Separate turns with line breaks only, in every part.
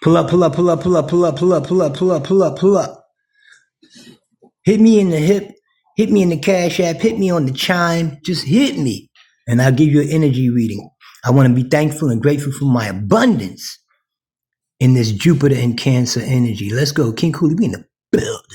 Pull up, pull up, pull up, pull up, pull up, pull up, pull up, pull up, pull up, pull up. Hit me in the hip, hit me in the cash app, hit me on the chime, just hit me. And I'll give you an energy reading. I want to be thankful and grateful for my abundance in this Jupiter and Cancer energy. Let's go. King Cooley, we in the build.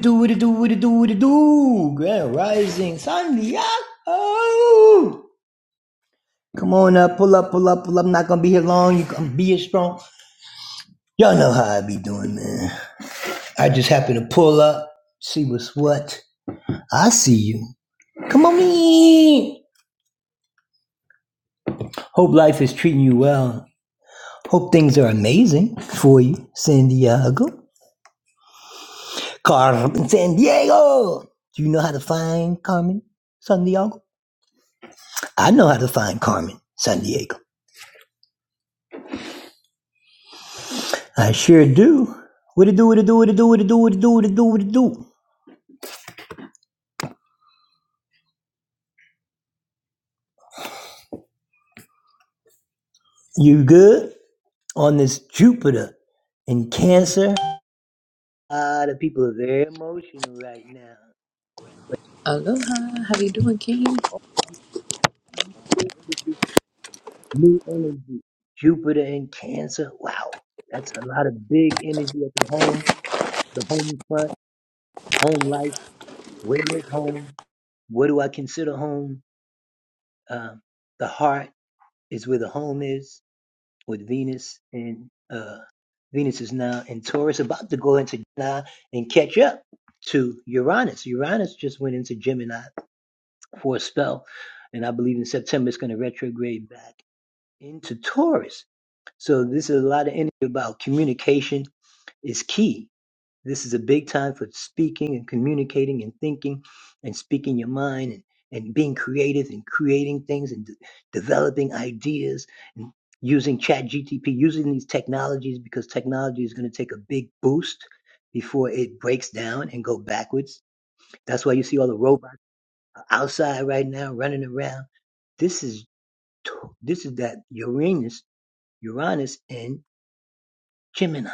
Do what it do what it do what it do. Grand rising. Sandia. Oh. Come on up, pull up, pull up, pull up. I'm not gonna be here long. You can be here strong. Y'all know how I be doing, man. I just happened to pull up, see what's what. I see you. Come on in. Hope life is treating you well. Hope things are amazing for you, San Diego. Carmen San Diego. Do you know how to find Carmen San Diego? I know how to find Carmen San Diego. I sure do. What it do, what it do, what it do, what it do, what it do, what it do, what it do. You good? On this Jupiter in Cancer. A lot of people are very emotional right now.
Aloha, how you doing, King?
New energy. Jupiter in Cancer. Wow. That's a lot of big energy at the home, the home front, home life. Where is home? What do I consider home? Um, the heart is where the home is with Venus and uh, Venus is now in Taurus, about to go into Gemini and catch up to Uranus. Uranus just went into Gemini for a spell, and I believe in September it's going to retrograde back. into Taurus. So this is a lot of energy about communication is key. This is a big time for speaking and communicating and thinking and speaking your mind and, and being creative and creating things and de- developing ideas and using chat GTP, using these technologies because technology is going to take a big boost before it breaks down and go backwards. That's why you see all the robots outside right now running around. This is t- this is that Uranus Uranus in Gemini.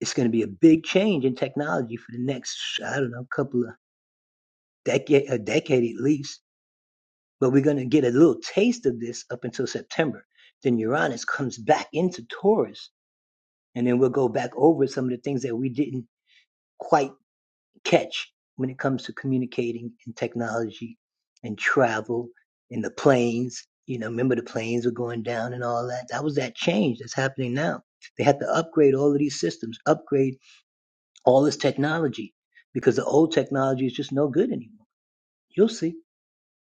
It's going to be a big change in technology for the next, I don't know, couple of decade, a decade at least. But we're going to get a little taste of this up until September. Then Uranus comes back into Taurus, and then we'll go back over some of the things that we didn't quite catch when it comes to communicating and technology and travel and the planes. You know, remember the planes were going down and all that. That was that change that's happening now. They have to upgrade all of these systems, upgrade all this technology because the old technology is just no good anymore. You'll see.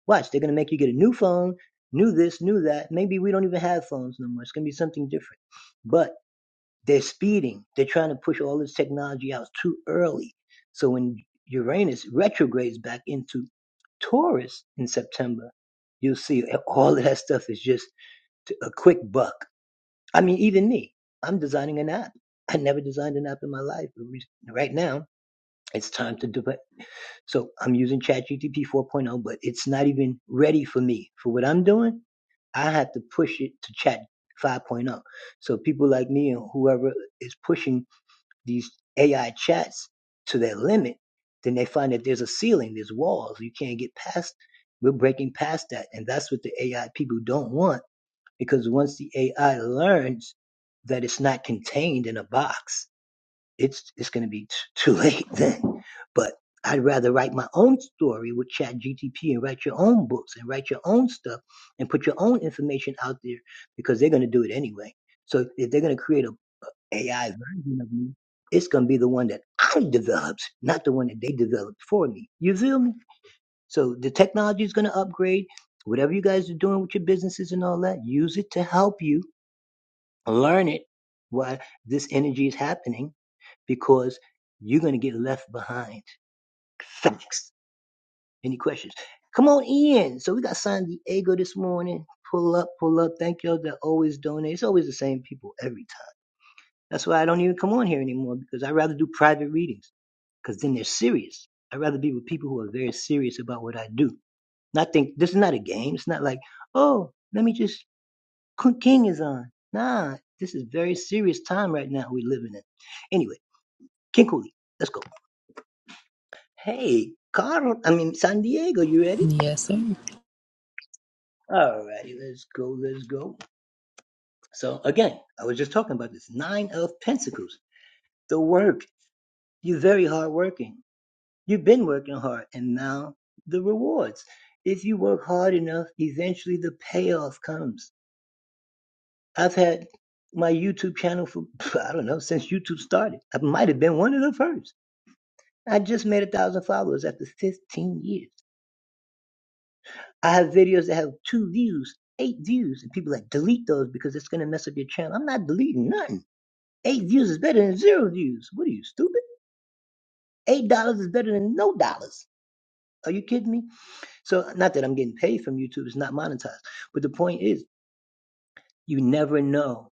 Watch, they're going to make you get a new phone, new this, new that. Maybe we don't even have phones no more. It's going to be something different. But they're speeding. They're trying to push all this technology out too early. So when Uranus retrogrades back into Taurus in September, you'll see all of that stuff is just a quick buck. I mean, even me, I'm designing an app. I never designed an app in my life. but Right now, it's time to do it So I'm using ChatGTP 4.0, but it's not even ready for me. For what I'm doing, I have to push it to Chat 5.0. So people like me and whoever is pushing these AI chats to their limit, then they find that there's a ceiling, there's walls you can't get past. We're breaking past that, and that's what the AI people don't want because once the AI learns that it's not contained in a box, it's it's going to be t- too late then. But I'd rather write my own story with Chat and write your own books and write your own stuff and put your own information out there because they're going to do it anyway. So if they're going to create a AI version of me, it's going to be the one that I developed, not the one that they developed for me. You feel me? So the technology is going to upgrade. Whatever you guys are doing with your businesses and all that, use it to help you learn it while this energy is happening because you're going to get left behind. Thanks. Any questions? Come on in. So we got San Diego this morning. Pull up, pull up. Thank y'all that always donate. It's always the same people every time. That's why I don't even come on here anymore because I'd rather do private readings because then they're serious. I'd rather be with people who are very serious about what I do. And I think this is not a game. It's not like, oh, let me just, King is on. Nah, this is very serious time right now we're living in. Anyway, King Cooley, let's go. Hey, Carl, I mean, San Diego, you ready?
Yes, sir.
All righty, let's go, let's go. So, again, I was just talking about this Nine of Pentacles, the work. You're very hardworking. You've been working hard, and now the rewards. If you work hard enough, eventually the payoff comes. I've had my YouTube channel for, I don't know, since YouTube started. I might have been one of the first. I just made a thousand followers after 15 years. I have videos that have two views, eight views, and people like delete those because it's gonna mess up your channel. I'm not deleting nothing. Eight views is better than zero views. What are you stupid? Eight dollars is better than no dollars. Are you kidding me? So not that I'm getting paid from YouTube, it's not monetized. But the point is, you never know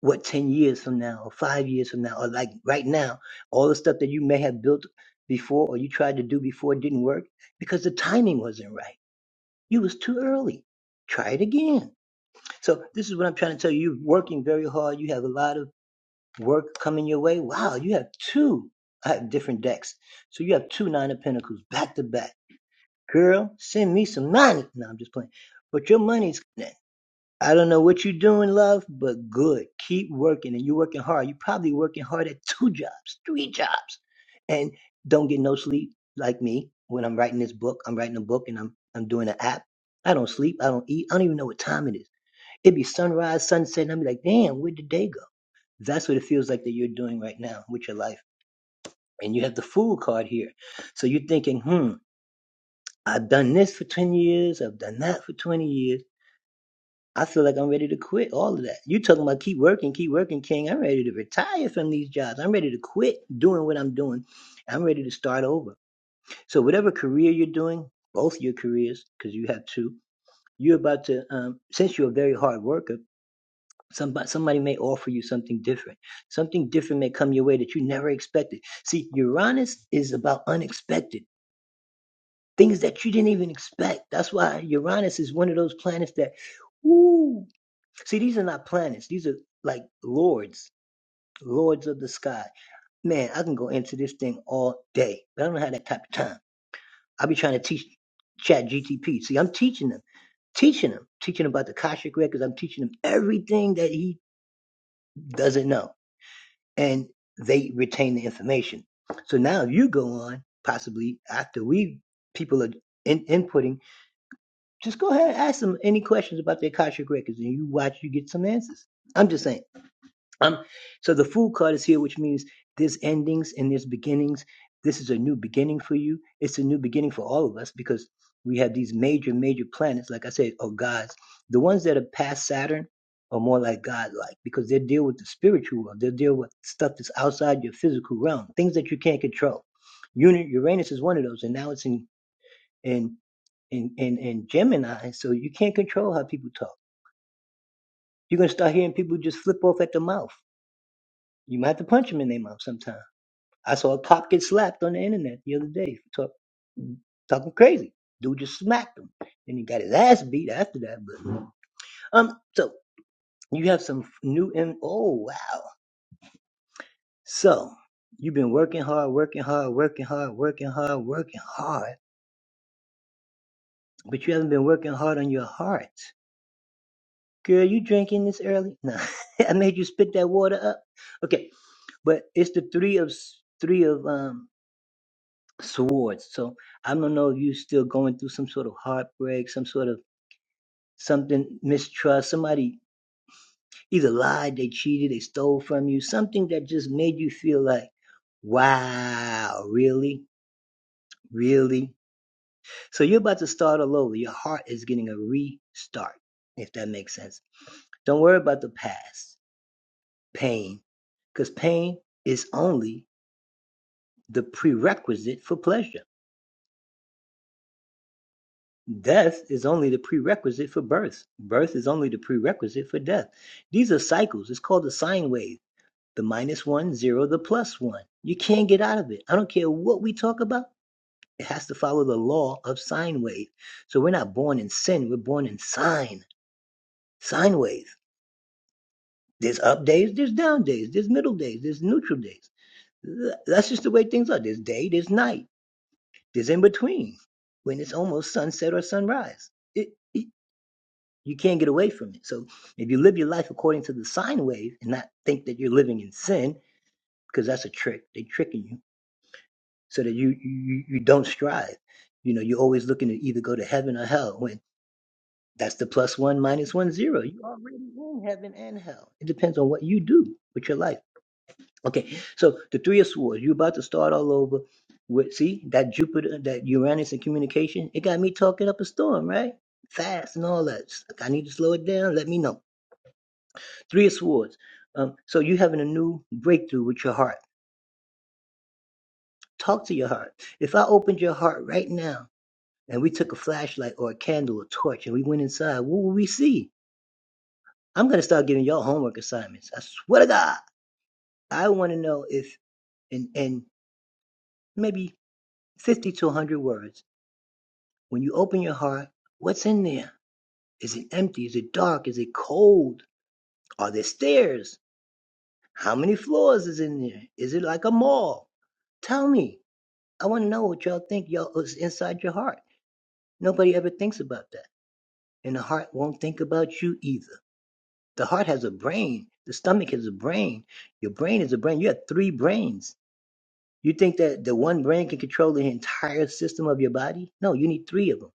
what ten years from now or five years from now or like right now, all the stuff that you may have built before or you tried to do before didn't work because the timing wasn't right. You was too early. Try it again So this is what I'm trying to tell you. You're working very hard. You have a lot of work coming your way. Wow, you have two I have different decks. So you have two nine of pentacles back to back. Girl, send me some money. No, I'm just playing. But your money's coming in. I don't know what you're doing, love, but good. Keep working and you're working hard. You're probably working hard at two jobs, three jobs. And don't get no sleep like me when I'm writing this book. I'm writing a book and I'm I'm doing an app. I don't sleep. I don't eat. I don't even know what time it is. It'd be sunrise, sunset, and I'm like, damn, where'd the day go? That's what it feels like that you're doing right now with your life. And you have the fool card here. So you're thinking, hmm, I've done this for 10 years, I've done that for 20 years. I feel like I'm ready to quit all of that. you talking about keep working, keep working, King. I'm ready to retire from these jobs. I'm ready to quit doing what I'm doing. I'm ready to start over. So whatever career you're doing, both your careers, because you have two, you're about to, um, since you're a very hard worker, Somebody, somebody may offer you something different. Something different may come your way that you never expected. See, Uranus is about unexpected things that you didn't even expect. That's why Uranus is one of those planets that, ooh, see, these are not planets. These are like lords, lords of the sky. Man, I can go into this thing all day, but I don't have that type of time. I'll be trying to teach Chat GTP. See, I'm teaching them, teaching them, teaching them about the Kashik records. I'm teaching them everything that he doesn't know. and they retain the information. So now you go on, possibly after we people are in, inputting, just go ahead and ask them any questions about the Akashic records, and you watch you get some answers. I'm just saying. Um, so the Fool card is here, which means there's endings and there's beginnings. This is a new beginning for you. It's a new beginning for all of us because we have these major, major planets, like I said, or gods. The ones that are past Saturn are more like godlike because they deal with the spiritual world. They deal with stuff that's outside your physical realm, things that you can't control. Uni- Uranus is one of those, and now it's in in in in, in Gemini, so you can't control how people talk. You're gonna start hearing people just flip off at the mouth. You might have to punch them in their mouth sometimes I saw a cop get slapped on the internet the other day for talk, mm, talking crazy. Dude just smacked him, and he got his ass beat after that. But um, so you have some new in. Oh wow! So you've been working hard, working hard, working hard, working hard, working hard, but you haven't been working hard on your heart. Girl, you drinking this early? No, I made you spit that water up. Okay, but it's the three of s- three of um swords. So I don't know if you still going through some sort of heartbreak, some sort of something mistrust, somebody either lied, they cheated, they stole from you, something that just made you feel like, wow, really? Really? So you're about to start all over. Your heart is getting a restart, if that makes sense. Don't worry about the past, pain, because pain is only the prerequisite for pleasure. Death is only the prerequisite for birth. Birth is only the prerequisite for death. These are cycles. It's called the sine wave. The minus one, zero, the plus one. You can't get out of it. I don't care what we talk about. It has to follow the law of sine wave. So we're not born in sin. We're born in sine. Sine wave. There's up days. There's down days. There's middle days. There's neutral days. That's just the way things are. There's day. There's night. There's in between. When it's almost sunset or sunrise. It. it, You can't get away from it. So if you live your life according to the sine wave and not think that you're living in sin, because that's a trick. They're tricking you so that you you you don't strive. You know, you're always looking to either go to heaven or hell when that's the plus one minus one zero. You already in heaven and hell. It depends on what you do with your life. Okay, so the three of swords, you're about to start all over with see that Jupiter, that Uranus in communication, it got me talking up a storm, right? Fast and all that. like, I need to slow it down. Let me know. Three of Swords. Um, so you're having a new breakthrough with your heart. Talk to your heart. If I opened your heart right now and we took a flashlight or a candle, or torch, and we went inside, what would we see? I'm gonna start giving y'all homework assignments. I swear to God, I want to know if and and maybe 50 to 100 words. When you open your heart, what's in there? Is it empty? Is it dark? Is it cold? Are there stairs? How many floors is in there? Is it like a mall? Tell me. I want to know what y'all think y'all is inside your heart. Nobody ever thinks about that. And the heart won't think about you either. The heart has a brain. The stomach has a brain. Your brain is a brain. You have three brains. You think that the one brain can control the entire system of your body? No, you need three of them.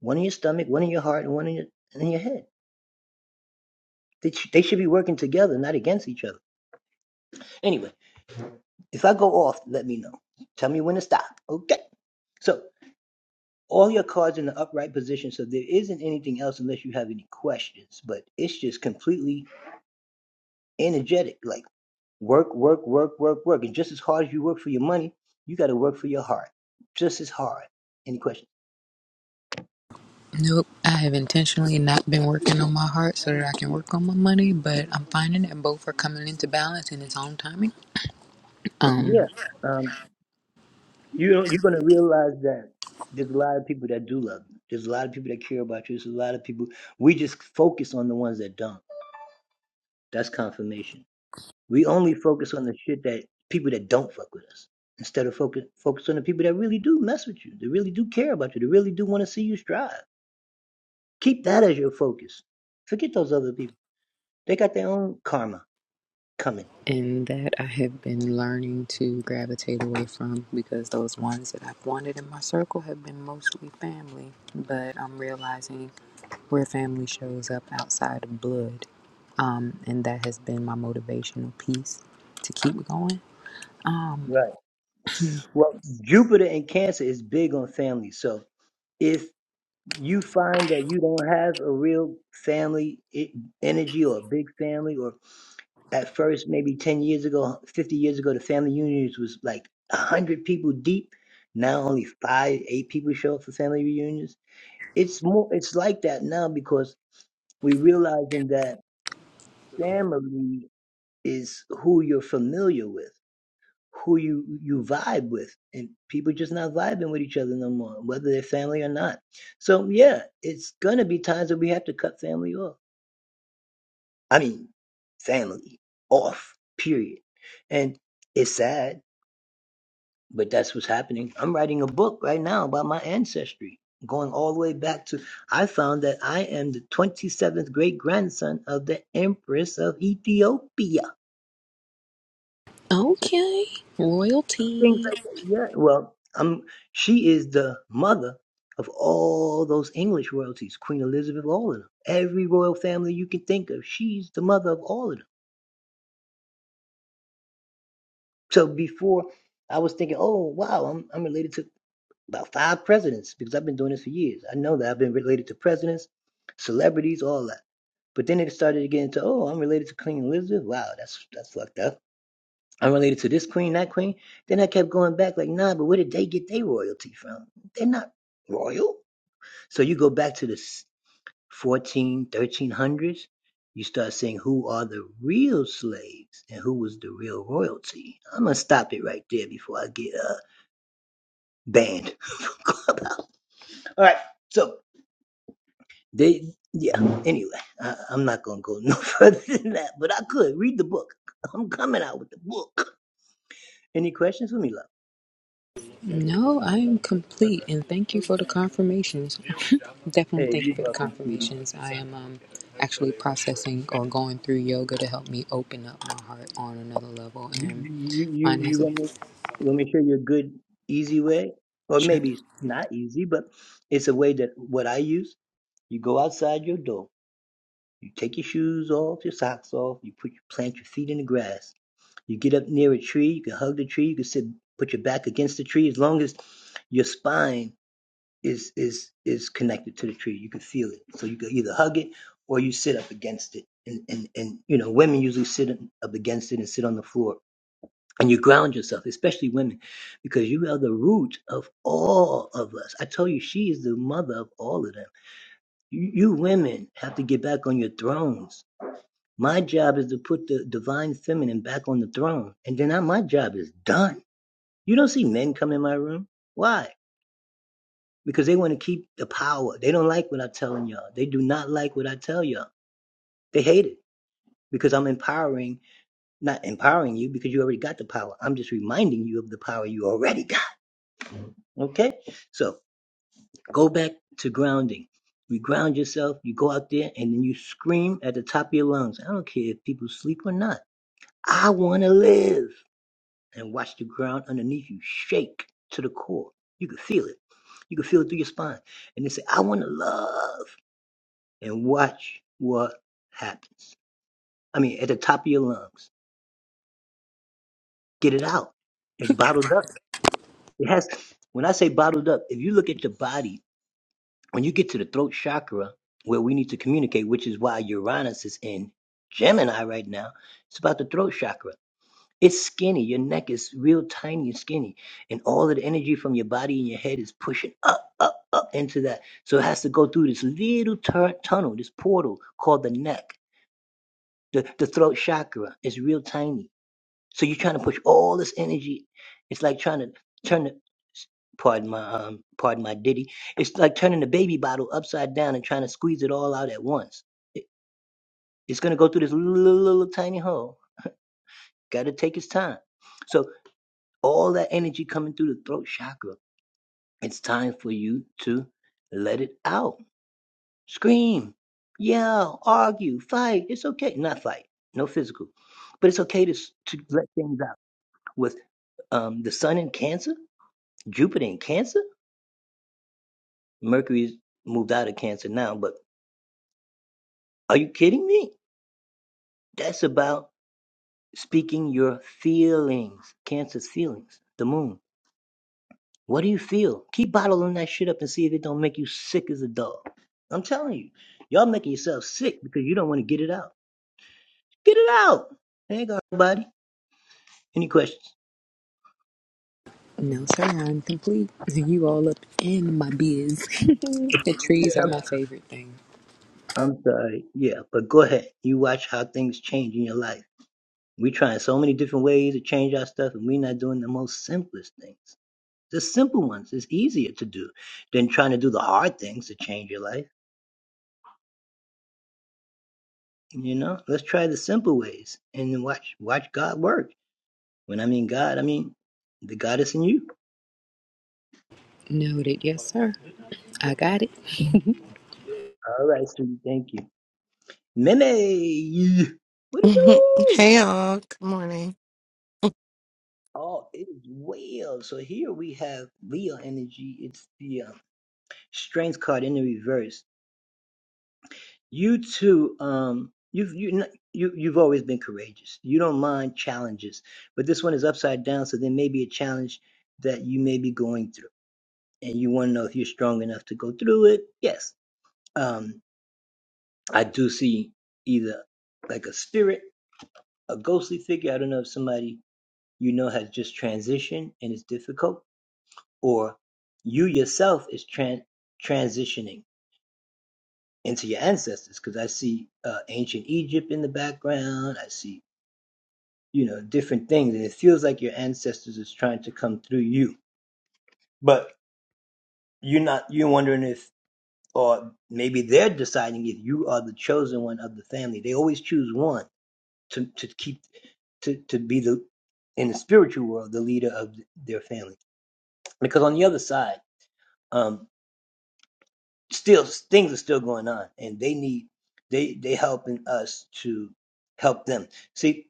One in your stomach, one in your heart, and one in your, and in your head. They, sh- they should be working together, not against each other. Anyway, if I go off, let me know. Tell me when to stop. Okay. So all your cards in the upright position, so there isn't anything else unless you have any questions. But it's just completely energetic, like work, work, work, work, work, and just as hard as you work for your money, you got to work for your heart, just as hard. Any questions?
Nope, I have intentionally not been working on my heart so that I can work on my money, but I'm finding that both are coming into balance in its own timing. Um,
Yeah, um, you know, you're gonna realize that there's a lot of people that do love you. There's a lot of people that care about you. There's a lot of people. We just focus on the ones that don't. That's confirmation. We only focus on the shit that people that don't fuck with us instead of focus focus on the people that really do mess with you. They really do care about you. They really do want to see you strive. Keep that as your focus. Forget those other people. They got their own karma coming.
and that I have been learning to gravitate away from because those ones that I've wanted in my circle have been mostly family. But I'm realizing where family shows up outside of blood, um, and that has been my motivational piece to keep going. Um.
Right. Well, Jupiter in Cancer is big on family. So if you find that you don't have a real family e- energy or a big family or at first maybe 10 years ago 50 years ago the family reunions was like 100 people deep now only five eight people show up for family reunions it's more it's like that now because we're realizing that family is who you're familiar with who you you vibe with and people just not vibing with each other no more whether they're family or not so yeah it's gonna be times that we have to cut family off I mean, family off, period. And it's sad, but that's what's happening. I'm writing a book right now about my ancestry, going all the way back to. I found that I am the 27th great grandson of the Empress of Ethiopia.
Okay,
Things
royalty.
like that. Yeah. Well, um, she is the mother of all those English royalties, Queen Elizabeth, all of them. Every royal family you can think of, she's the mother of all of them. So before I was thinking, oh wow, I'm I'm related to about five presidents because I've been doing this for years. I know that I've been related to presidents, celebrities, all that. But then it started to get into, oh, I'm related to Queen Elizabeth. Wow, that's that's fucked up. I'm related to this queen, that queen. Then I kept going back, like, nah, but where did they get their royalty from? They're not royal. So you go back to the. Fourteen, thirteen hundreds. you start saying, who are the real slaves and who was the real royalty. I'm gonna stop it right there before I get uh, banned. All right, so they, yeah. Anyway, I, I'm not gonna go no further than that, but I could read the book. I'm coming out with the book. Any questions for me, love?
No, I am complete, and thank you for the confirmations. Definitely
Hey,
thank
you're
you for the
welcome, sweetie.
confirmations. I am um, actually processing or going through yoga to help me open up my heart on another level,
You
and
you you
mine
you
has a
want me want me to show you a good, easy way, or
sure.
maybe it's not easy, but it's a way that what I use. You go outside your door. You take your shoes off, your socks off. You put, plant your feet in the grass. You get up near a tree. You can hug the tree. You can sit, put your back against the tree. As long as your spine is is is connected to the tree, you can feel it. So you can either hug it or you sit up against it. And and and you know, women usually sit up against it and sit on the floor. And you ground yourself, especially women, because you are the root of all of us. I tell you, she is the mother of all of them you you women have to get back on your thrones. My job is to put the divine feminine back on the throne, and then I, my job is done. You don't see men come in my room. Why? Because they want to keep the power. They don't like what I'm telling y'all. They do not like what I tell y'all. They hate it because I'm empowering, not empowering you because you already got the power. I'm just reminding you of the power you already got. Okay? So Go back to grounding. You ground yourself, you go out there, and then you scream at the top of your lungs. I don't care if people sleep or not. I want to live. And watch the ground underneath you shake to the core. You can feel it. You can feel it through your spine. And they say, I want to love. And watch what happens. I mean, at the top of your lungs. Get it out. It's bottled up. It has, when I say bottled up, if you look at your body when you get to the throat chakra where we need to communicate, which is why Uranus is in Gemini right now, it's about the throat chakra. It's skinny. Your neck is real tiny and skinny. And all of the energy from your body and your head is pushing up, up, up into that. So it has to go through this little tur- tunnel, this portal called the neck. The, the throat chakra is real tiny so you're trying to push all this energy. It's like trying to turn the pardon my um pardon my ditty. It's like turning the baby bottle upside down and trying to squeeze it all out at once. It, it's gonna go through this little, little, little tiny hole. Got to take its time. So all that energy coming through the throat chakra. It's time for you to let it out. Scream, yell, argue, fight. It's okay. Not fight. No physical, but it's okay to s- to let things out with um, the sun in Cancer. Jupiter in Cancer? Mercury's moved out of Cancer now, but are you kidding me? That's about speaking your feelings, Cancer's feelings, the moon. What do you feel? Keep bottling that shit up and see if it don't make you sick as a dog. I'm telling you, y'all making yourself sick because you don't want to get it out. Get it out! Hey, everybody. Any questions?
No, sir, I'm complete. You all up in my biz. the trees are
I'm,
my favorite thing.
I'm sorry. Yeah, but go ahead. You watch how things change in your life. We trying so many different ways to change our stuff, and we're not doing the most simplest things. The simple ones is easier to do than trying to do the hard things to change your life. You know, let's try the simple ways and then watch watch God work. When I mean God, I mean the God is in you.
Noted, yes, sir. I got it.
All right, sweetie, thank you. Meme, what it do?
hey y'all, good morning.
Oh, it is well. So here we have Leo energy. It's the uh, strength card in the reverse you too um you've you you you've always been courageous you don't mind challenges but this one is upside down so there may be a challenge that you may be going through and you want to know if you're strong enough to go through it yes um i do see either like a spirit a ghostly figure i don't know if somebody you know has just transitioned and it's difficult or you yourself is tran- transitioning into your ancestors because i see uh, ancient egypt in the background i see you know different things and it feels like your ancestors is trying to come through you but you're not you're wondering if or maybe they're deciding if you are the chosen one of the family they always choose one to to keep to to be the in the spiritual world the leader of their family because on the other side um still things are still going on and they need they they helping us to help them see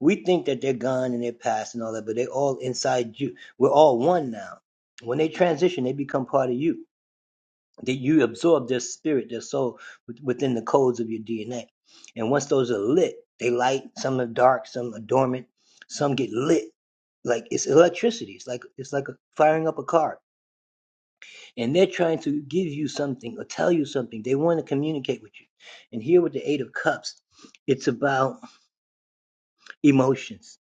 We think that they're gone and they're past and all that, but they're all inside you. We're all one now. When they transition, they become part of you. That you absorb their spirit, their soul with- within the codes of your DNA. And once those are lit, they light. Some are dark, some are dormant, some get lit. Like it's electricity. It's like it's like firing up a car. And they're trying to give you something or tell you something. They want to communicate with you. And here with the Eight of Cups, it's about emotions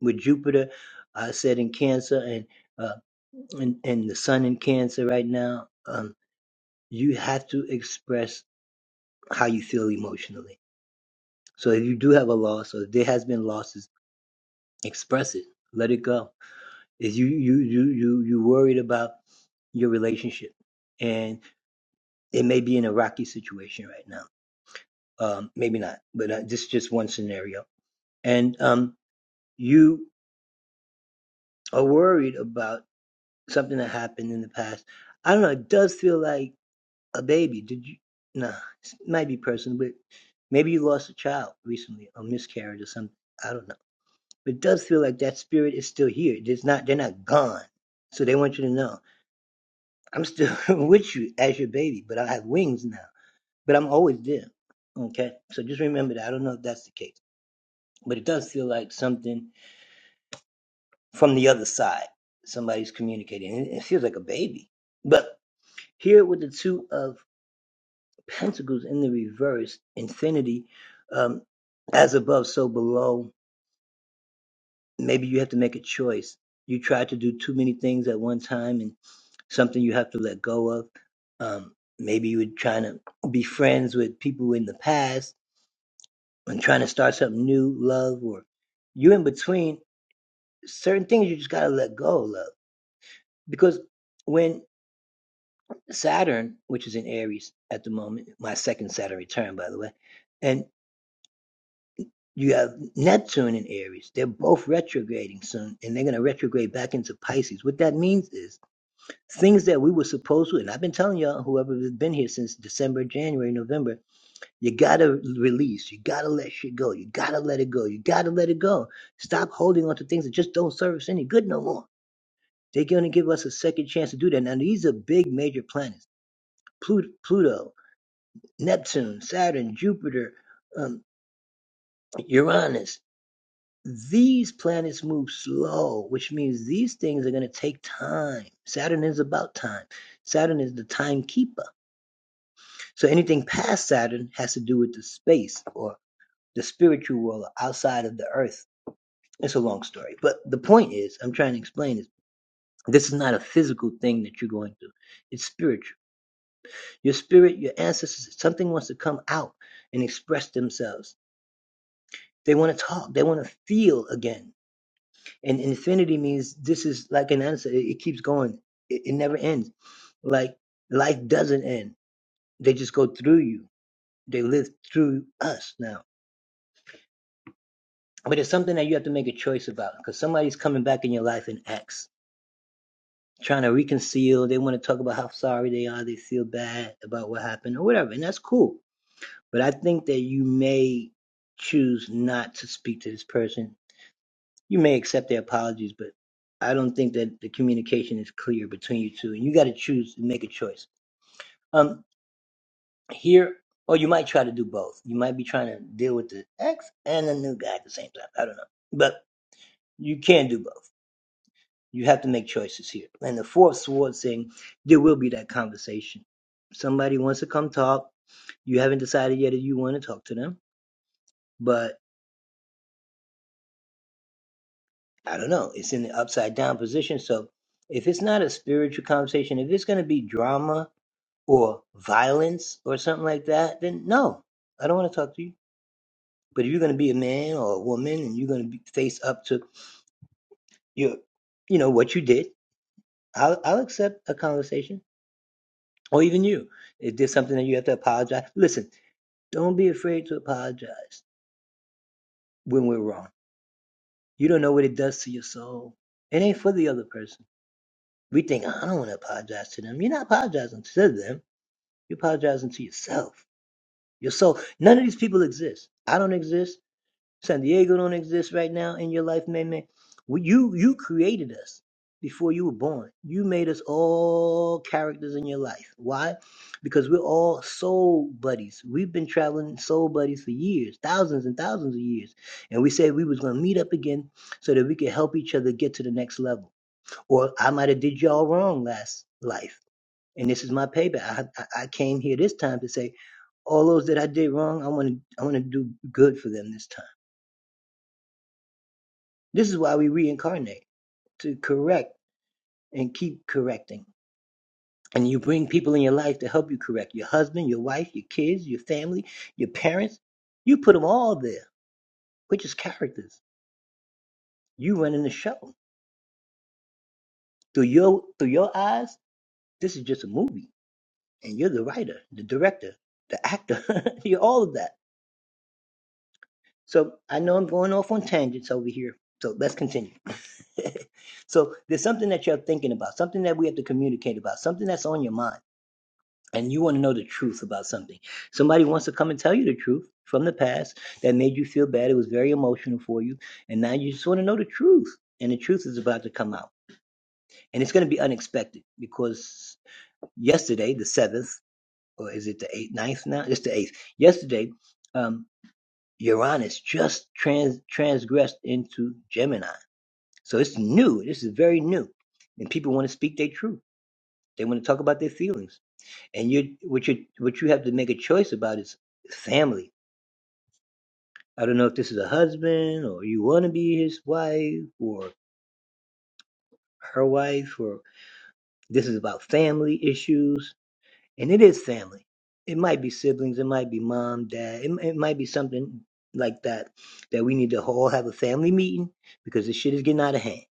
with Jupiter uh, set in Cancer and uh, and and the Sun in Cancer right now. Um, you have to express how you feel emotionally. So if you do have a loss or if there has been losses, express it. Let it go. If you you you you you worried about your relationship, and it may be in a rocky situation right now. Um, maybe not, but uh, this is just one scenario. And um, you are worried about something that happened in the past. I don't know. It does feel like a baby. Did you? Nah, it might be personal, but maybe you lost a child recently, a miscarriage or something. I don't know. But it does feel like that spirit is still here. It's not. They're not gone. So they want you to know I'm still with you as your baby, but I have wings now. But I'm always there. Okay. So just remember that. I don't know if that's the case, but it does feel like something from the other side. Somebody's communicating. It it feels like a baby, but here with the two of pentacles in the reverse, infinity, um, as above, so below. Maybe you have to make a choice. You try to do too many things at one time and something you have to let go of. Um, maybe you were trying to be friends with people in the past and trying to start something new, love, or you in between. Certain things you just got to let go of, love. Because when Saturn, which is in Aries at the moment, my second Saturn return, by the way, you have Neptune in Aries. They're both retrograding soon, and they're going to retrograde back into Pisces. What that means is things that we were supposed to, and I've been telling y'all, whoever has been here since December, January, November, you got to release. You got to let shit go. You got to let it go. You got to let it go. Stop holding on to things that just don't serve us any good no more. They're going to give us a second chance to do that. Now, these are big major planets Pluto, Pluto Neptune, Saturn, Jupiter, um, Uranus These planets move slow, which means these things are going to take time. Saturn is about time. Saturn is the timekeeper. So anything past Saturn has to do with the space or the spiritual world outside of the earth. It's a long story. But the point is, I'm trying to explain is this is not a physical thing that you're going through. It's spiritual. Your spirit, your ancestors, something wants to come out and express themselves. They want to talk. They want to feel again. And infinity means this is like an answer. It, it keeps going. It, it never ends. Like life doesn't end. They just go through you. They live through us now. But it's something that you have to make a choice about because somebody's coming back in your life and acts trying to reconcile. They want to talk about how sorry they are. They feel bad about what happened or whatever. And that's cool. But I think that you may choose not to speak to this person you may accept their apologies, but I don't think that the communication is clear between you two, and you got to choose and make a choice. Um, here, or you might try to do both. You might be trying to deal with the ex and the new guy at the same time. I don't know, but you can do both. You have to make choices here. And the fourth sword thing, there will be that conversation. Somebody wants to come talk. You haven't decided yet if you want to talk to them, but I don't know. It's in the upside down position, so if it's not a spiritual conversation, if it's going to be drama or violence or something like that, then no, I don't want to talk to you. But if you're going to be a man or a woman and you're going to be, face up to your, you know, what you did, I'll, I'll accept a conversation or even you. If there's something that you have to apologize, listen, don't be afraid to apologize when we're wrong. You don't know what it does to your soul. It ain't for the other person. We think, "Oh, I don't want to apologize to them. You're not apologizing to them. You're apologizing to yourself. Your soul. None of these people exist. I don't exist. San Diego don't exist right now in your life, man, man. We- You you created us before you were born. You made us all characters in your life. Why? Because we're all soul buddies. We've been traveling soul buddies for years, thousands and thousands of years. And we said we was gonna meet up again so that we could help each other get to the next level. Or I might have did y'all wrong last life. And this is my payback. I, I I came here this time to say, all those that I did wrong, I want to I want to do good for them this time. This is why we reincarnate to correct and keep correcting. And you bring people in your life to help you correct your husband, your wife, your kids, your family, your parents. You put them all there, which is characters. You running the show through your through your eyes. This is just a movie, and you're the writer, the director, the actor. you're all of that. So I know I'm going off on tangents over here. So let's continue. so there's something that you're thinking about, something that we have to communicate about, something that's on your mind and you want to know the truth about something. Somebody wants to come and tell you the truth from the past that made you feel bad. It was very emotional for you. And now you just want to know the truth. And the truth is about to come out. And it's going to be unexpected because yesterday, the 7th, or is it the 8th, ninth now? It's the 8th. Yesterday, um, Uranus just trans- transgressed into Gemini. So it's new. This is very new. And people want to speak their truth. They want to talk about their feelings and you what you what you have to make a choice about is family. I don't know if this is a husband or you want to be his wife or her wife or this is about family issues and it is family. It might be siblings, it might be mom, dad, it, it might be something like that that we need to all have a family meeting because this shit is getting out of hand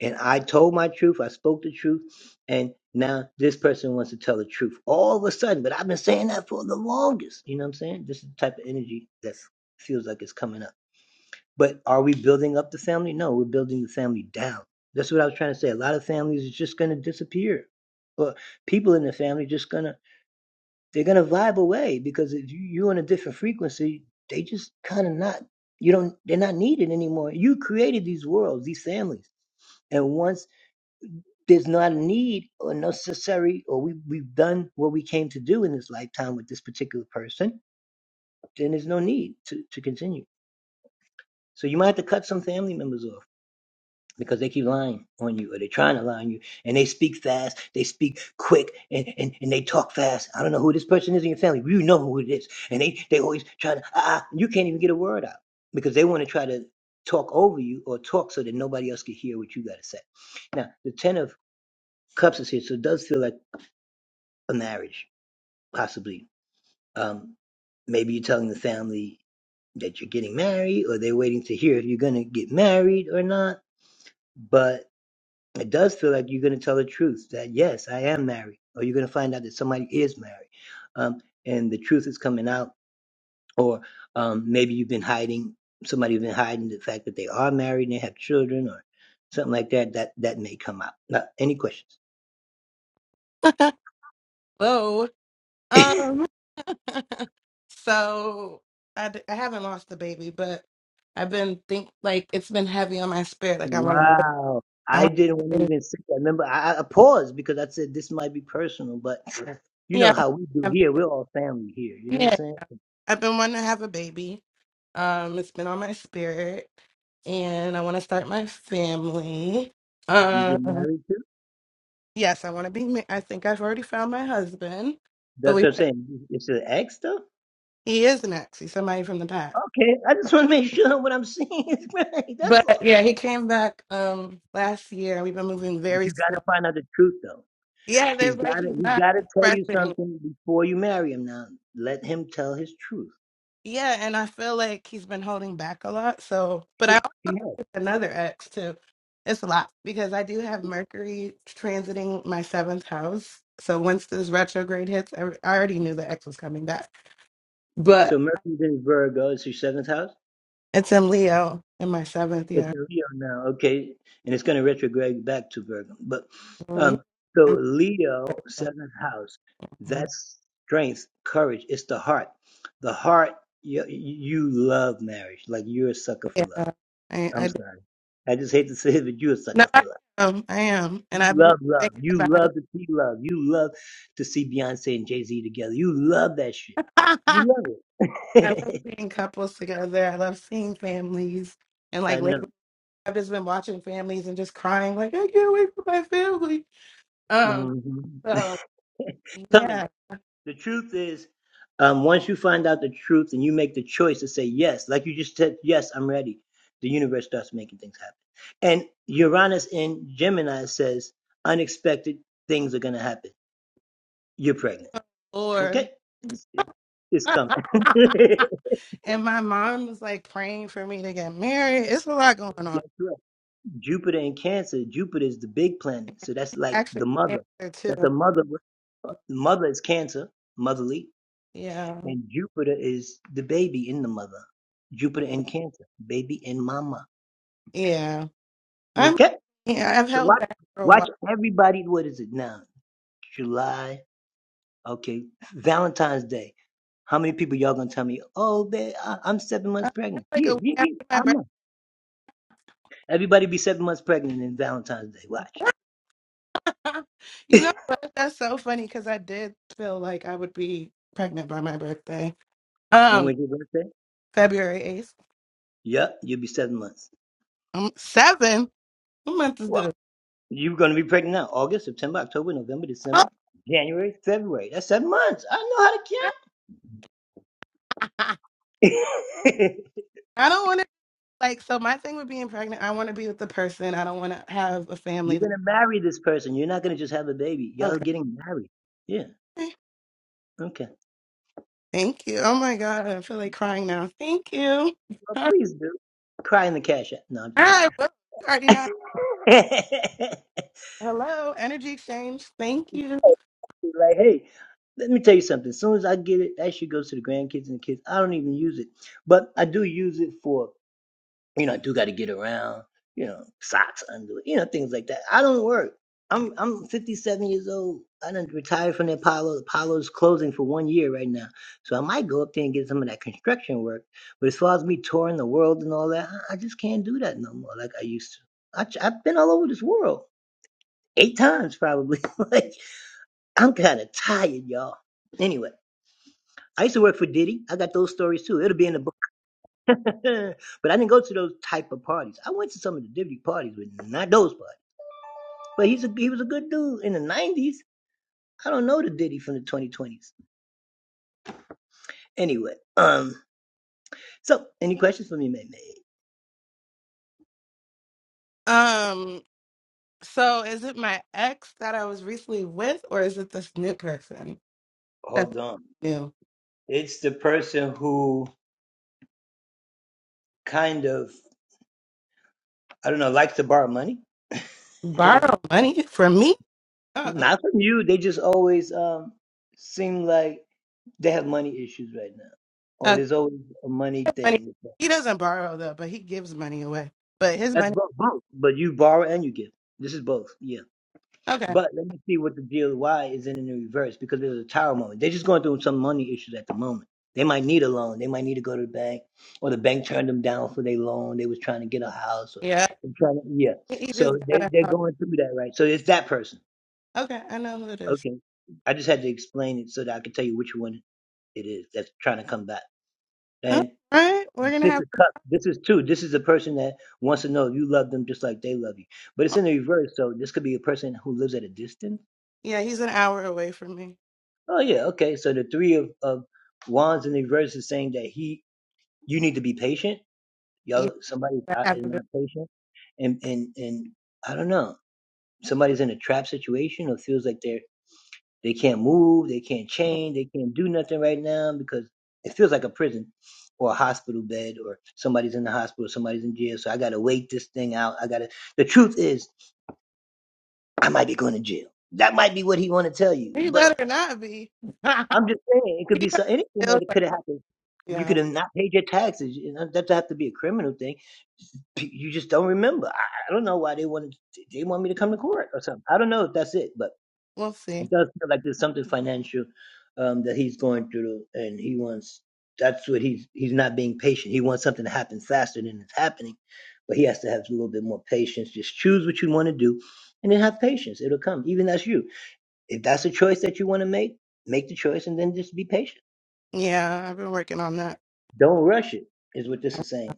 and I told my truth, I spoke the truth, and now this person wants to tell the truth all of a sudden. But I've been saying that for the longest. You know what I'm saying? This is the type of energy that feels like it's coming up. But are we building up the family? No, we're building the family down. That's what I was trying to say. A lot of families is just gonna disappear. Or people in the family just gonna they're gonna vibe away because if you- you're on a different frequency, they just kinda not you don't they're not needed anymore. You created these worlds, these families. And once there's not a need or necessary or we, we've done what we came to do in this lifetime with this particular person then there's no need to, to continue so you might have to cut some family members off because they keep lying on you or they're trying to lie on you and they speak fast they speak quick and, and, and they talk fast i don't know who this person is in your family you know who it is and they, they always try to ah, ah, you can't even get a word out because they want to try to talk over you or talk so that nobody else can hear what you got to say now the ten of cups is here so it does feel like a marriage possibly. Um, maybe you're telling the family that you're getting married, or they're waiting to hear if you're going to get married or not. But it does feel like you're going to tell the truth that, yes, I am married, or you're going to find out that somebody is married. Um, and the truth is coming out, or um, maybe you've been hiding, somebody's been hiding the fact that they are married and they have children, or something like that. That, that may come out. Now, any questions?
Whoa. Um so I, d- I haven't lost the baby, but I've been think like it's been heavy on my spirit. Like I want to
Wow.
I
I
want to
didn't
have
want
a
to
baby.
even say that. Remember, I, I paused because I said this might be personal, but you know
Yeah. I
how
wanna
we do
have-
here. We're all family here. You know what I'm
Yeah.
saying?
I've been wanting to have a baby. Um it's been on my spirit and I want to start my family.
You get
Um
married too?
yes, I want to be ma- I think I've already found my husband, but
That's
we
what I'm saying. It's an ex stuff?
he is an ex. He's somebody from the past.
Okay. I just want to make sure what I'm seeing is right. That's
But
all.
yeah, he came back um last year. We've been moving
But
very
you got to
slow.
find out the truth, though.
Yeah,
He's
there's
got
like
to,
he's
he's
not
got to tell you
expressing.
something before you marry him now. Let him tell his truth.
Yeah, and I feel like he's been holding back a lot. So, but I
Sure.
also
He has.
have another ex too. It's a lot because I do have Mercury transiting my seventh house. So once this retrograde hits, I, I already knew the ex was coming back. But
So Mercury's in Virgo. It's your seventh house?
it's in Leo in my seventh
It's
year.
in Leo now, okay, and it's going to retrograde back to Virgo. But
Mhm.
um, so Leo, seventh house, that's strength, courage. It's the heart. The heart. You, you love marriage, like you're a sucker for love.
I,
I'm
I do.
sorry, I just hate to say it, but you're a
No,
sucker for
I
love.
am. I am, and
You
I've been really
love love.
thinking
You
about
love to see love. You love to see Beyonce and Jay Z together. You love that shit.
it.
You love
I love
it.
seeing couples together. I love seeing families. And
I
like
know.
lately I've just been watching families and just crying, like, I can't wait for my family. Um,
hmm
so yeah,
The truth is, um, once you find out the truth and you make the choice to say yes, like you just said, yes, I'm ready, the universe starts making things happen. And Uranus in Gemini says unexpected things are going to happen. You're pregnant.
Lord.
Okay? It's, it, it's coming. Guess
and my mom was like praying for me to get married. It's a lot going on.
what? Jupiter in Cancer, Jupiter is the big planet. So that's like
Actually
the
cancer
mother. That's
too.
a mother. Mother is Cancer, motherly
Yeah.
And Jupiter is the baby in the mother. Jupiter in Cancer, baby in mama.
Yeah. I'm
Okay?
yeah, I've
So
held
watch
back for a
watch
while.
everybody what is it now? July. Okay. Valentine's Day. How many people y'all gonna tell me, oh babe, I, I'm seven
I
months
had,
pregnant?
Like
Yeah,
a week
yeah, yeah,
after my
I know. Everybody be seven months pregnant in Valentine's Day. Watch.
birthday. you know what? That's so funny because I did feel like I would be pregnant by my birthday.
And
Um.
when's your birthday?
February 8th.
Yep, you'll be seven months.
Um, seven? What month is
Well,
this?
you're gonna be pregnant now. August, September, October, November,
Oh,
December, January, February. That's seven months. I know
I
how to count.
don't want to, like, so my thing with being pregnant, I want to be with the person. I don't want to have a
You're
family that,
gonna marry this person. You're not gonna just have a baby. Y'all
okay.
getting married. Yeah. Okay.
Thank you. Oh my God, I feel like crying now. Thank you.
Well, please do. Cry in the cash app. No, I'm just playing.
I already know. Hello, energy exchange. Thank you.
like, hey, let me tell you something. As soon as I get it, that shit goes to the grandkids and the kids. I don't even use it, but I do use it for you know, I do got to get around, you know, socks under, you know, things like that. I don't work. I'm I'm 57 years old. I done retired from the Apollo. Apollo's closing for one year right now, so I might go up there and get some of that construction work. But as far as me touring the world and all that, I, I just can't do that no more like I used to. I, tr- I've been all over this world eight times probably. like I'm kind of tired, y'all. Anyway, I used to work for Diddy. I got those stories too. It'll be in the book. Yeah, but I didn't go to those type of parties. I went to some of the Diddy parties, but not those parties. But he's a he was a good dude in the nineties. I don't know the Diddy from the twenty twenties. Anyway, um, so any questions for me, man?
Um, so is it my ex that I was recently with, or is it this new person
Hold
that's
on.
new?
It's the person who kind of I don't know likes to borrow money.
Borrow money from me? Uh-uh.
not from you. They just always um seem like they have money issues right now, or there's always a money
money.
thing.
He doesn't borrow though, but he gives money away. But his
That's
money,
both. both. But you borrow and you give. This is both. Yeah.
okay,
But let me see what the deal. Why is it in the reverse because there's a tower moment. They're just going through some money issues at the moment. They might need a loan. They might need to go to the bank, or the bank turned them down for their loan. They was trying to get a house, or
yeah,
they're trying to yeah.
he he
So
just
they
gotta.
they're going through that right. So it's that person.
Okay, I know who it is.
Okay, I just had to explain it so that I could tell you which one it is that's trying to come back.
All
And
right, we're
the
gonna
six
have.
of cups. This is two. This is a person that wants to know if you love them just like they love you. But it's in the reverse. So this could be a person who lives at a distance
Yeah, he's an hour away from me.
Oh yeah, okay. So the three of, of wands in the reverse is saying that he you need to be patient.
Yeah,
Yo, somebody's
that
not, is
hasn't
not patient, and and and I don't know. Somebody's in a trap situation or feels like they're they can't move, they can't change, they can't do nothing right now because it feels like a prison or a hospital bed or somebody's in the hospital, somebody's in jail. So I gotta wait this thing out. I gotta. The truth is, I might be going to jail. That might be what he want to tell you,
He
but.
better not be.
I'm
Feels
just saying it could be so anything that it
like-
could have happened. You could
yeah,
have not paid your taxes. You know, That doesn't have to be a criminal thing. P- You just don't remember. I, I don't know why they wanted they want me to come to court or something. I don't know if that's it, but
we'll
it
see.
does feel like there's something financial um, that he's going through, and he wants. That's what he's he's not being patient. He wants something to happen faster than it's happening, but he has to have a little bit more patience. Just choose what you want to do, and then have patience. It'll come. Even that's you. If that's a choice that you want to make, make the choice, and then just be patient
Yeah, I've been working on that.
Don't rush it, is what this is saying.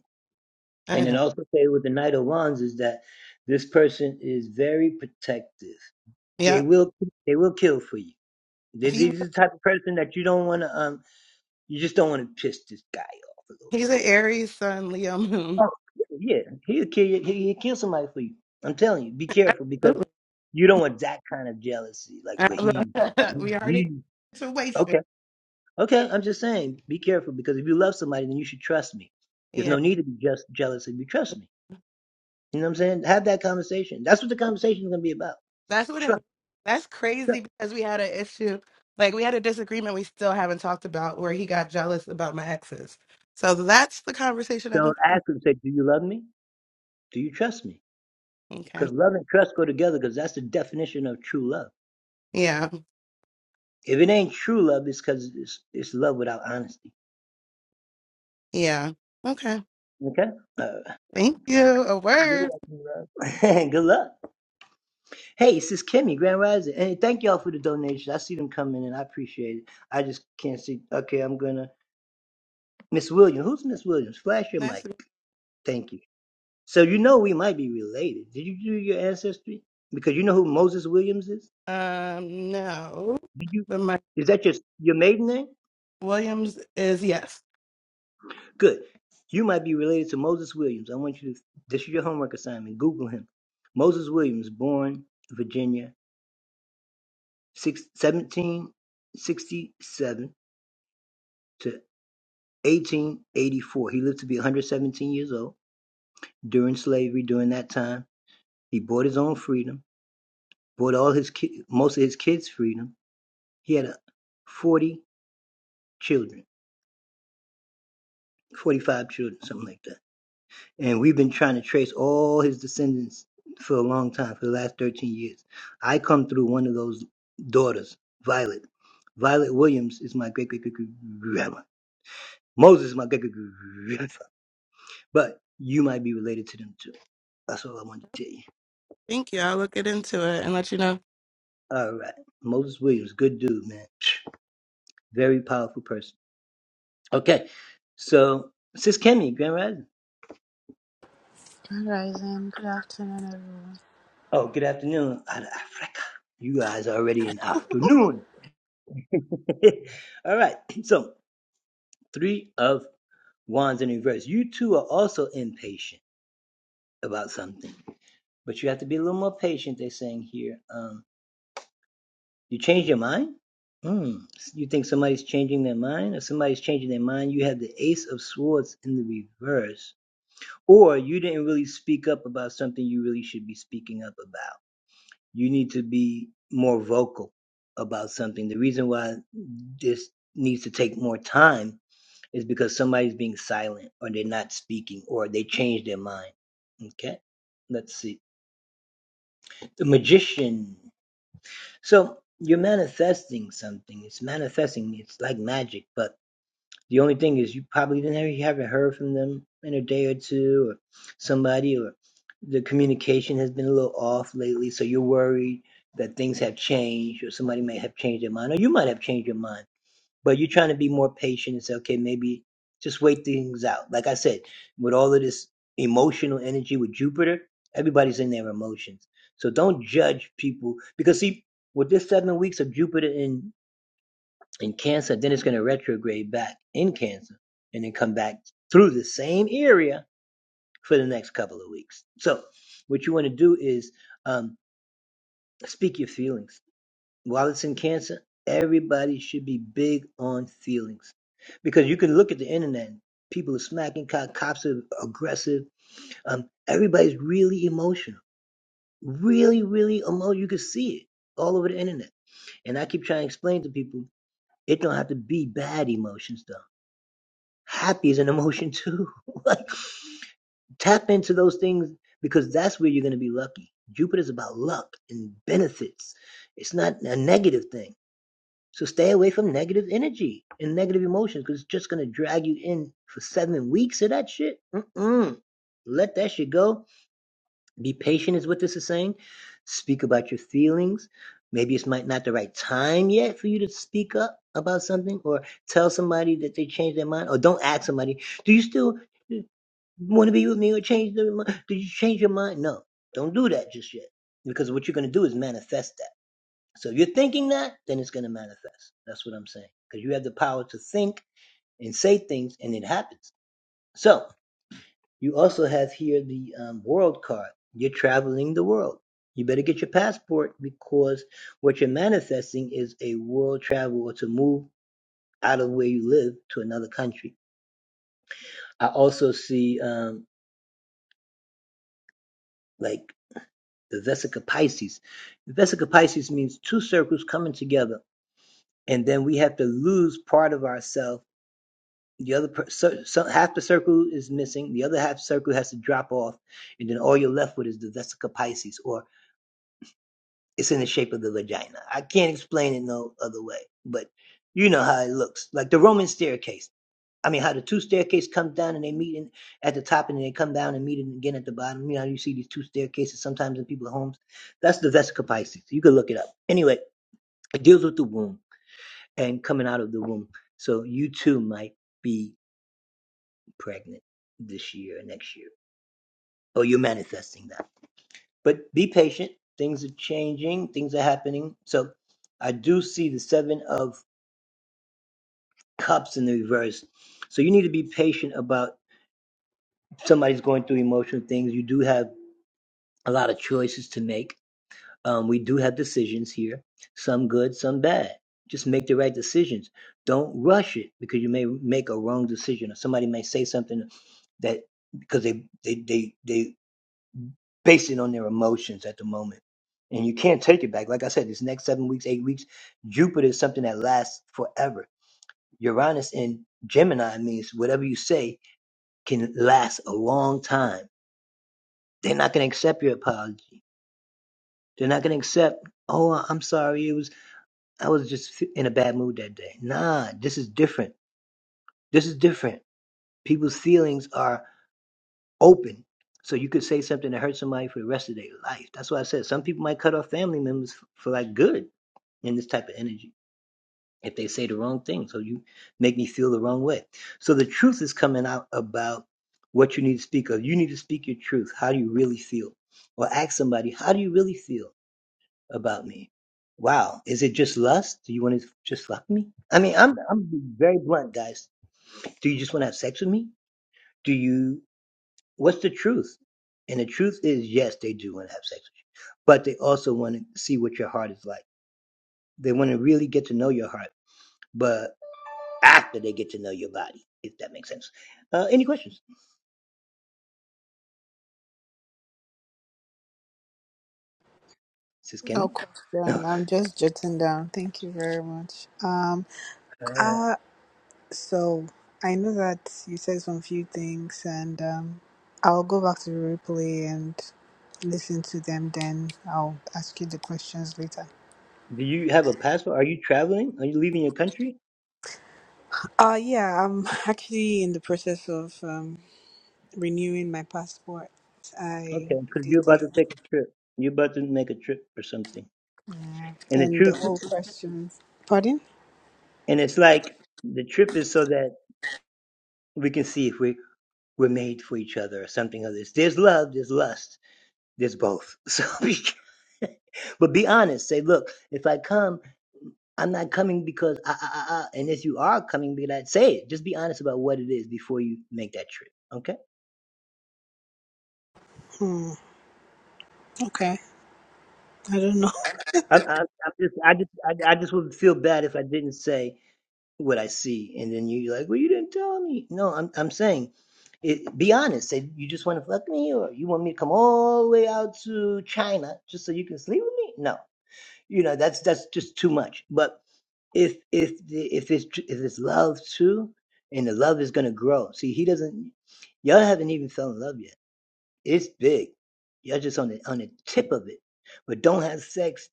I
And it
know.
also say with the Knight of Wands is that this person is very protective. They
Yep.
will they will kill for you. They,
He
these are the type of person that you don't want to um you just don't want to piss this guy off a little.
he's an Aries sun, Leo moon.
Oh yeah, yeah, he'll kill you. He- He'll kill somebody for you. I'm telling you, be careful because you don't want that kind of jealousy. Like, but
Absolutely.
he
we already
he
situation.
okay okay. I'm just saying, be careful because if you love somebody, then you should trust me. There's
Yeah.
no need to be just jealous if you trust me. You know what I'm saying? Have that conversation. That's what the conversation is going to be about.
That's what it means.
Trust.
That's crazy
trust.
because we had an issue. Like we had a disagreement we still haven't talked about where he got jealous about my exes. So that's the conversation I've
So
been
ask them, say, do you love me? Do you trust me? Because
Okay.
love and trust go together because that's the definition of true love.
Yeah.
If it ain't true love, it's because it's, it's love without honesty.
Yeah. Okay.
Okay? Uh,
Thank you. A
You're
word.
welcome, love. Good luck. Hey, this is Kimmy, Grand Rising. Hey, thank y'all for the donations. I see them coming in. I appreciate it. I just can't see. Okay, I'm going to. Miss Williams. Who's Miss Williams? Flash your
That's
mic. Thank you. So you know we might be related. Did you do your ancestry? Because you know who Moses Williams is?
um no.
Did you
But my
is that your your maiden name?
Williams is yes.
Good. You might be related to Moses Williams. I want you to this is your homework assignment. Google him. Moses Williams, born Virginia, six, seventeen sixty-seven to 1884. He lived to be 117 years old during slavery. During that time, he bought his own freedom, bought all his ki- most of his kids' freedom. He had a, 40 children. 45 children, something like that. And we've been trying to trace all his descendants for a long time, for the last 13 years. I come through one of those daughters, Violet. Violet Williams is my great great great grandma. Moses is my great great great grandfather. But you might be related to them too. That's all I wanted to tell you.
Thank you. I'll look it into it and let you know.
All right. Moses Williams, good dude, man. Very powerful person. Okay. So, Sis Kemi, Grand Rising.
Hi, Rising. Good afternoon, everyone.
Oh, good afternoon, out of Africa. You guys are already in afternoon. All right. So, three of wands in reverse. You two are also impatient about something, but you have to be a little more patient. They're saying here, um, you change your mind. Hmm. You think somebody's changing their mind, or somebody's changing their mind? You have the ace of swords in the reverse, or you didn't really speak up about something you really should be speaking up about. You need to be more vocal about something. The reason why this needs to take more time is because somebody's being silent or they're not speaking or they change their mind. Okay? Let's see. The magician. So you're manifesting something. It's manifesting. It's like magic, but the only thing is you probably didn't you haven't heard from them in a day or two or somebody or the communication has been a little off lately, so you're worried that things have changed or somebody may have changed their mind or you might have changed your mind but you're trying to be more patient and say, okay, maybe just wait things out. Like I said, with all of this emotional energy with Jupiter, everybody's in their emotions. So don't judge people because see, with this seven weeks of Jupiter in in Cancer, then it's going to retrograde back in Cancer and then come back through the same area for the next couple of weeks. So what you want to do is um, speak your feelings while it's in cancer, everybody should be big on feelings because you can look at the internet. and People are smacking cops, cops are aggressive. Um, everybody's really emotional, really, really emotional. You can see it all over the internet. And I keep trying to explain to people, it don't have to be bad emotions though. Happy is an emotion too. like tap into those things because that's where you're going to be lucky. Jupiter's about luck and benefits. It's not a negative thing so stay away from negative energy and negative emotions because it's just going to drag you in for seven weeks of that shit. Mm-mm. Let that shit go. Be patient, is what this is saying. Speak about your feelings. Maybe it's might not the right time yet for you to speak up about something or tell somebody that they changed their mind or don't ask somebody, do you still want to be with me or change their mind? Did you change your mind? No, don't do that just yet because what you're going to do is manifest that. So if you're thinking that, then it's going to manifest. That's what I'm saying. Because you have the power to think and say things, and it happens. So you also have here the um, world card. You're traveling the world. You better get your passport because what you're manifesting is a world travel or to move out of where you live to another country. I also see um, like the Vesica Pisces. The Vesica Pisces means two circles coming together, and then we have to lose part of ourselves The other per- so, so half the circle is missing. The other half circle has to drop off, and then all you're left with is the vesica piscis, or it's in the shape of the vagina. I can't explain it no other way, but you know how it looks, like the Roman staircase. I mean, how the two staircases come down and they meet in, at the top, and then they come down and meet in- again at the bottom. You know, you see these two staircases sometimes in people's homes. That's the vesica piscis. You could look it up. Anyway, it deals with the womb and coming out of the womb. So you too might be pregnant this year or next year. Or you're manifesting that. But be patient. Things are changing, things are happening. So I do see the seven of cups in the reverse. So you need to be patient about somebody's going through emotional things. You do have a lot of choices to make. Um, we do have decisions here, some good, some bad. Just make the right decisions. Don't rush it because you may make a wrong decision or somebody may say something that because they they they they based it on their emotions at the moment. And you can't take it back. Like I said, this next seven weeks, eight weeks, Jupiter is something that lasts forever. Uranus in Gemini means whatever you say can last a long time. They're not going to accept your apology. They're not going to accept, oh, I- I'm sorry. It was I was just f- in a bad mood that day. Nah, this is different. This is different. People's feelings are open. So you could say something that hurts somebody for the rest of their life. That's why I said some people might cut off family members f- for like good in this type of energy if they say the wrong thing. So you make me feel the wrong way. So the truth is coming out about what you need to speak of. You need to speak your truth. How do you really feel? Or ask somebody, how do you really feel about me? Wow, is it just lust? Do you want to just fuck me? I mean, I'm I'm being very blunt, guys. Do you just want to have sex with me? Do you? what's the truth? And the truth is, yes, they do want to have sex with you, but they also want to see what your heart is like. They want to really get to know your heart, but after they get to know your body, if that makes sense. Uh, any questions, Sis
No
Kemi?
question. I'm just jotting down. Thank you very much. Um,
All right.
uh, so I know that you said some few things, and um, I'll go back to the replay and listen to them. Then I'll ask you the questions later.
Do you have a passport? Are you traveling? Are you leaving your country?
Uh, yeah, I'm actually in the process of um, renewing my passport. I
Okay, because
did
you're about
it.
to take a trip. You're about to make a trip or something. And
Yeah,
the
and
truth,
the old questions. Pardon?
and it's like the trip is so that we can see if we we're made for each other or something of this. There's love, there's lust There's both. So, but be honest. Say, look, if I come, I'm not coming because I, I, I, I. And if you are coming, be that. Say it. Just be honest about what it is before you make that trip. Okay.
Hmm. Okay. I don't know.
I'm, I'm, I'm just, I just, I, I just would feel bad if I didn't say what I see, and then you're like, well, you didn't tell me. No, I'm, I'm saying. It, be honest. Say you just want to fuck me, or you want me to come all the way out to China just so you can sleep with me? No, You know, that's that's just too much. But if if the, if it's tr- if it's love true, and the love is gonna grow. See, he doesn't. Y'all haven't even fell in love yet. It's big. Y'all just on the on the tip of it. But don't have sex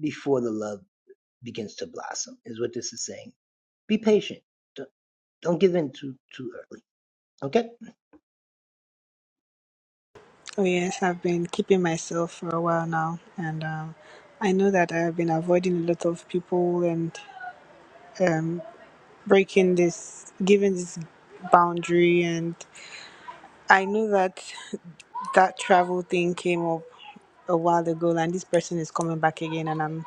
before the love begins to blossom. Is what this is saying. Be patient. Don't, don't give in too too early. Okay.
Oh yes, I've been keeping myself for a while now, and um, I know that I've been avoiding a lot of people and um, breaking this, giving this boundary, and I know that that travel thing came up a while ago, and this person is coming back again, and I'm,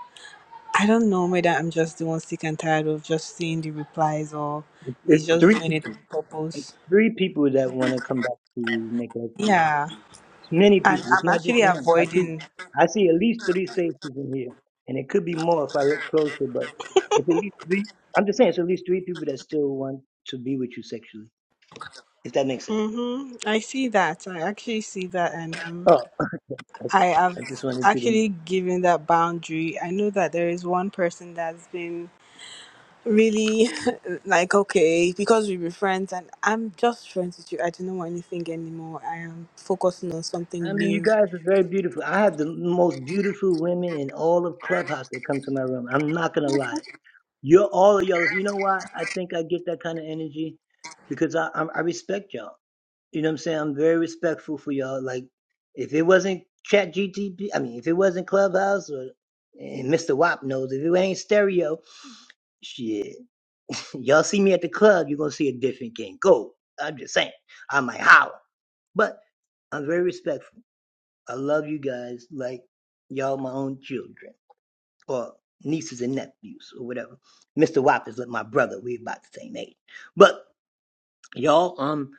I don't know whether I'm just the one sick and tired of just seeing the replies, or he's
It's
just
three
doing it on
people.
purpose.
Three people that want to come back to you, make love to you.
Yeah,
It's many
and
people. It's
I'm
not just
actually
one. I see,
avoiding.
I see at least three faces in here, and it could be more if I look closer. But it's at least three. I'm just saying, it's at least three people that still want to be with you sexually, if that makes sense.
Mm-hmm. I see that. I actually see that, and um.
Oh,
I
okay.
have
I just wanted you to. know.
actually given that boundary. I know that there is one person that's been really like, okay, because we were friends and I'm just friends with you. I don't know anything anymore. I am focusing on
I
something
mean, you
new.
guys are very beautiful. I have the most beautiful women in all of Clubhouse that come to my room. I'm not gonna lie. You're all of y'all. You know why? I think I get that kind of energy because I I, I respect y'all. You know what I'm saying? I'm very respectful for y'all. Like, if it wasn't Chat GTP, I mean, if it wasn't Clubhouse or and Mr. Wap knows, if it ain't stereo, shit, y'all see me at the club, you're gonna see a different King Go. I'm just saying, I might holler, but I'm very respectful. I love you guys like y'all my own children or nieces and nephews or whatever. Mr. Wap is like my brother. We about the same age, but y'all, um.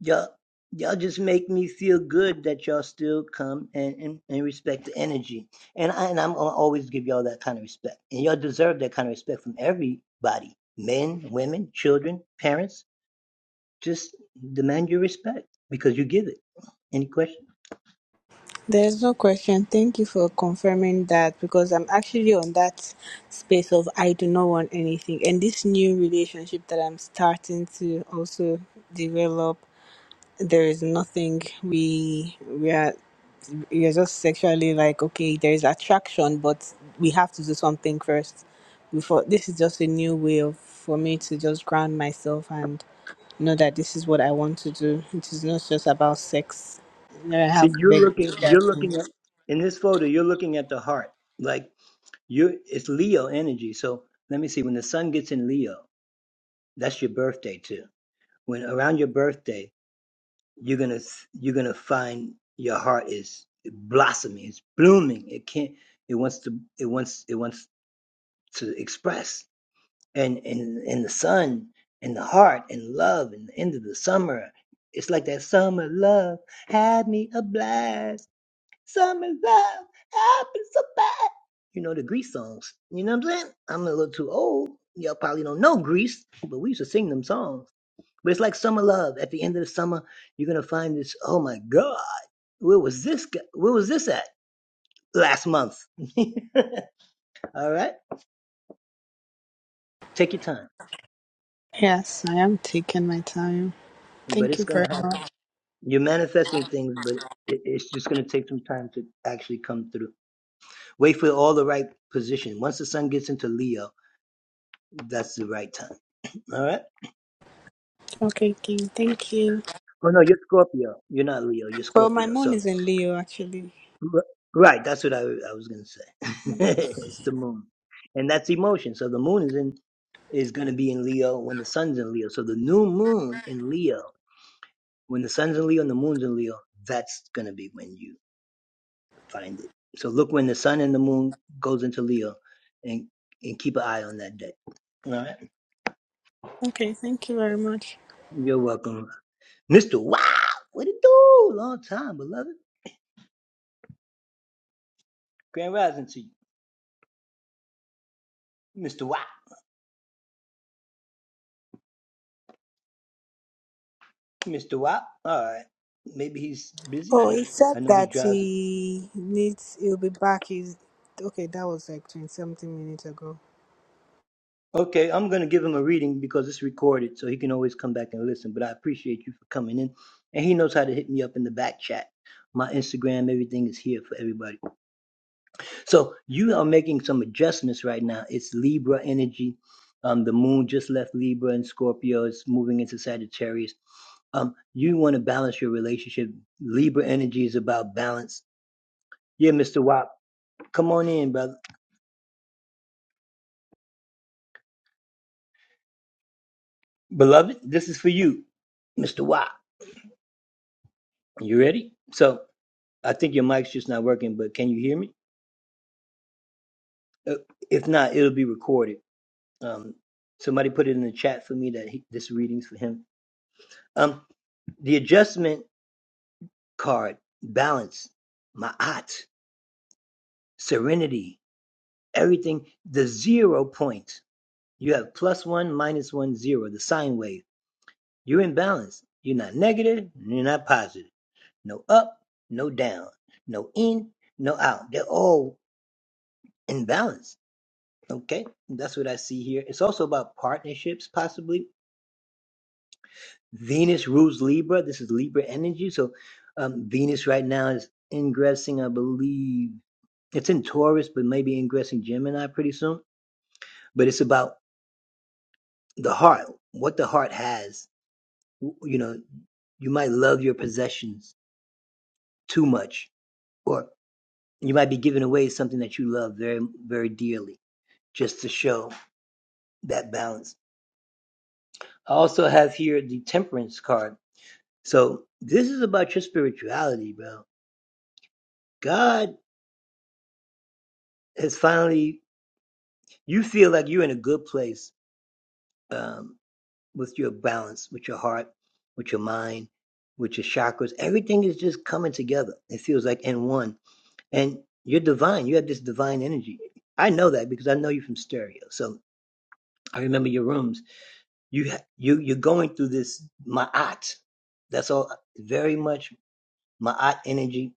Y'all, y'all just make me feel good that y'all still come and, and, and respect the energy. And I and I'm gonna always give y'all that kind of respect. And y'all deserve that kind of respect from everybody. Men, women, children, parents. Just demand your respect because you give it. Any questions?
There's no question. Thank you for confirming that because I'm actually on that space of I do not want anything. And this new relationship that I'm starting to also develop, there is nothing we we are. you're just sexually like okay there's attraction but we have to do something first before this is just a new way of for me to just ground myself and know that this is what i want to do it is not just about sex i
See,
have
you're
big
looking
bigger
you're looking at
things
in this photo, you're looking at the heart. Like you it's Leo energy. So let me see, when the sun gets in Leo, that's your birthday too. When around your birthday, you're gonna you're gonna find your heart is blossoming it's blooming it can't it wants to it wants it wants to express and and and the sun and the heart and love and the end of the summer it's like that summer love had me a blast summer love happened so bad you know the grease songs you know what i'm saying i'm a little too old y'all probably don't know grease but we used to sing them songs but it's like summer love. At the end of the summer, you're gonna find this. Oh my God, where was this? go- Where was this at last month? All right, take your time,
yes i am taking my time
but
thank
it's
you very
gonna happen.
much
You're manifesting things, but it, it's just gonna take some time to actually come through. Wait for all the right position. Once the sun gets into Leo, that's the right time. All right.
okay king thank you
Oh no, you're Scorpio. You're not Leo. You're
well my
Scorpio.
moon
So
is in leo actually
R- Right, that's what I, I was gonna say. it's the moon, and that's emotion. So the moon is in is gonna be in Leo when the sun's in Leo. So the new moon in Leo, when the sun's in Leo and the moon's in Leo, that's gonna be when you find it. So look when the sun and the moon goes into Leo, and and keep an eye on that day. All right,
okay thank you very much
you're welcome, Mister Wow. What it do? Long time, beloved. Grand rising to you, Mister Wow. Mr. Wop? All right. Maybe he's busy.
Oh, he said
I know he
that
drives it.
he needs. He'll be back. He's okay. That was like twenty something minutes ago.
Okay, I'm going to give him a reading because it's recorded, so he can always come back and listen. But I appreciate you for coming in. And he knows how to hit me up in the back chat. My Instagram, everything is here for everybody. So you are making some adjustments right now. It's Libra energy. Um, the moon just left Libra and Scorpio. It's moving into Sagittarius. Um, you want to balance your relationship. Libra energy is about balance. Yeah, Mr. Wap, come on in, brother. Beloved, this is for you, Mr. Y. You ready? So I think your mic's just not working, but can you hear me? Uh, If not, it'll be recorded. Um, somebody put it in the chat for me that he, this reading's for him. Um, the adjustment card, balance, ma'at, serenity, everything, the zero point. You have plus one, minus one, zero, the sine wave. You're in balance. You're not negative, and you're not positive. No up, no down, no in, no out. They're all in balance. Okay, that's what I see here. It's also about partnerships, possibly. Venus rules Libra. This is Libra energy. So um, Venus right now is ingressing, I believe. It's in Taurus, but maybe ingressing Gemini pretty soon. But it's about the heart, what the heart has. You know, you might love your possessions too much, or you might be giving away something that you love very, very dearly just to show that balance. I also have here the temperance card. So this is about your spirituality, bro. God has finally, you feel like you're in a good place um, with your balance, with your heart, with your mind, with your chakras. Everything is just coming together. It feels like in one. And you're divine. You have this divine energy. I know that because I know you from stereo. So I remember your rooms you you you're going through this ma'at. That's all very much ma'at energy.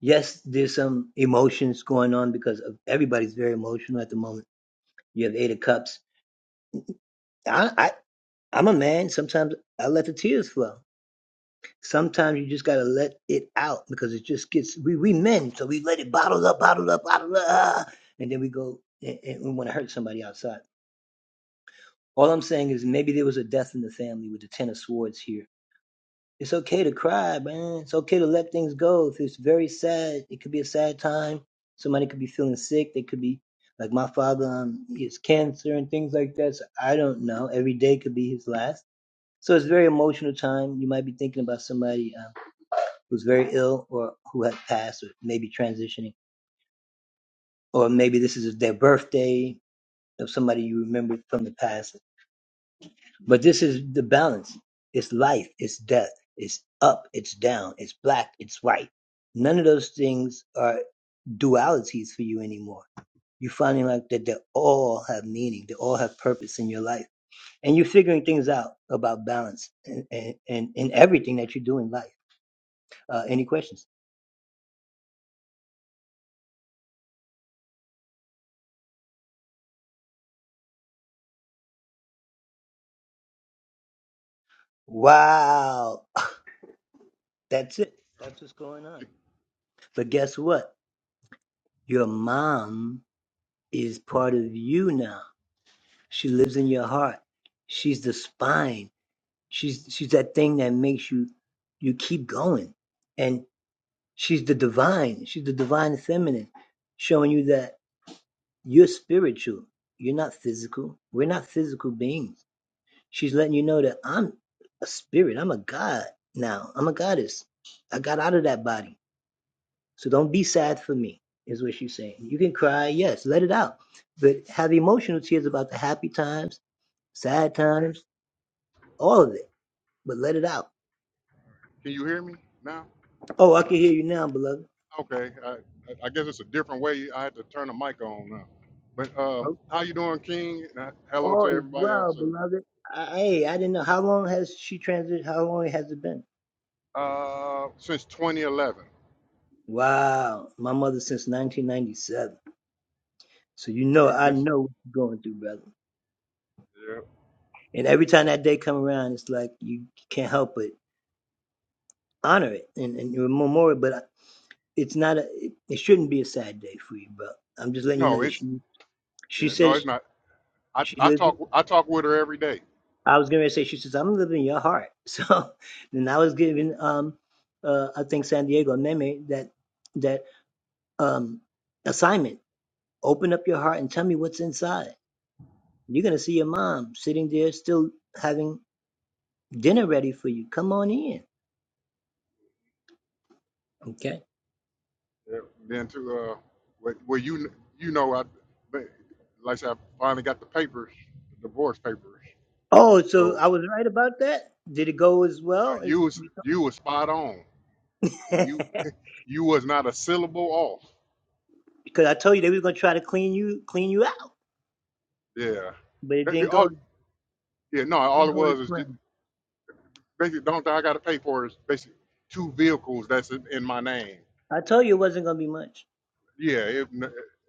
Yes, there's some emotions going on because of, everybody's very emotional at the moment. You have eight of cups. I, I I'm a man. Sometimes I let the tears flow. Sometimes you just gotta let it out because it just gets we we men so we let it bottled up, bottled up, bottled up, ah, and then we go and, and we want to hurt somebody outside. All I'm saying is maybe there was a death in the family with the ten of swords here It's okay to cry, man. It's okay to let things go. If it's very sad, it could be a sad time. Somebody could be feeling sick. They could be like my father um he has cancer and things like that. So I don't know. Every day could be his last. So it's a very emotional time. You might be thinking about somebody um, who's very ill or who has passed or maybe transitioning or maybe this is their birthday of somebody you remember from the past But this is the balance. It's life, it's death, it's up, it's down, it's black, it's white. None of those things are dualities for you anymore. You're finding like that they all have meaning, they all have purpose in your life. And you're figuring things out about balance and and, and, and everything that you do in life. Uh, any questions? Wow. That's it. That's what's going on. But guess what? Your mom is part of you now She lives in your heart. She's the spine. She's she's that thing that makes you you keep going. And she's the divine. She's the divine feminine, showing you that you're spiritual. You're not physical. We're not physical beings. She's letting you know that I'm a spirit. I'm a god now. I'm a goddess. I got out of that body. So don't be sad for me, is what she's saying. You can cry, yes, let it out. But have emotional tears about the happy times, sad times all of it, but let it out.
Can you hear me now?
Oh, I can hear you now, beloved.
Okay, I, I I guess it's a different way. I had to turn the mic on now. But um,
Oh,
how you doing, King? And, uh, hello
All
to
is
everybody
well,
else in the group.
beloved. I, hey, I didn't know how long has she transitioned. How long has it been?
Uh, since 2011.
Wow, my mother since 1997. So you know,
Yep.
I
Yes.
know what you're going through, brother.
Yep.
And every time that day come around, it's like you can't help but honor it and and you memorial. But it's not a. It, it shouldn't be a sad day for you, bro. I'm just letting you know
No,
that
it's
she she
yeah. No,
says
it's not. I,
she
I
lives.
talk I talk with her every day.
I was going to say, she says, I'm living in your heart. So then I was giving, um, uh, I think San Diego a meme that, that, um, assignment, open up your heart and tell me what's inside. You're going to see your mom sitting there still having dinner ready for you. Come on in. Okay.
Yep. Then to uh, where, where you kn- you know I, but like I said, I finally got the papers, the divorce papers.
Oh, so
So
I was right about that. Did it go as well
uh,
as
you was
you
you was spot on.
thought?
You you was not a syllable off
because I told you they were going to try to clean you, clean you out,
Yeah.
but it
That-
didn't
the-
go,
all, yeah, no, all
didn't
it
go as
was is just,
planned.
basically, don't I got to pay for is basically two vehicles that's in, in my name.
I told you it wasn't going to be much.
Yeah, it,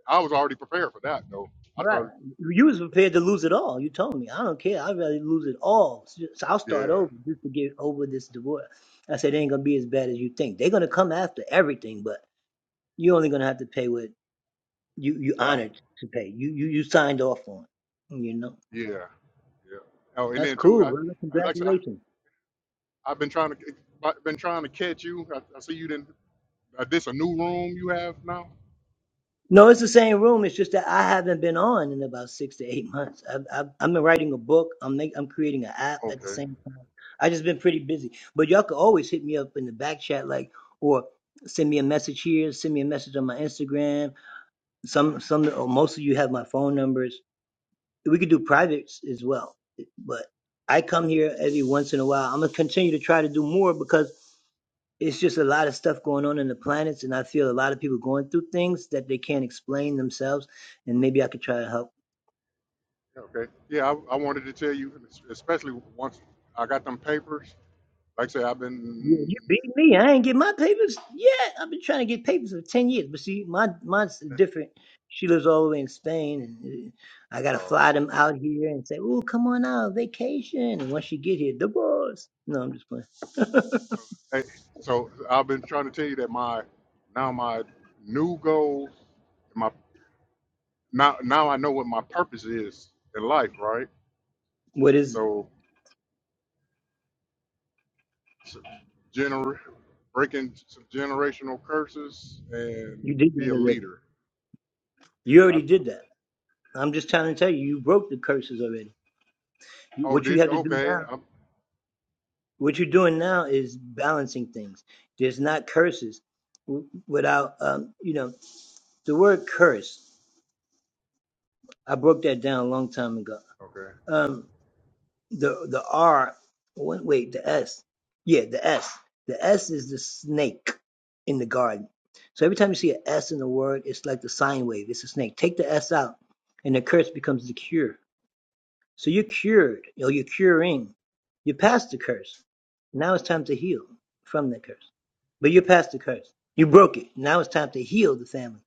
I was already prepared for that though. I
Right.
thought,
You was prepared to lose it all. You told me, I don't care. I'd rather lose it all. So so I'll start
yeah,
over just to get over this divorce. I said, it ain't going to be as bad as you think. They're going to come after everything, but you're only going to have to pay what you, you
yeah,
honored to pay. You, you, you signed off on, you know.
yeah, yeah. Oh, and
That's
then too,
cool,
I,
brother.
I like I said, I,
Congratulations.
I've been trying to, I've been trying to catch you. I, I see you didn't. Is this a new room you have now?
No, it's the same room. It's just that I haven't been on in about six to eight months. I've, I've, I've writing a book. I'm make, I'm creating an app at the
Okay,
same time. I just been pretty busy. But y'all could always hit me up in the back chat, like or send me a message here. Send me a message on my Instagram. Some some or most of you have my phone numbers. We could do privates as well. But I come here every once in a while. I'm gonna continue to try to do more because it's just a lot of stuff going on in the planets, and I feel a lot of people going through things that they can't explain themselves, and maybe I could try to help.
okay. Yeah, I, I wanted to tell you, especially once I got them papers. Like I said, I've
Yeah, you
been.
beat me. I ain't get my papers yet. I've been trying to get papers for ten years, but see, my mine's different. She lives all the way in Spain, and I gotta
uh,
fly them out here and say, "Oh, come on out, vacation." And once you get here, divorce. No, I'm just playing.
So, hey, so I've been trying to tell you that my now my new goal, my now now I know what my purpose is in life, right?
What is it?
So, so gener- breaking some generational curses
you did
and be
that
a
already?
leader.
You
I,
already did that. I'm just trying to tell you, you broke the curses already. You-
oh,
What you
did
have
you?
to do now.
Okay, I'm,
what you're doing now is balancing things. There's not curses w- without, um, you know, the word curse. I broke that down a long time ago.
okay,
Um, the the R, wait, wait, the S, yeah, the S. The S is the snake in the garden. So every time you see an S in the word, it's like the sine wave. It's a snake. Take the S out, and the curse becomes the cure. So you're cured. You you're curing. You passed the curse. Now it's time to heal from the curse. But you're past the curse. You broke it. Now it's time to heal the family.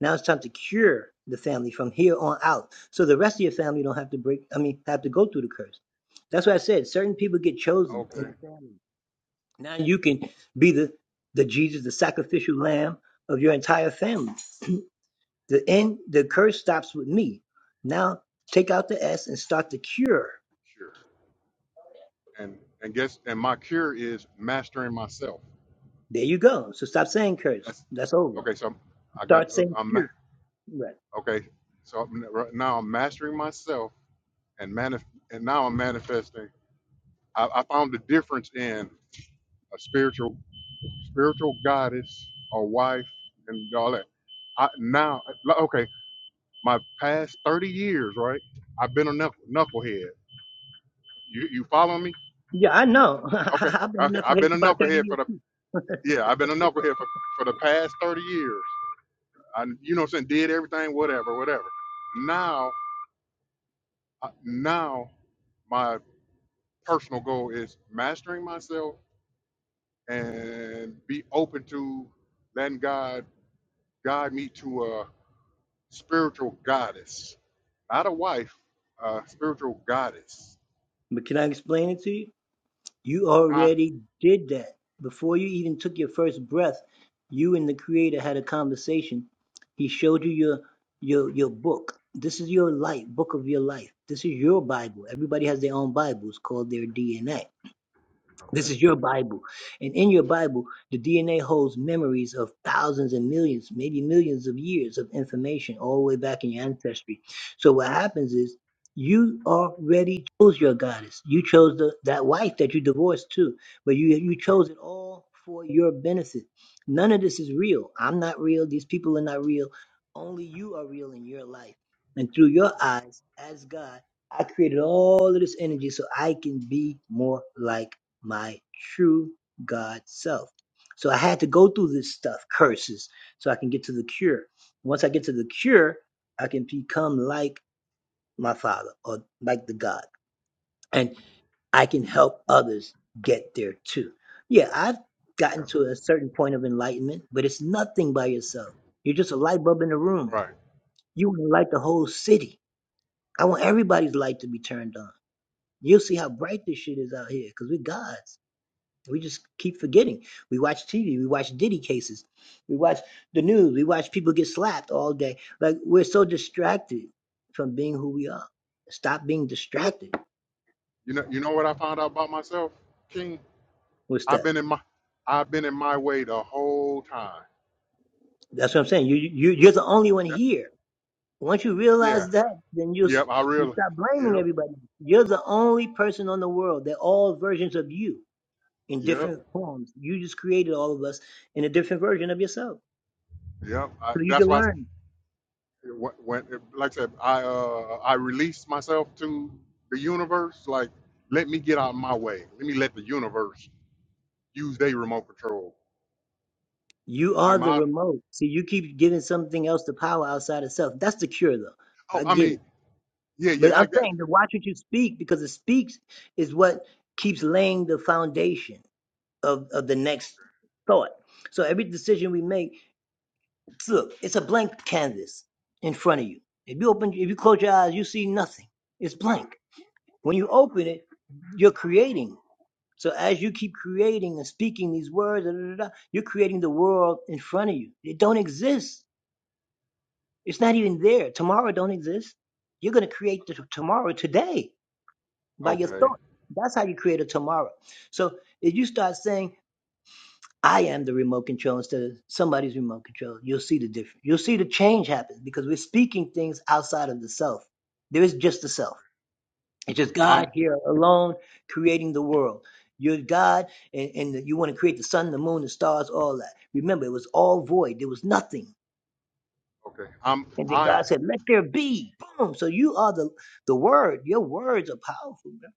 Now it's time to cure the family from here on out. So the rest of your family don't have to break, I mean, have to go through the curse. That's what I said. Certain people get chosen in
okay,
the family. Now you can be the, the Jesus, the sacrificial lamb of your entire family. The end, the curse stops with me. Now take out the S and start the cure.
sure. And and guess and my cure is mastering myself.
There you go. So stop saying curse.
That's
That's over.
okay. So I'm, I got
Start
uh,
saying
I'm ma-
cure. Right.
okay. So I'm, right now I'm mastering myself and manif- and now I'm manifesting. I, I found the difference in a spiritual spiritual goddess, a wife, and all that. I now like, okay, my past thirty years, right? I've been a knuckle, knucklehead. You you follow me?
Yeah, I know.
Okay,
I've been a
okay. I've
knucklehead
been
for
a
about 30
knucklehead
years.
for the yeah. I've been a knucklehead for, for the past thirty years. I you know what I'm saying? Did everything, whatever, whatever. Now I- now my personal goal is mastering myself and be open to letting God guide me to a spiritual goddess, not a wife, a spiritual goddess.
But can I explain it to you? You
Huh?
already did that. Before you even took your first breath, you and the creator had a conversation. He showed you your your your book. This is your life, book of your life. This is your Bible. Everybody has their own Bible. It's called their DNA. This is your Bible. And in your Bible, the DNA holds memories of thousands and millions, maybe millions of years of information all the way back in your ancestry. So what happens is you already chose your goddess. You chose the, that wife that you divorced to, but you you chose it all for your benefit. None of this is real. I'm not real. These people are not real. Only you are real in your life. And through your
Okay.
eyes, as God, I created all of this energy so I can be more like my true God self. So I had to go through this stuff, curses, so I can get to the cure. Once I get to the cure, I can become like my father or like the God. And I can help others get there too. Yeah, I've
Yeah.
gotten to a certain point of enlightenment, but it's nothing by yourself. You're just a light bulb in the room.
Right.
You want to light the whole city. I want everybody's light to be turned on. You'll see how bright this shit is out here because we're gods. We just keep forgetting. We watch TV, we watch Diddy cases, we watch the news, we watch people get slapped all day. Like we're so distracted from being who we are. Stop being distracted
You know. You know what I found out about myself, King?
with
I've
stuff.
been in my, I've been in my way the whole time.
That's what I'm saying. You you you're the only one
That-
here. Once you
yeah.
realize that, then you
Yep. I
you
really,
stop blaming
Yep.
everybody. You're the only person on the world. They're all versions of you in
Yep.
different forms. You just created all of us in a different version of yourself.
Yep. I,
So you
that's
can
why.
learn.
It when like I said, I uh, I released myself to the universe. Like, let me get out of my way. Let me let the universe use their remote control.
You are
I'm
the
out.
remote. See, you keep giving something else the power outside of self. That's the cure, though.
Oh,
I
I
get
mean,
it.
yeah,
But
yeah.
I'm
I got.
saying to watch what you speak because it speaks is what keeps laying the foundation of, of the next thought. So every decision we make, look, it's a blank canvas in front of you. If you open, if you close your eyes, you see nothing. It's blank. When you open it, you're creating. So as you keep creating and speaking these words, da, da, da, da, you're creating the world in front of you. It don't exist. It's not even there. Tomorrow don't exist. You're going to create the t- tomorrow today by your
Okay,
thought. That's how you create a tomorrow. So if you start saying, I am the remote control instead of somebody's remote control, you'll see the difference. You'll see the change happen because we're speaking things outside of the self. There is just the self. It's just
I'm
God here alone creating the world. You're God, and, and you want to create the sun, the moon, the stars, all that. Remember, it was all void. There was nothing.
okay. I'm
And then
I.
God said, let there be. Boom. So you are the, the word. Your words are powerful. bro.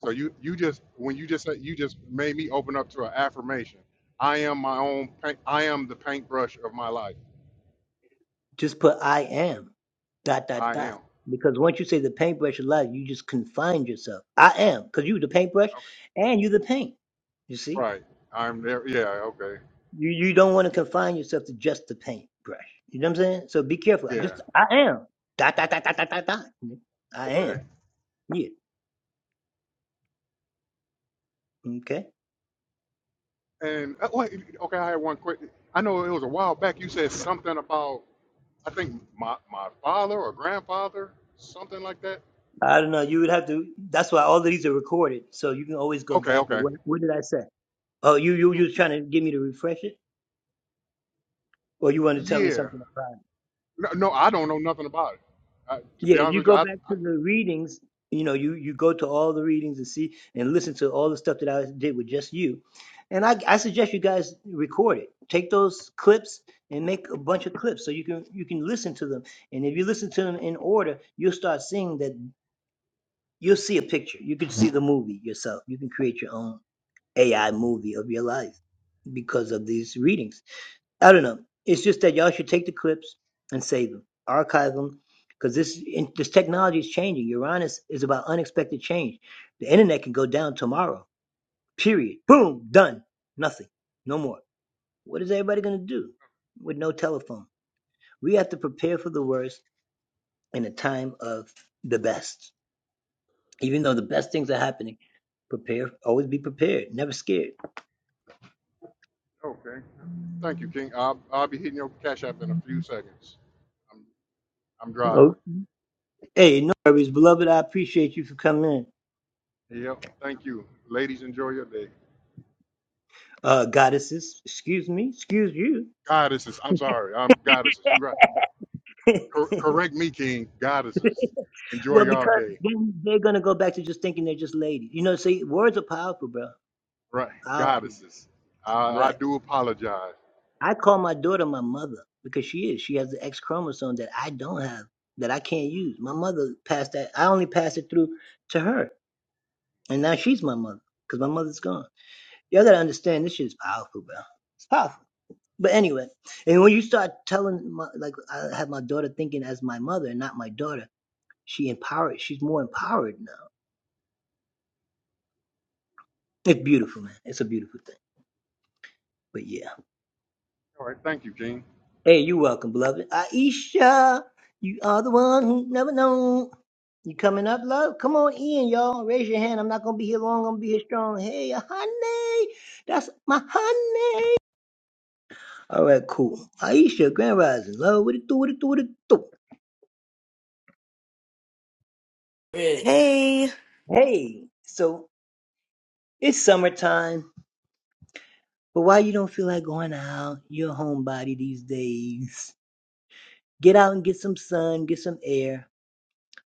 So you you just when you just said you just made me open up to an affirmation. I am my own. Paint, I am the paintbrush of my life.
Just put I am. Dot dot
I am.
dot. Because once you say the paintbrush of life, you just confine yourself. I am, because you the paintbrush
Okay.
and you the paint. You see?
Right. I'm there. Yeah. Okay.
You you don't want to confine yourself to just the paintbrush. You know what I'm saying? So be careful.
Yeah.
Just I am. Dot dot dot dot dot dot dot. I
okay.
am. Yeah. Okay.
And uh, wait, okay, I had one quick. I know it was a while back. You said something about I think my my father or grandfather, something like that.
I don't know. You would have to that's why all of these are recorded. So you can always go
Okay,
back. But
okay.
what what did I say? Oh, you you you trying to get me to refresh it, or you want to tell me
Yeah.
something about it?
No, no I don't know nothing about it. I, to
Yeah,
be
if
honest
you
with you,
go
I
back to the readings. You know, you you go to all the readings and see and listen to all the stuff that I did with just you, and I I suggest you guys record it. Take those clips and make a bunch of clips so you can you can listen to them. And if you listen to them in order, you'll start seeing that you'll see a picture. You can see the movie yourself. You can create your own AI movie of your life because of these readings. I don't know. It's just that y'all should take the clips and save them, archive them, because this in, this technology is changing. Uranus is about unexpected change. The internet can go down tomorrow. Period. Boom. Done. Nothing. No more. What is everybody going to do with no telephone? We have to prepare for the worst in a time of the best. Even though the best things are happening, prepare. Always be prepared. Never scared.
okay. Thank you, King. I'll, I'll be hitting your cash app in a few seconds. I'm I'm
Oh,
driving.
hey, no worries, beloved. I appreciate you for coming in.
Yep. Thank you, ladies. Enjoy your day.
uh, goddesses. Excuse me, excuse you.
Goddesses. I'm sorry. I'm goddesses. You right. Cor- correct me, King. Goddesses. Enjoy
well,
y'all
because
day.
then they're gonna go back to just thinking they're just ladies. You know, see, words are powerful, bro.
Right,
Powerful.
goddesses. I, I
Right.
do apologize.
I call my daughter my mother because she is. She has the X chromosome that I don't have, that I can't use. My mother passed that. I only passed it through to her, and now she's my mother because my mother's gone. Y'all gotta understand this shit is powerful, bro. It's powerful. But anyway, and when you start telling my like I have my daughter thinking as my mother and not my daughter She empowered. She's more empowered now. It's beautiful, man. It's a beautiful thing. But yeah.
All right, thank you, King.
Hey, you're welcome, beloved. Aisha, you are the one who never known. You coming up, love? Come on in, y'all. Raise your hand. I'm not gonna be here long. I'm gonna be here strong. Hey, honey, that's my honey. All right, cool. Aisha, Grand Rising, love. What it do? What it do? What it do?
Really? Hey,
Hey, so it's summertime, but why you don't feel like going out? You're a homebody these days. Get out and get some sun, get some air.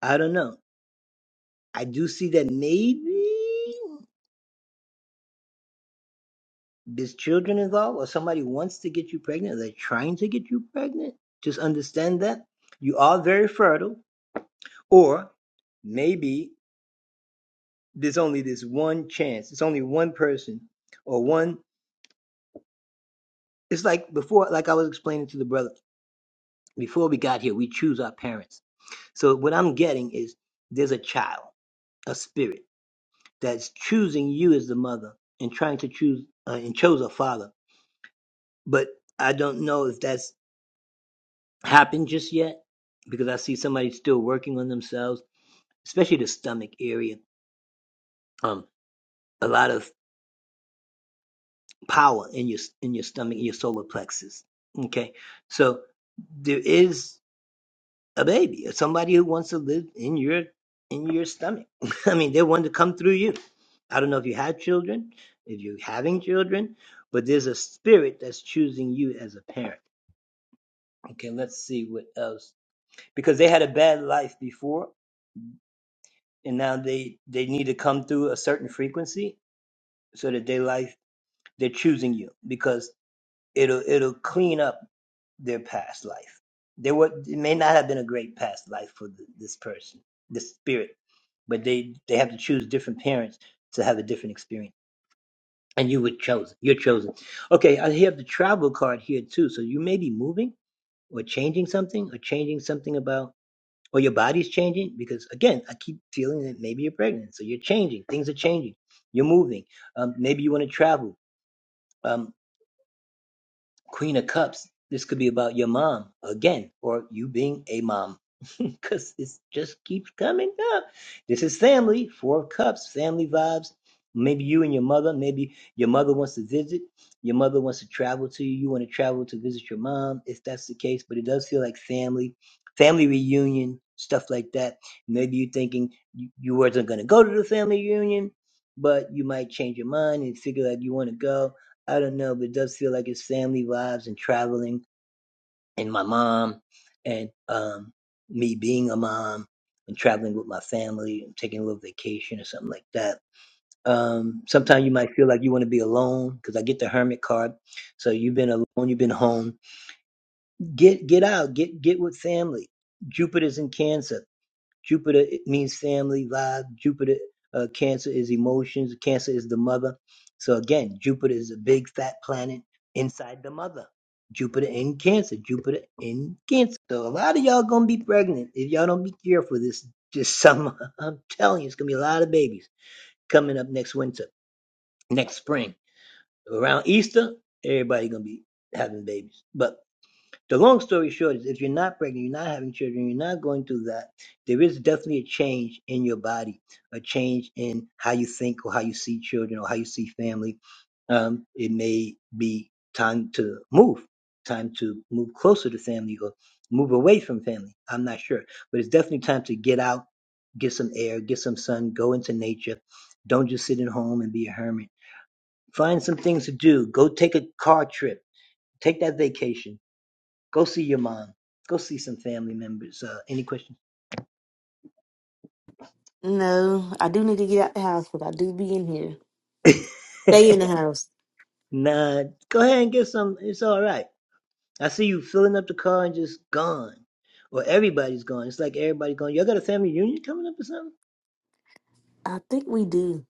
I don't know. I do see that maybe there's children involved or somebody wants to get you pregnant or they're trying to get you pregnant. Just understand that you are very fertile, or maybe there's only this one chance. It's only one person or one. It's like before, like I was explaining to the brother before we got here, we choose our parents. So what I'm getting is there's a child, a spirit. that's choosing you as the mother and trying to choose uh, and chose a father. But I don't know if that's happened just yet because I see somebody still working on themselves, especially the stomach area. Um, a lot of power in your in your stomach, in your solar plexus. Okay, so there is. a baby or somebody who wants to live in your in your stomach. I mean, they want to come through you. I don't know if you have children, if you're having children, but there's a spirit that's choosing you as a parent. Okay, let's see what else. Because they had a bad life before, and now they they need to come through a certain frequency so that their life they're choosing you. because. it'll it'll clean up their past life. There were it may not have been a great past life for th- this person, this spirit, but they they have to choose different parents to have a different experience. And you were chosen. You're chosen. Okay, I have the travel card here too. So you may be moving or changing something or changing something about or your body's changing because again i keep feeling that maybe you're pregnant so you're changing things are changing you're moving um, maybe you want to travel um, Queen of Cups, this could be about your mom again, or you being a mom, because it just keeps coming up. This is family, Four of Cups, family vibes. Maybe you and your mother, maybe your mother wants to visit, your mother wants to travel to you, you want to travel to visit your mom, if that's the case, but it does feel like family, family reunion, stuff like that. Maybe you're thinking you, you wasn't going to go to the family reunion, but you might change your mind and figure out you want to go I don't know, but it does feel like it's family vibes and traveling and my mom and um, me being a mom and traveling with my family and taking a little vacation or something like that. Um, sometimes you might feel like you want to be alone because I get the hermit card. So you've been alone, you've been home. Get get out, get get with family. Jupiter's in Cancer. Jupiter it means family, love. Jupiter, uh, Cancer is emotions. Cancer is the mother. So again, Jupiter is a big fat planet inside the mother. Jupiter in Cancer. Jupiter in Cancer. So a lot of y'all gonna be pregnant if y'all don't be careful this this summer. I'm telling you, it's gonna be a lot of babies coming up next winter, next spring, around Easter. Everybody gonna be having babies, but the long story short is if you're not pregnant, you're not having children, you're not going through that, there is definitely a change in your body, a change in how you think or how you see children or how you see family. Um, it may be time to move, time to move closer to family or move away from family. I'm not sure. But it's definitely time to get out, get some air, get some sun, go into nature. Don't just sit at home and be a hermit. Find some things to do. Go take a car trip. Take that vacation Go see your mom. Go see some family members. Uh, any questions?
no, I do need to get out the house, but I do be in here. Stay in the house.
nah, go ahead and get some. It's all right. I see you filling up the car and just gone, or everybody's gone. It's like everybody's gone. Y'all got a family reunion coming up or something?
I think we do.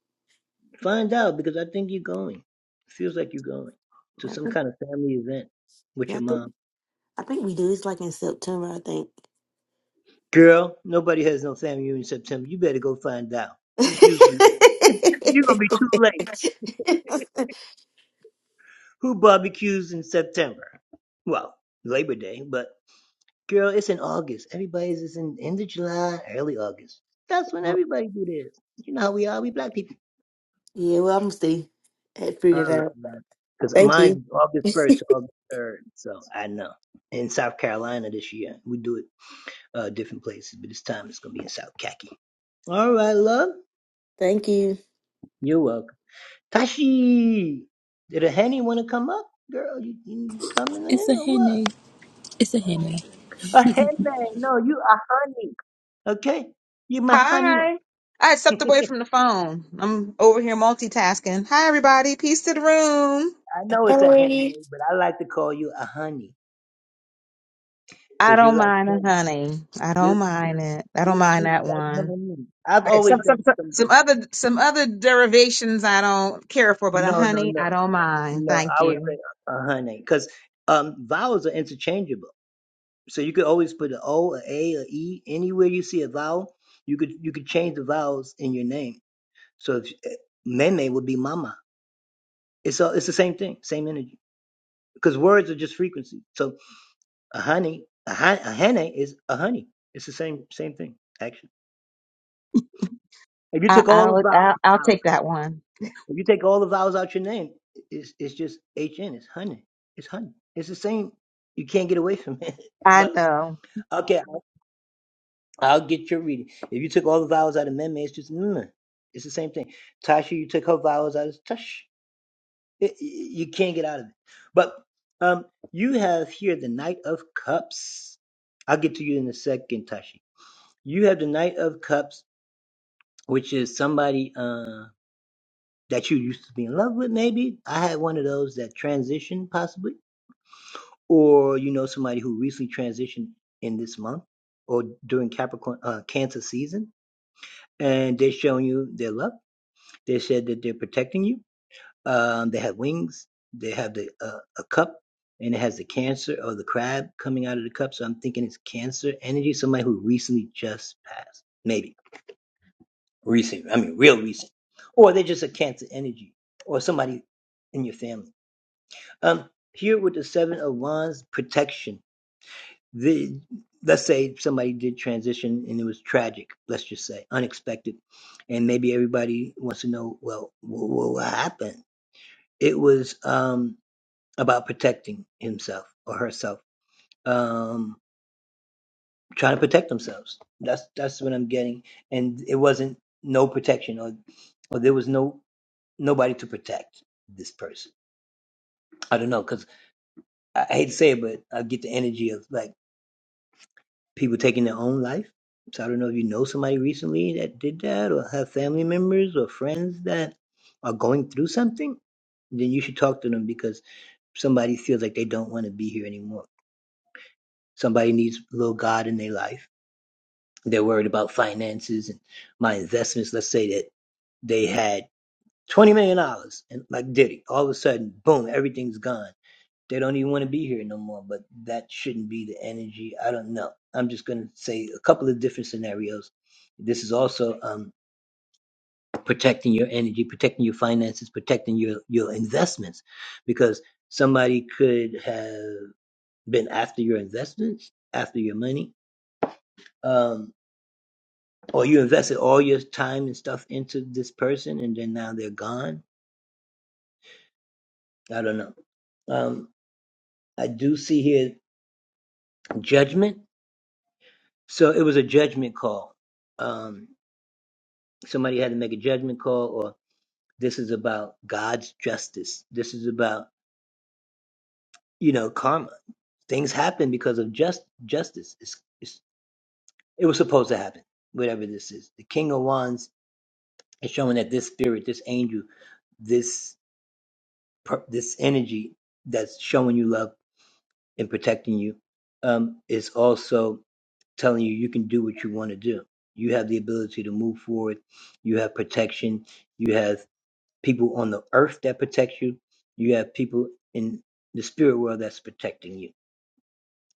Find out because I think you're going. feels like you're going to
Yeah, I
some
think,
kind of family event with
yeah,
your
I think,
mom.
I think we do. It's like in September, I think.
Girl, nobody has no family reunion in September. You better go find out. It's usually you're gonna be too late. Who barbecues in September? Well, Labor Day, but. Girl, it's in August. Everybody's it's in end of July, early August. That's when everybody do this. You know how we are, we black people.
yeah, well, I'm gonna see. I
All
figured it out.
right, because
Thank
mine's
you.
August first to August third, so I know. In South Carolina this year, we do it uh different places, but this time it's gonna be in South Khaki. All right, love.
Thank you.
You're welcome. Tashi, did a henny want to come up? Girl, you, you coming in
It's a
or what?
henna. It's a henna.
A henny. No, you a honey. Okay? You my honey.
Hi. I had stepped away from the phone. I'm over here multitasking. Hi, everybody. Peace to the room.
I know it's a handmade, but I like to call you a honey
I
because you're
don't
like
mind it,
honey.
honey. I
You're
don't
sweet.
mind it. I don't
You're
mind
sweet
that
like
one.
honey. I've
I,
always
some, some,
done
some,
something.
some other some other derivations I don't care for, but a
No, no,
honey,
no,
I don't mind.
no.
Thank
I would say
you.
a honey because um, vowels are interchangeable. So you could always put an O, an A, an E anywhere you see a vowel. You could you could change the vowels in your name. So if, eh, meme would be mama. It's all, it's the same thing, same energy. Because words are just frequency. So A honey, a, hi- a henna is a honey. It's the same same thing, actually. If you
I,
took all the
I'll,
vowels
I'll I'll
out,
take that one.
if you take all the vowels out your name, it's it's just hn. It's honey. It's honey. It's the same. You can't get away from it.
I
But
know.
okay, I'll get your reading. If you took all the vowels out of meme, it's just mm. It's the same thing. Tasha, you took her vowels out. It's tush. It, you can't get out of it. But um, you have here the Knight of Cups. I'll get to you in a second, Tashi. You have the Knight of Cups which is somebody uh, that you used to be in love with, maybe. I had one of those that transitioned, possibly, or you know somebody who recently transitioned in this month or during Capricorn uh, Cancer season, and they're showing you their love. They said that they're protecting you. Um, they have wings. They have the uh, a cup, and it has the cancer or the crab coming out of the cup. So I'm thinking it's cancer energy. Somebody who recently just passed, maybe. recent, I mean, real recent, or they're just a cancer energy or somebody in your family. Um, here with the seven of wands protection, the let's say somebody did transition and it was tragic, let's just say unexpected, and maybe everybody wants to know, well, wh- wh- what happened? It was um, about protecting himself or herself, um, trying to protect themselves. That's that's what I'm getting, and it wasn't no protection or or there was no nobody to protect this person. I don't know because I, I hate to say it, but I get the energy of like people taking their own life. So I don't know if you know somebody recently that did that, or have family members or friends that are going through something. Then you should talk to them because somebody feels like they don't want to be here anymore. Somebody needs a little God in their life. They're worried about finances and my investments. Let's say that they had twenty million dollars, and like Diddy, all of a sudden, boom, everything's gone They don't even want to be here no more, but that shouldn't be the energy. I don't know. I'm just going to say a couple of different scenarios. This is also um, protecting your energy, protecting your finances, protecting your, your investments, because somebody could have been after your investments, after your money, um, or you invested all your time and stuff into this person, and then now they're gone. I don't know. Um, I do see here judgment. So it was a judgment call. Um, somebody had to make a judgment call or this is about god's justice this is about you know karma things happen because of just justice it's, it's, it was supposed to happen whatever this is the king of wands is showing that this spirit this angel this per- this energy that's showing you love and protecting you um, is also telling you you can do what you want to do you have the ability to move forward you have protection you have people on the earth that protect you. You have people in the spirit world that's protecting you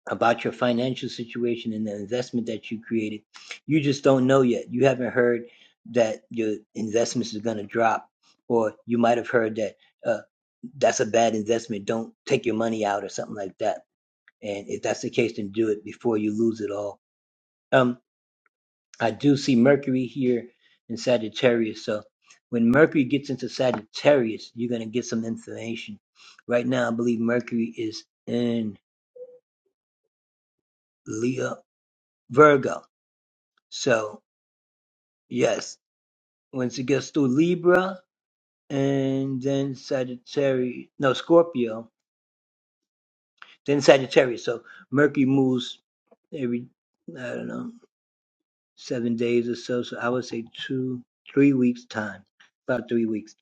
about your financial situation and the investment that you created. You just don't know yet. You haven't heard that your investments are going to drop, or you might have heard that uh, that's a bad investment. Don't take your money out or something like that. And if that's the case, then do it before you lose it all. Um, I do see Mercury here in Sagittarius. So when Mercury gets into Sagittarius, you're going to get some information. Right now, I believe Mercury is in Leo, Virgo. So yes, once it gets through Libra and then Sagittarius, no, Scorpio, then Sagittarius. So Mercury moves every, I don't know, seven days or so. So I would say two, three weeks time, about three weeks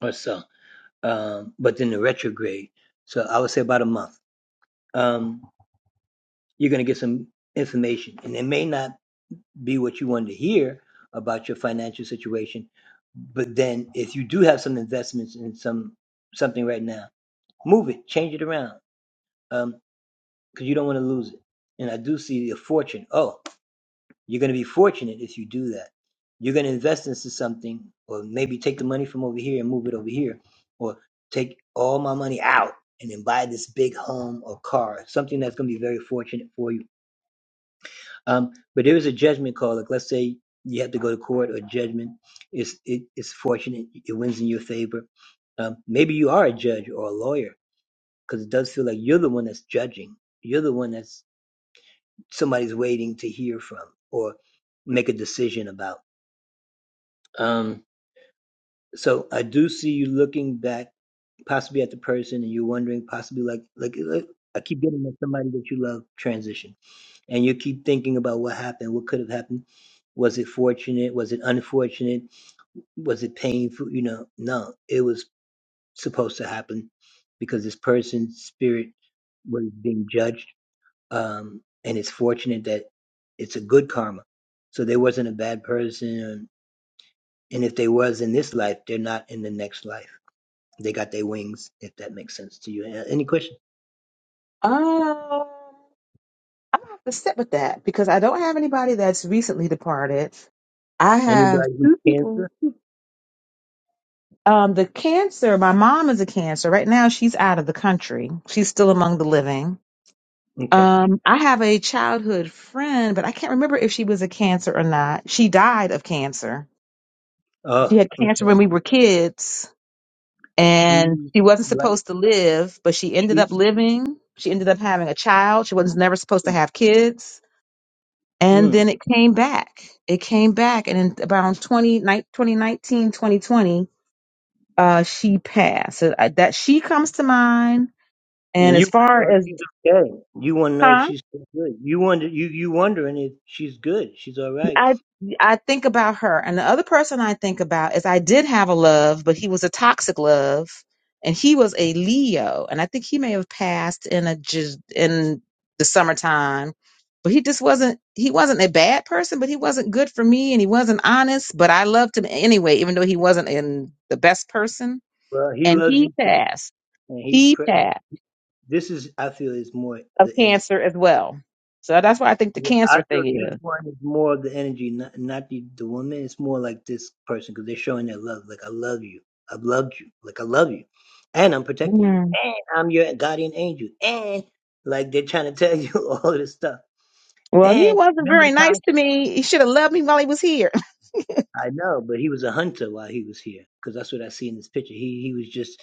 or so um, but then the retrograde. So I would say about a month. Um, you're going to get some information, and it may not be what you wanted to hear about your financial situation. But then, if you do have some investments in some something right now, move it, change it around, because you don't want to lose it. And I do see a fortune. Oh, You're going to be fortunate if you do that. You're going to invest into something, or maybe take the money from over here and move it over here, or take all my money out and then buy this big home or car, something that's going to be very fortunate for you. Um, but there is a judgment call. Like, let's say you have to go to court or judgment. It's, it, it's fortunate. It wins in your favor. Um, maybe you are a judge or a lawyer because it does feel like you're the one that's judging. You're the one that's somebody's waiting to hear from or make a decision about Um, so I do see you looking back possibly at the person and you're wondering possibly like like like, I keep getting that somebody that you love transition and you keep thinking about what happened, what could have happened. Was it fortunate? Was it unfortunate? Was it painful? You know, no, it was supposed to happen because this person's spirit was being judged. Um, and it's fortunate that it's a good karma. So they wasn't a bad person. And if they was in this life, they're not in the next life. They got their wings, if that makes sense to you. A- Any question?
Um, I'm gonna have to sit with that because I don't have anybody that's recently departed. I have
Anybody with
two people
cancer?
Um, the cancer, my mom is a cancer. Right now, she's out of the country. She's still among the living.
Okay.
Um, I have a childhood friend, but I can't remember if she was a cancer or not. She died of cancer. She
Oh,
had cancer
okay.
when we were kids, and
She
she wasn't
like
supposed to live, but she ended
she.
up living. She ended up having a child. She was never supposed to have kids. And
Mm.
then it came back. It came back. And in about 20, ni- 2019, uh, she passed. So I, that she comes to mind And
And you
as
want to
far
know if
as
she's okay. You want to know if
huh,
she's still good. You wonder you you wondering if she's good. She's all right.
I I think about her. And the other person I think about is I did have a love, but he was a toxic love, and he was a Leo, and I think he may have passed in a ju- in the summertime. But he just wasn't he wasn't a bad person, but he wasn't good for me and he wasn't honest, but I loved him anyway, even though he wasn't in the best person.
Well, he
And
loves
he
you too,
passed.
and he's
He
pre-
passed
This is I feel is more
of
the energy.
cancer as well. So that's why I think the
Yeah, I
cancer
feel
thing
this one is more of the energy, not, not the, the woman. It's more like this person because they're showing their love. Like, I love you. I've loved you. Like, I love you. And I'm protecting
is.
you. And I'm your guardian angel. And, like, they're trying to tell you all of this stuff.
Well, he
And
wasn't
remember
very
the time?
nice to me. He should have loved me while he was here.
I know, but he was a hunter while he was here because that's what I see in this picture. He he was just,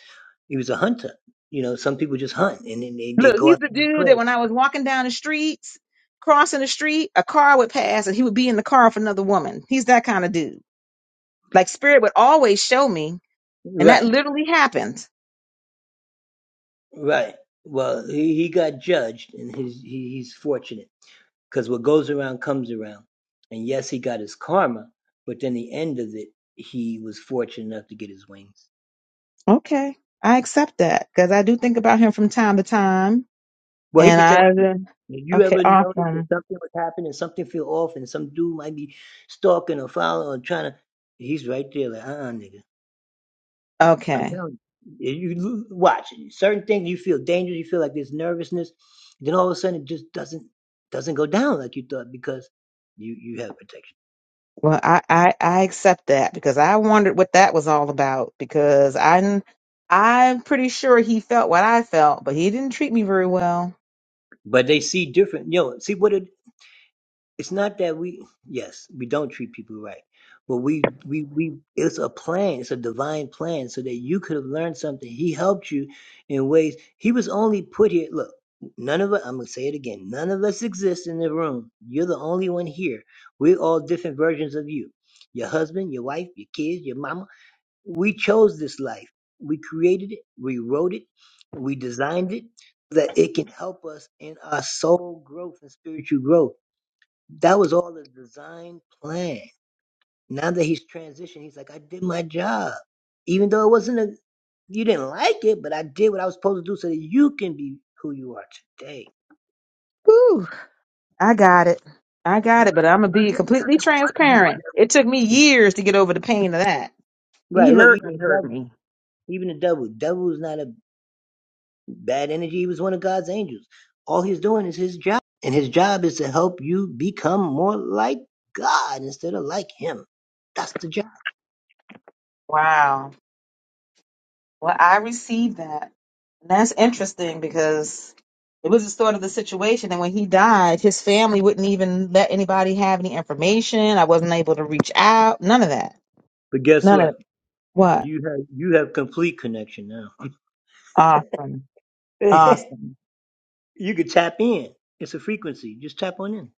he was a hunter. You know, some people just hunt and then they, they
Look,
go
he's
out
the
to the
dude that
prey.
when I was walking down the streets, crossing the street, a car would pass and he would be in the car with another woman. He's that kind of dude. Like Spirit would always show me, and that
Right,
literally happened.
right. Well, he, he got judged and he's he, he's fortunate Because what goes around comes around. And yes, he got his karma, but then the end of it, he was fortunate enough to get his wings.
Okay, I accept that because I do think about him from time to time,
Well, he
and
protects me. Did
I
you
okay,
ever notice that
awesome.
something was happening, something feel off, and some dude might be stalking or following or trying to? He's right there, like, uh uh nigga. I'm
Okay,
telling you. You you lo- watch it. certain things, you feel dangerous, you feel like there's nervousness. Then all of a sudden, it just doesn't doesn't go down like you thought because you you have protection.
well, I I, I accept that because I wondered what that was all about because I I'm I'm pretty sure he felt what I felt, but he didn't treat me very well.
But they see different. You know, see what it it's not that we yes we don't treat people right but we we we it's a plan it's a divine plan so that you could have learned something he helped you in ways he was only put here look none of us i'm gonna say it again none of us exist in the room you're the only one here we're all different versions of you your husband your wife your kids your mama we chose this life we created it we wrote it we designed it so that it can help us in our soul growth and spiritual growth that was all a design plan. Now that he's transitioned, he's like, I did my job. Even though it wasn't a you didn't like it, but I did what I was supposed to do so that you can be who you are today.
Whew, I got it. I got it, but I'm gonna
You
be
don't
completely
gotta be the
transparent. It
devil.
took me years to get over the pain of that.
Right,
He
look,
hurt
even
me,
the
hurt
devil.
me.
Even the devil. Devil is not a bad energy, he was one of God's angels. All he's doing is his job. And his job is to help you become more like God instead of like him. That's the job.
Wow. Well, I received that. And that's interesting because it was the sort of the situation that when he died, his family wouldn't even let anybody have any information. I wasn't able to reach out. None of that.
But guess
None
what?
of what?
You have you have complete connection
Awesome.
now.
Awesome.
You could tap in. It's a frequency. Just tap on in.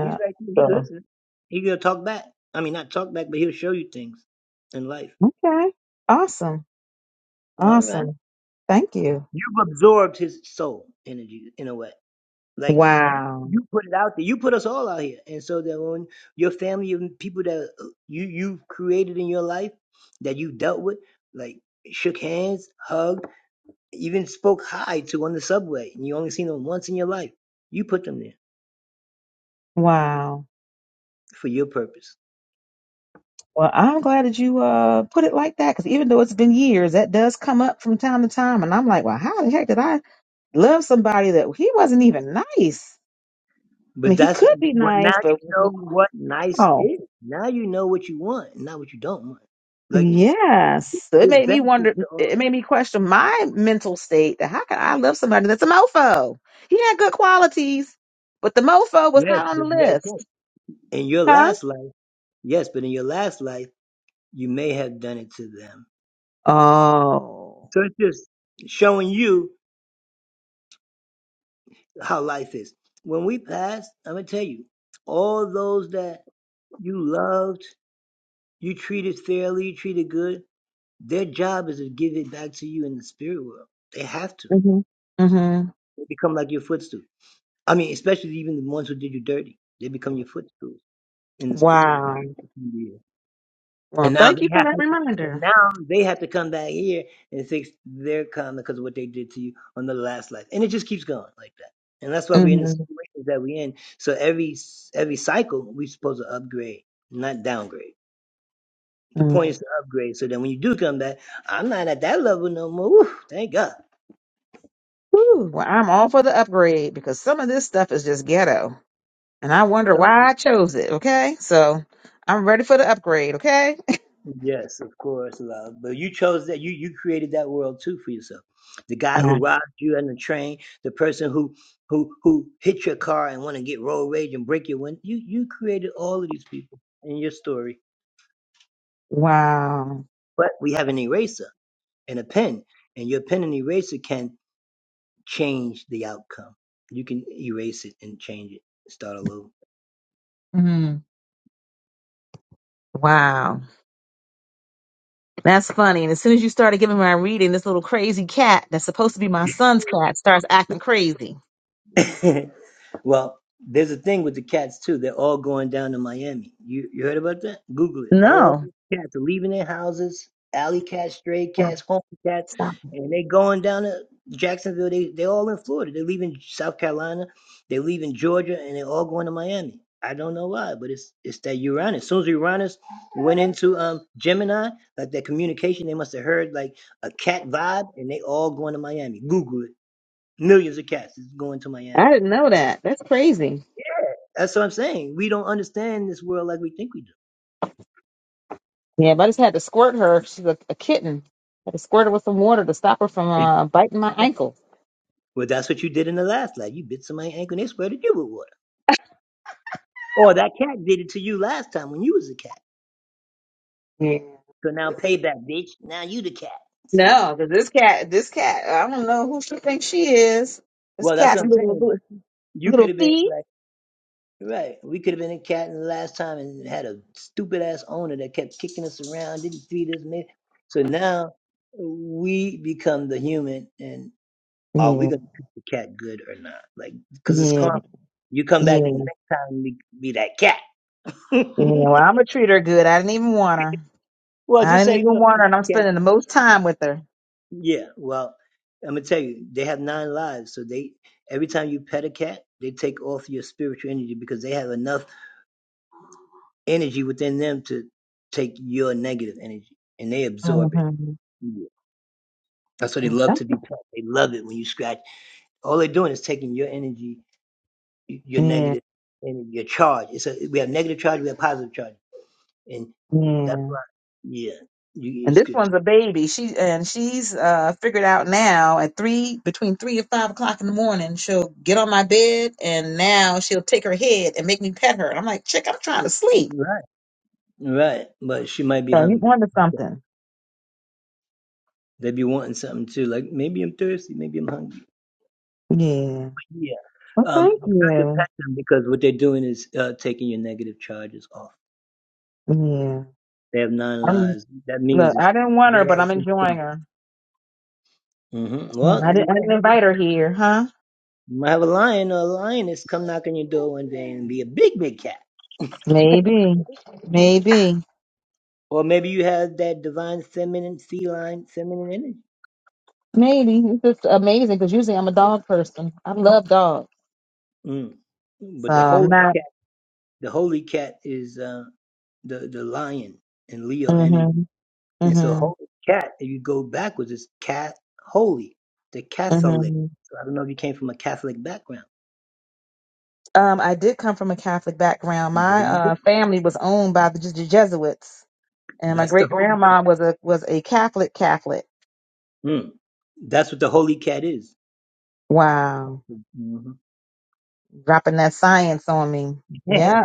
He's right here. He
So
listening. He gonna talk back. I mean, not talk back, but he'll show you things in life.
okay. Awesome.
All right.
Awesome. Thank you.
You've absorbed his soul energy in a way. Like you,
Wow.
you put it out there. You put us all out here, and so that when your family and people that uh, you you created in your life that you dealt with, like shook hands, hugged, even spoke hi to on the subway, and you only seen them once in your life. You put them there
Wow.
for your purpose.
Well, I'm glad that you uh put it like that because even though it's been years, that does come up from time to time, and I'm like, well, how the heck did I love somebody that he wasn't even nice. I
But
mean, he
that's
could be
but now
nice, but
you know what nice
oh,
is. Now you know what you want, and not what you don't want. Like
Yes. So it
there's
made me
benefits
wonder,
to all.
it made me question my mental state that how can I love somebody that's a mofo? He had good qualities, but the mofo was
Yes,
high on
but
the
you got a point.
list.
In your
Huh?
last life, yes, but in your last life, you may have done it to them.
Oh.
So it's just showing you how life is. When we pass, I'm gonna tell you, all those that you loved, you treated fairly, you treated good. Their job is to give it back to you in the spirit world. They have to.
hmm hmm
They become like your footstool. I mean, especially even the ones who did you dirty, they become your footstools in the spirit
Wow.
world. Yeah. And
Well,
now
thank you
they
for
have
that
to. and
reminder.
now they have to come back here and fix their karma because of what they did to you on the last life, and it just keeps going like that. And that's why we're
hmm
in the situations that we're in. So every s- every cycle, we're supposed to upgrade, not downgrade. The point
Mm.
is to upgrade, so that when you do come back, I'm not at that level no more. Whew, thank God.
Whew. Well, I'm all for the upgrade because some of this stuff is just ghetto. and I wonder
So
why I chose it. Okay, so I'm ready for the upgrade. Okay.
Yes, of course, love. But you chose that. You you created that world too for yourself. The guy
Uh,
who robbed you on the train, the person who who who hit your car and want to get road rage and break your window. You you created all of these people in your story.
wow.
But we have an eraser and a pen, and your pen and eraser can change the outcome. You can erase it and change it, start all over.
Mm, wow. That's funny. And as soon as you started giving my reading, this little crazy cat that's supposed to be my son's cat starts acting crazy.
well, there's a thing with the cats too. They're all going down to Miami. You you heard about that? Google it. All
No.
these cats are leaving their houses. Alley cats, stray
Stop.
cats, home cats,
Stop.
and they going down to Jacksonville. They they all in Florida. They're leaving South Carolina. They're leaving Georgia, and they're all going to Miami. I don't know why, but it's it's that Uranus. As soon as Uranus went into um Gemini, like that communication, they must have heard like a cat vibe, and they all going to Miami. Google it. Millions of cats is going to Miami.
I didn't know that. That's crazy.
Yeah, That's what I'm saying. We don't understand this world like we think we
Yeah, but I just had to squirt her. She's a, a kitten. I had to squirt her with some water to stop her from
do.
uh, biting my ankle.
Well, that's what you did in the last life. You bit somebody's ankle and they squirted you with water. Or that cat did it to you last time when you was a cat.
Yeah.
So now
This-
pay back, bitch. Now you the cat. See?
No, 'cause this cat, this cat, I don't know who she thinks she is. This
Well, that's
cat's
what
a
I'm
little,
saying. But
little,
you could
little
have been
thief.
like, right. We could have been a cat in the last time and had a stupid ass owner that kept kicking us around, didn't feed us. Made... So now we become the human and. are we
Yeah,
gonna treat the cat good or not? Like, cause it's karma.
yeah,
You come
yeah,
back
yeah.
next time, be, be that cat.
Well, I'm going to treat her good. I didn't even want her.
well,
I
just
didn't
say,
even
look,
want her,
love
and I'm
cat.
spending the most
You know.
time with her.
Yeah. Well, I'm gonna tell you, they have nine lives, so they every time you pet a cat, they take off your spiritual energy because they have enough energy within them to take your negative energy and they absorb it.
hmm
Yeah. That's why they love to be pet. They love it when you scratch. All they're doing is taking your energy your
Yeah,
negative and your charge. It's a, we have negative charge, we have positive charge, and that's
yeah.
right. Yeah, you,
And
it's
this
good.
one's a baby. She and she's uh, figured out now at three between three and five o'clock in the morning, she'll get on my bed and now she'll take her head and make me pet her. And I'm like, chick, I'm trying to sleep.
Right, right. But she might be
So he's
hungry.
onto
Okay,
something.
they be wanting something too. Like maybe I'm thirsty, maybe I'm hungry.
Yeah.
yeah,
Well,
um,
thank
good to
you.
pet them because what they're doing is uh, taking your negative charges off.
Yeah.
They have nine
I'm
lives. That means
look.
is
I didn't want
they
her, but I'm
have.
enjoying her.
hmm Well,
I
you
didn't, I
might
didn't
have
invite her here, huh?
you might have a lion or a lioness come knock on your door one day and be a big big cat.
Maybe. Maybe.
Or maybe you have that divine feminine, feline, feminine energy.
Maybe. It's just amazing because usually I'm a dog person. I love dogs.
Mm.
So
But the
I'm
holy
not.
cat, the holy cat is uh, the the lion and Leo
Mm-hmm.
energy, and so
mm-hmm.
holy cat. If you go backwards, it's cat holy, the Catholic.
hmm
So I don't know if you came from a Catholic background.
Um, I did come from a Catholic background.
There
My
you go.
uh, family was owned by the, Jes- the Jesuits, and my
That's the
great
holy.
grandma was a was a Catholic Catholic.
Mm. That's what the holy cat is.
Wow,
hmm
dropping that science on me. Yeah,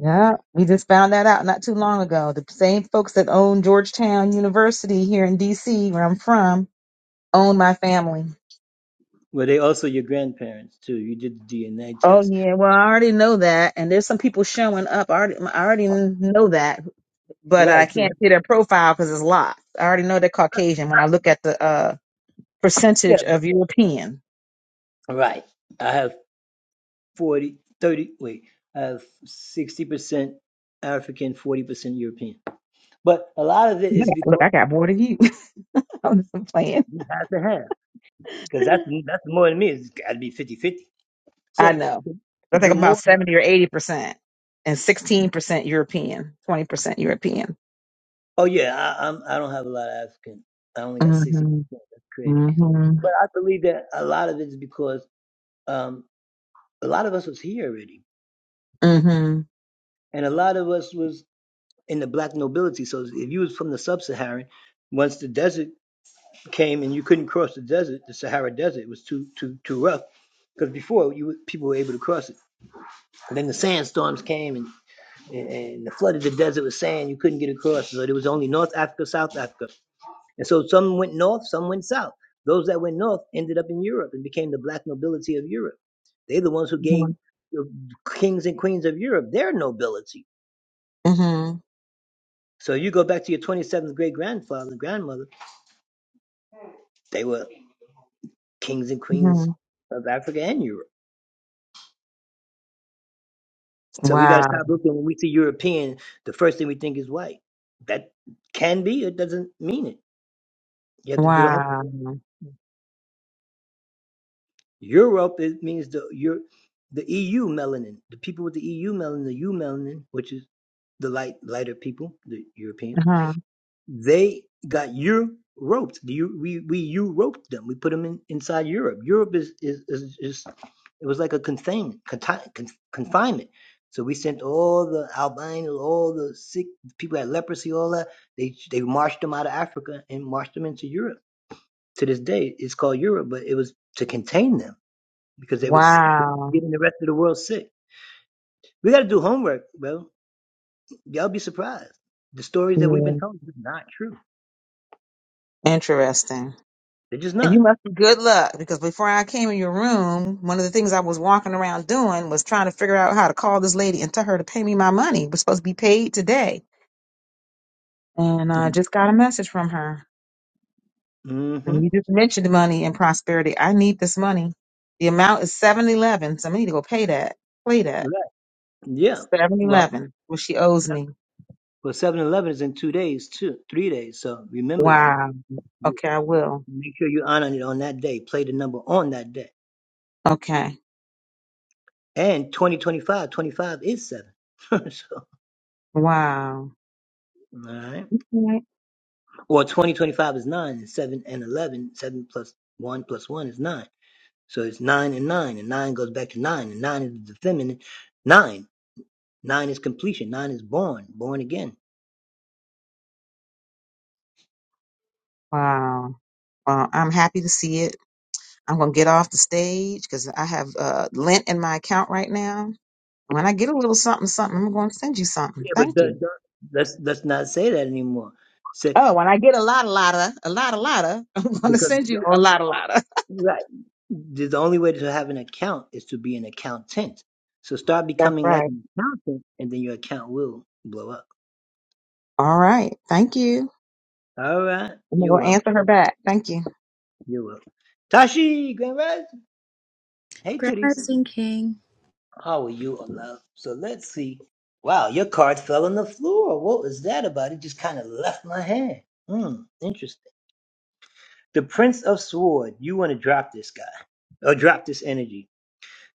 yeah. We just found that out not too long ago. The same folks that own Georgetown University here in D.C., where I'm from, own my family.
Were they also your grandparents too? You did the DNA
Oh
test,
yeah, well I already know that, and there's some people showing up. I already, I already know that but
right?
I
So
can't see their profile because it's locked. I already know they're Caucasian when I look at the uh,
yeah,
percentage of European.
right. I have. 40, 30, wait, uh, 60% African, 40% European. But a lot of it
Look,
is
I look,
because
I got more than you. I'm just playing.
we have to have, because that's that's more than me. It's got to be fifty-fifty.
I
So
know. I think
the
I'm about
more,
70 or 80 percent, and 16 percent European, 20 percent European.
oh yeah, I, I'm, I don't have a lot of African. I only got 60%.
Mm-hmm.
That's crazy.
Mm-hmm.
But I believe that a lot of it is because um, a lot of us was here already.
Mm-hmm.
And a lot of us was in the black nobility. So if you was from the sub-Saharan, once the desert came and you couldn't cross the desert, the Sahara Desert. It was too too too rough. Because before you people were able to cross it, and then the sandstorms came and, and, and the flood of the desert was sand. You couldn't get across, so there was only North Africa, South Africa, and so some went north, some went south. Those that went north ended up in Europe and became the black nobility of Europe. They're the ones who gave the kings and queens of Europe their nobility.
Mm-hmm.
So you go back to your 27th great grandfather, and grandmother. They were kings and queens
Mm-hmm.
of Africa and Europe. So we got to
Wow.
stop looking when we see European, the first thing we think is white. That can be, it doesn't mean it. You have to do the homework.
Wow.
Europe it means the your the EU melanin, the people with the EU melanin, the U melanin, which is the light lighter people, the Europeans.
Uh-huh.
they got you roped. You we we you roped them. We put them in, inside Europe. Europe is is is, is it was like a containment, conti- con- confinement. So we sent all the albino, all the sick people had leprosy, all that. They they marched them out of Africa and marched them into Europe. To this day, it's called Europe, but it was to contain them because they was
Wow.
getting the rest of the world sick. We got to do homework, bro. Y'all be surprised. The stories that we've been
Yeah.
told is not true.
Interesting.
They're just
And
not.
you must be good luck because before I came in your room, one of the things I was walking around doing was trying to figure out how to call this lady and tell her to pay me my money. It was supposed to be paid today. And I just got a message from her.
Mm-hmm.
And you just mentioned money and prosperity. I need this money. The amount is seven eleven, so I need to go pay that. Play that.
Right. Yeah.
Seven
Well,
eleven. What she owes
se-
me.
well, Seven Eleven is in two days, too, three days. So remember that.
Wow.
Yeah.
Okay, I will.
Make sure you honor it on that day. Play the number on that day.
Okay.
And 2025, 25 is seven. so, all
Wow.
right.
Right.
Or 2025 is nine, and seven and 11, seven plus one plus one is nine. So it's nine and nine, and nine goes back to nine, and nine is the feminine. Nine. Nine is completion. Nine is born, born again.
Wow. Wow. I'm happy to see it. I'm gonna get off the stage because I have uh, lint in my account right now. When I get a little something, something, I'm gonna send you something.
Yeah, but
Thank
do-
you.
do- let's let's not say that anymore.
Oh, when I get a lot, a lot of, a lot, a lot of, I'm gonna
because
send
the
you a
only
lot, a lot of.
right the the only way to have an account is to be an accountant. So start
That's
becoming like
right.
an accountant, and then your account will blow up.
All right. Thank you.
All right,
I'm gonna
you're
go
welcome.
answer her
Bro.
back. Thank you.
You're welcome. Tashi, Grand Rise. Hey, titties.
Grandma's in King.
How are you, oh, love? So let's see. Wow, your card fell on the floor. What was that about? It just kind of left my hand. Hmm, interesting. The Prince of Sword. You want to drop this guy or drop this energy?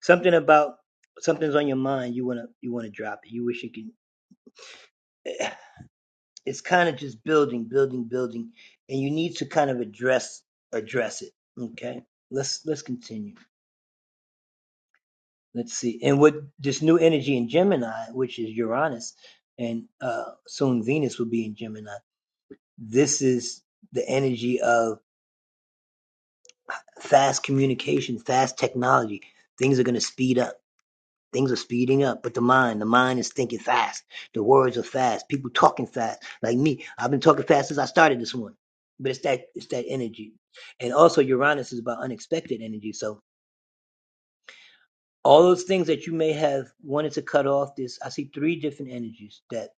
Something about something's on your mind. You wanna you wanna drop it. You wish you can. It's kind of just building, building, building, and you need to kind of address address it. Okay. Let's let's continue. Let's see. And with this new energy in Gemini, which is Uranus, and uh, soon Venus will be in Gemini. This is the energy of fast communication, fast technology. Things are going to speed up Things are speeding up, but the mind, the mind is thinking fast. The words are fast. People talking fast. Like me, I've been talking fast since I started this one. But it's that it's that energy. And also Uranus is about unexpected energy. So all those things that you may have wanted to cut off this, I see three different energies that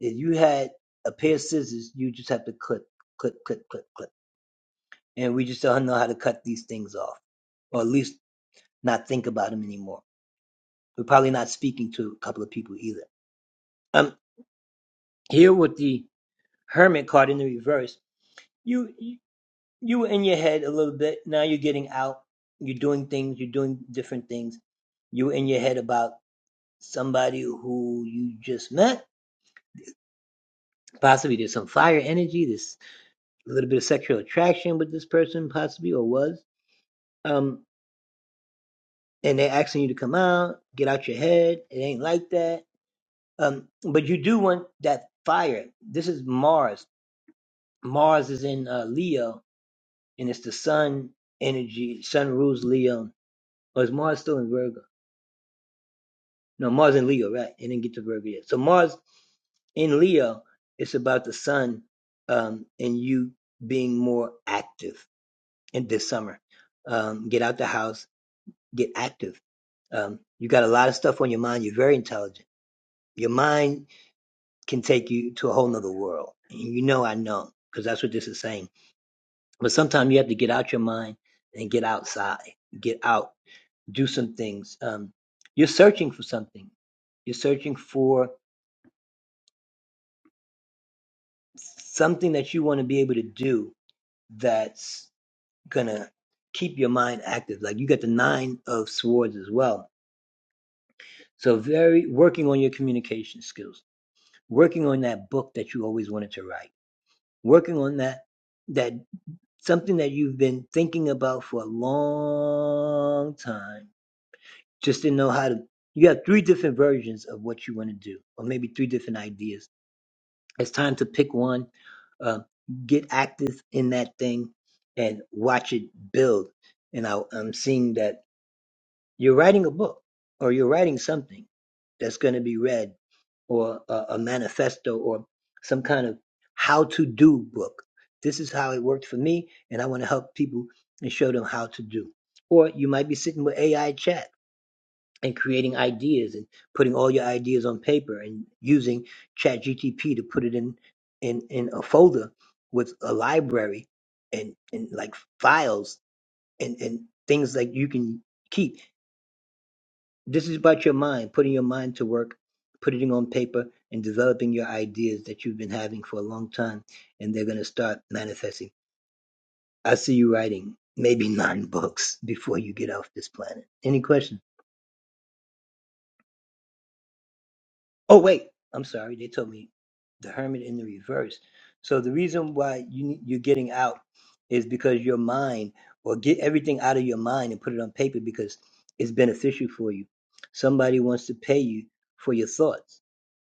if you had a pair of scissors, you just have to clip, clip, clip, clip, clip. And we just don't know how to cut these things off. Or at least not think about them anymore. We're probably not speaking to a couple of people either. I'm here with the Hermit card in the reverse. You, you you were in your head a little bit. Now you're getting out. You're doing things. You're doing different things. You were in your head about somebody who you just met. Possibly there's some fire energy. There's a little bit of sexual attraction with this person, possibly or was. Um, and they're asking you to come out, get out your head. It ain't like that. Um, but you do want that fire. This is Mars. Mars is in uh, Leo and it's the sun energy. Sun rules Leo, or is Mars still in Virgo? No, Mars in Leo, right? It didn't get to Virgo yet. So Mars in Leo, it's about the sun um, and you being more active in this summer. Um, get out the house, get active. Um, you got a lot of stuff on your mind. You're very intelligent. Your mind can take you to a whole nother world. And you know, I know, because that's what this is saying. But sometimes you have to get out your mind and get outside, get out. do some things. Um, you're searching for something. You're searching for something that you want to be able to do that's gonna keep your mind active. Like you got the nine of swords as well. So very working on your communication skills, working on that book that you always wanted to write, working on that that something that you've been thinking about for a long time. Just didn't know how to you have three different versions of what you want to do, or maybe three different ideas It's time to pick one. Uh, get active in that thing and watch it build. And I, I'm seeing that you're writing a book or you're writing something that's going to be read or a, a manifesto or some kind of how to do book. This is how it worked for me, and I want to help people and show them how to do. Or you might be sitting with AI chat and creating ideas and putting all your ideas on paper and using ChatGTP to put it in in in a folder with a library and and like files and and things like you can keep. This is about your mind, putting your mind to work, putting it on paper and developing your ideas that you've been having for a long time and they're going to start manifesting. I see you writing maybe nine books before you get off this planet. Any questions? Oh wait, I'm sorry. They told me the hermit in the reverse. So the reason why you need- you're getting out is because your mind, or get everything out of your mind and put it on paper because it's beneficial for you. Somebody wants to pay you for your thoughts,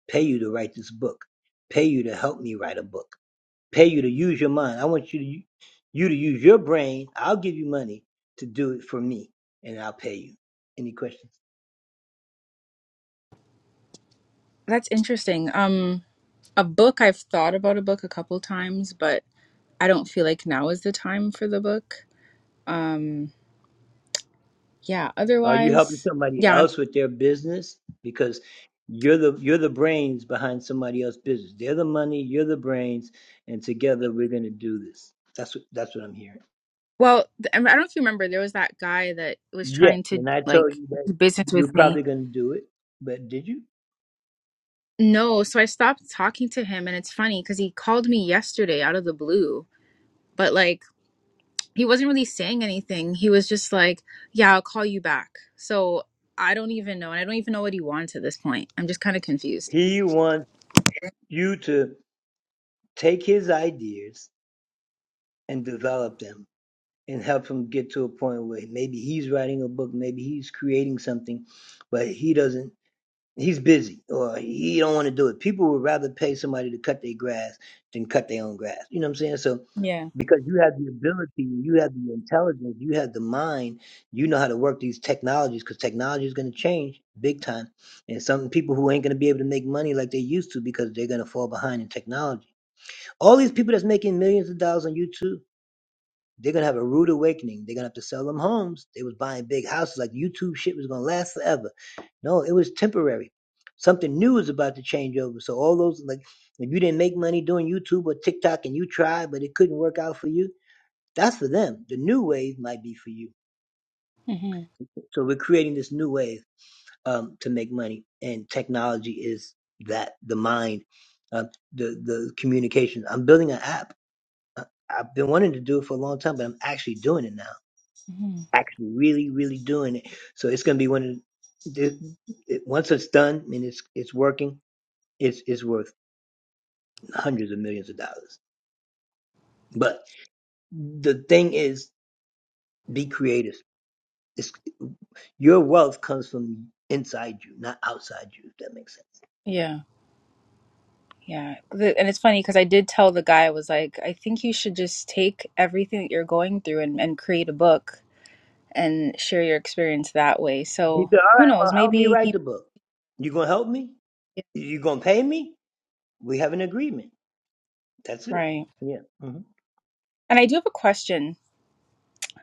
pay you to write this book, pay you to help me write a book, pay you to use your mind. I want you to u- you to use your brain. I'll give you money to do it for me, and I'll pay you. Any questions?
That's interesting. Um, a book I've thought about a book a couple times, but I don't feel like now is the time for the book. Um, yeah.
Are you helping
Otherwise,
somebody
yeah. my-
else with their business? Because you're the you're the brains behind somebody else's business. They're the money, you're the brains, and together we're gonna do this. That's what that's what I'm hearing.
Well, th- I don't know if you remember. There was that guy that was
Yes,
trying to
and I told
like
you that
do business
you're
with me.
probably gonna do it, but did you?
No, so I stopped talking to him, and it's funny because he called me yesterday out of the blue. But like he wasn't really saying anything. He was just like, "Yeah, I'll call you back." So I don't even know, and I don't even know what he wants at this point. I'm just kind of confused.
He wants you to take his ideas and develop them and help him get to a point where maybe he's writing a book, maybe he's creating something, but he doesn't. He's busy, or he don't want to do it. People would rather pay somebody to cut their grass than cut their own grass. You know what I'm saying? So
Yeah.
because you have the ability, you have the intelligence, you have the mind, you know how to work these technologies because technology is going to change big time. And some people who ain't going to be able to make money like they used to because they're going to fall behind in technology. All these people that's making millions of dollars on YouTube. They're gonna have a rude awakening. They're gonna have to sell them homes. They was buying big houses like YouTube shit was gonna last forever. No, it was temporary. Something new is about to change over. So all those like if you didn't make money doing YouTube or TikTok and you tried but it couldn't work out for you, that's for them. The new wave might be for you.
hmm
So we're creating this new wave um, to make money, and technology is that the mind, uh, the the communication. I'm building an app. I- I've been wanting to do it for a long time, but I'm actually doing it now
hmm
actually really really doing it so it's going to be one of the, it, once it's done and it's it's working it's it's worth hundreds of millions of dollars but the thing is be creative it's, your wealth comes from inside you not outside you if that makes sense
Yeah. Yeah. The- And it's funny because I did tell the guy, I was like, I think you should just take everything that you're going through and, and create a book and share your experience that way.
he
So
said all
who
right
knows?
well help me
Maybe
write
he,
the book you going to help me you going to pay me we have an agreement that's it
right.
yeah hmm
And I do have a question.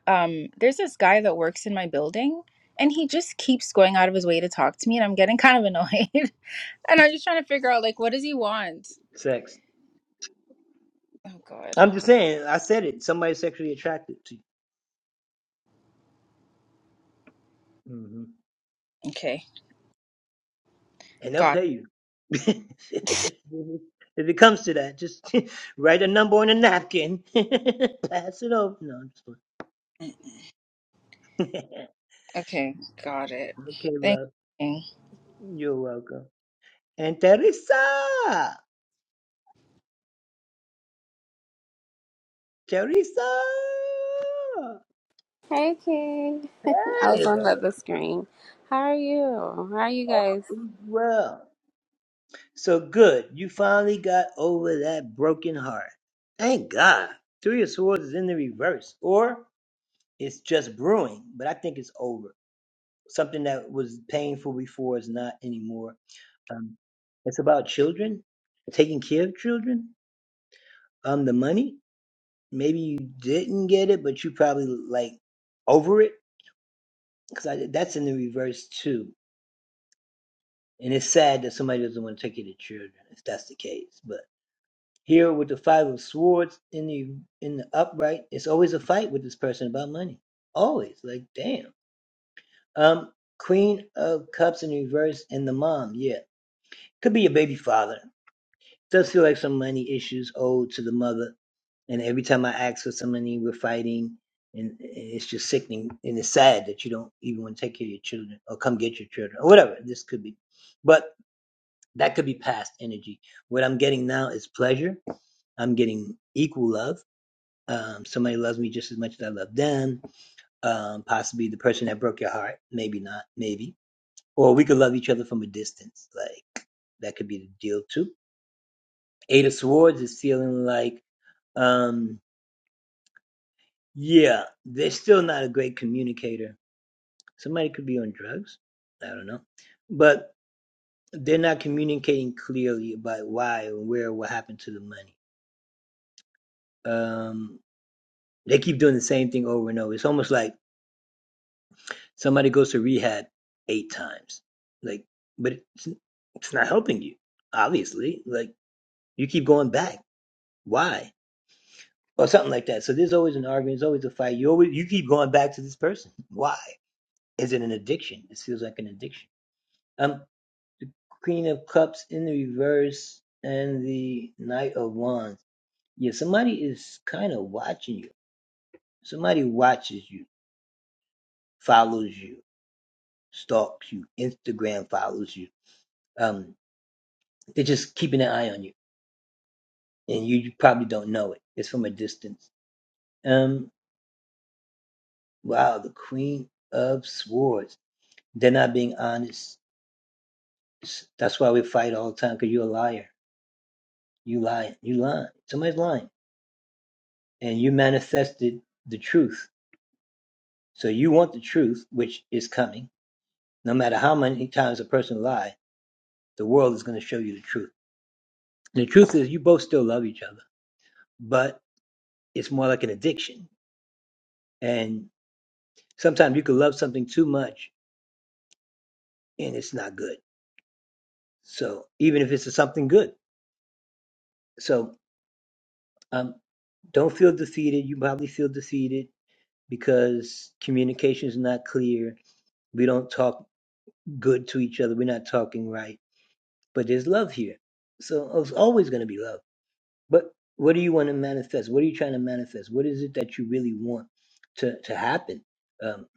um there's this guy that works in my building and he just keeps going out of his way to talk to me and I'm getting kind of annoyed. and I'm just trying to figure out like what does he want?
sex
Oh god.
i'm just saying i said it Somebody sexually attracted to you Mm-hmm.
Okay.
and they'll
Got
pay you. if it comes to that, just write a number on a napkin, pass it over. No, I'm just
it.
kidding.
Okay, got it.
okay,
Thank
love.
you.
You're welcome. And Teresa, Teresa,
Hey, King. I
hey,
was on
love.
the other screen. How are you? How are you
all
guys?
is well. So good, you finally got over that broken heart. Thank God. Three of Swords is in the reverse, or it's just brewing, but I think it's over. Something that was painful before is not anymore. Um, it's about children, taking care of children. Um, the money. Maybe you didn't get it, but you probably like over it because that's in the reverse too. And it's sad that somebody doesn't want to take care of children if that's the case. But here with the five of swords in the in the upright, it's always a fight with this person about money. Always, like damn. Um, Queen of Cups in reverse and the mom. Yeah, could be your baby father. Stuff feel like some money issues owed to the mother, and every time I ask for some money, we're fighting, and it's just sickening. And it's sad that you don't even want to take care of your children or come get your children or whatever this could be. But that could be past energy. What I'm getting now is pleasure. I'm getting equal love. Um, somebody loves me just as much as I love them. Um, possibly the person that broke your heart, maybe not, maybe. Or we could love each other from a distance. Like that could be the deal too Eight of Swords is feeling like, um, yeah, they're still not a great communicator. Somebody could be on drugs. I don't know. But they're not communicating clearly about why or where or what happened to the money. Um, they keep doing the same thing over and over. It's almost like somebody goes to rehab eight times. Like, but it's, it's not helping you, obviously. Like, you keep going back. Why? or something like that. So there's always an argument, there's always a fight. You always you keep going back to this person. Why? Is it an addiction? It feels like an addiction. Um, Queen of Cups in the reverse and the Knight of Wands. Yeah, somebody is kind of watching you. Somebody watches you, follows you, stalks you. Instagram follows you. Um, they're just keeping an eye on you, and you, you probably don't know it. It's from a distance. Um, wow, the Queen of Swords. They're not being honest s- that's why we fight all the time because you're a liar. You lying. You lying. Somebody's lying. And you manifested the truth. So you want the truth, which is coming. No matter how many times a person lies, the world is going to show you the truth. And the truth is, you both still love each other, but it's more like an addiction. And sometimes you can love something too much and it's not good. So even if it's something good. So um, don't feel defeated. You probably feel defeated because communication is not clear We don't talk good to each other. We're not talking right. But there's love here. So it's always going to be love. But what do you want to manifest? What are you trying to manifest? What is it that you really want to, to happen? Um,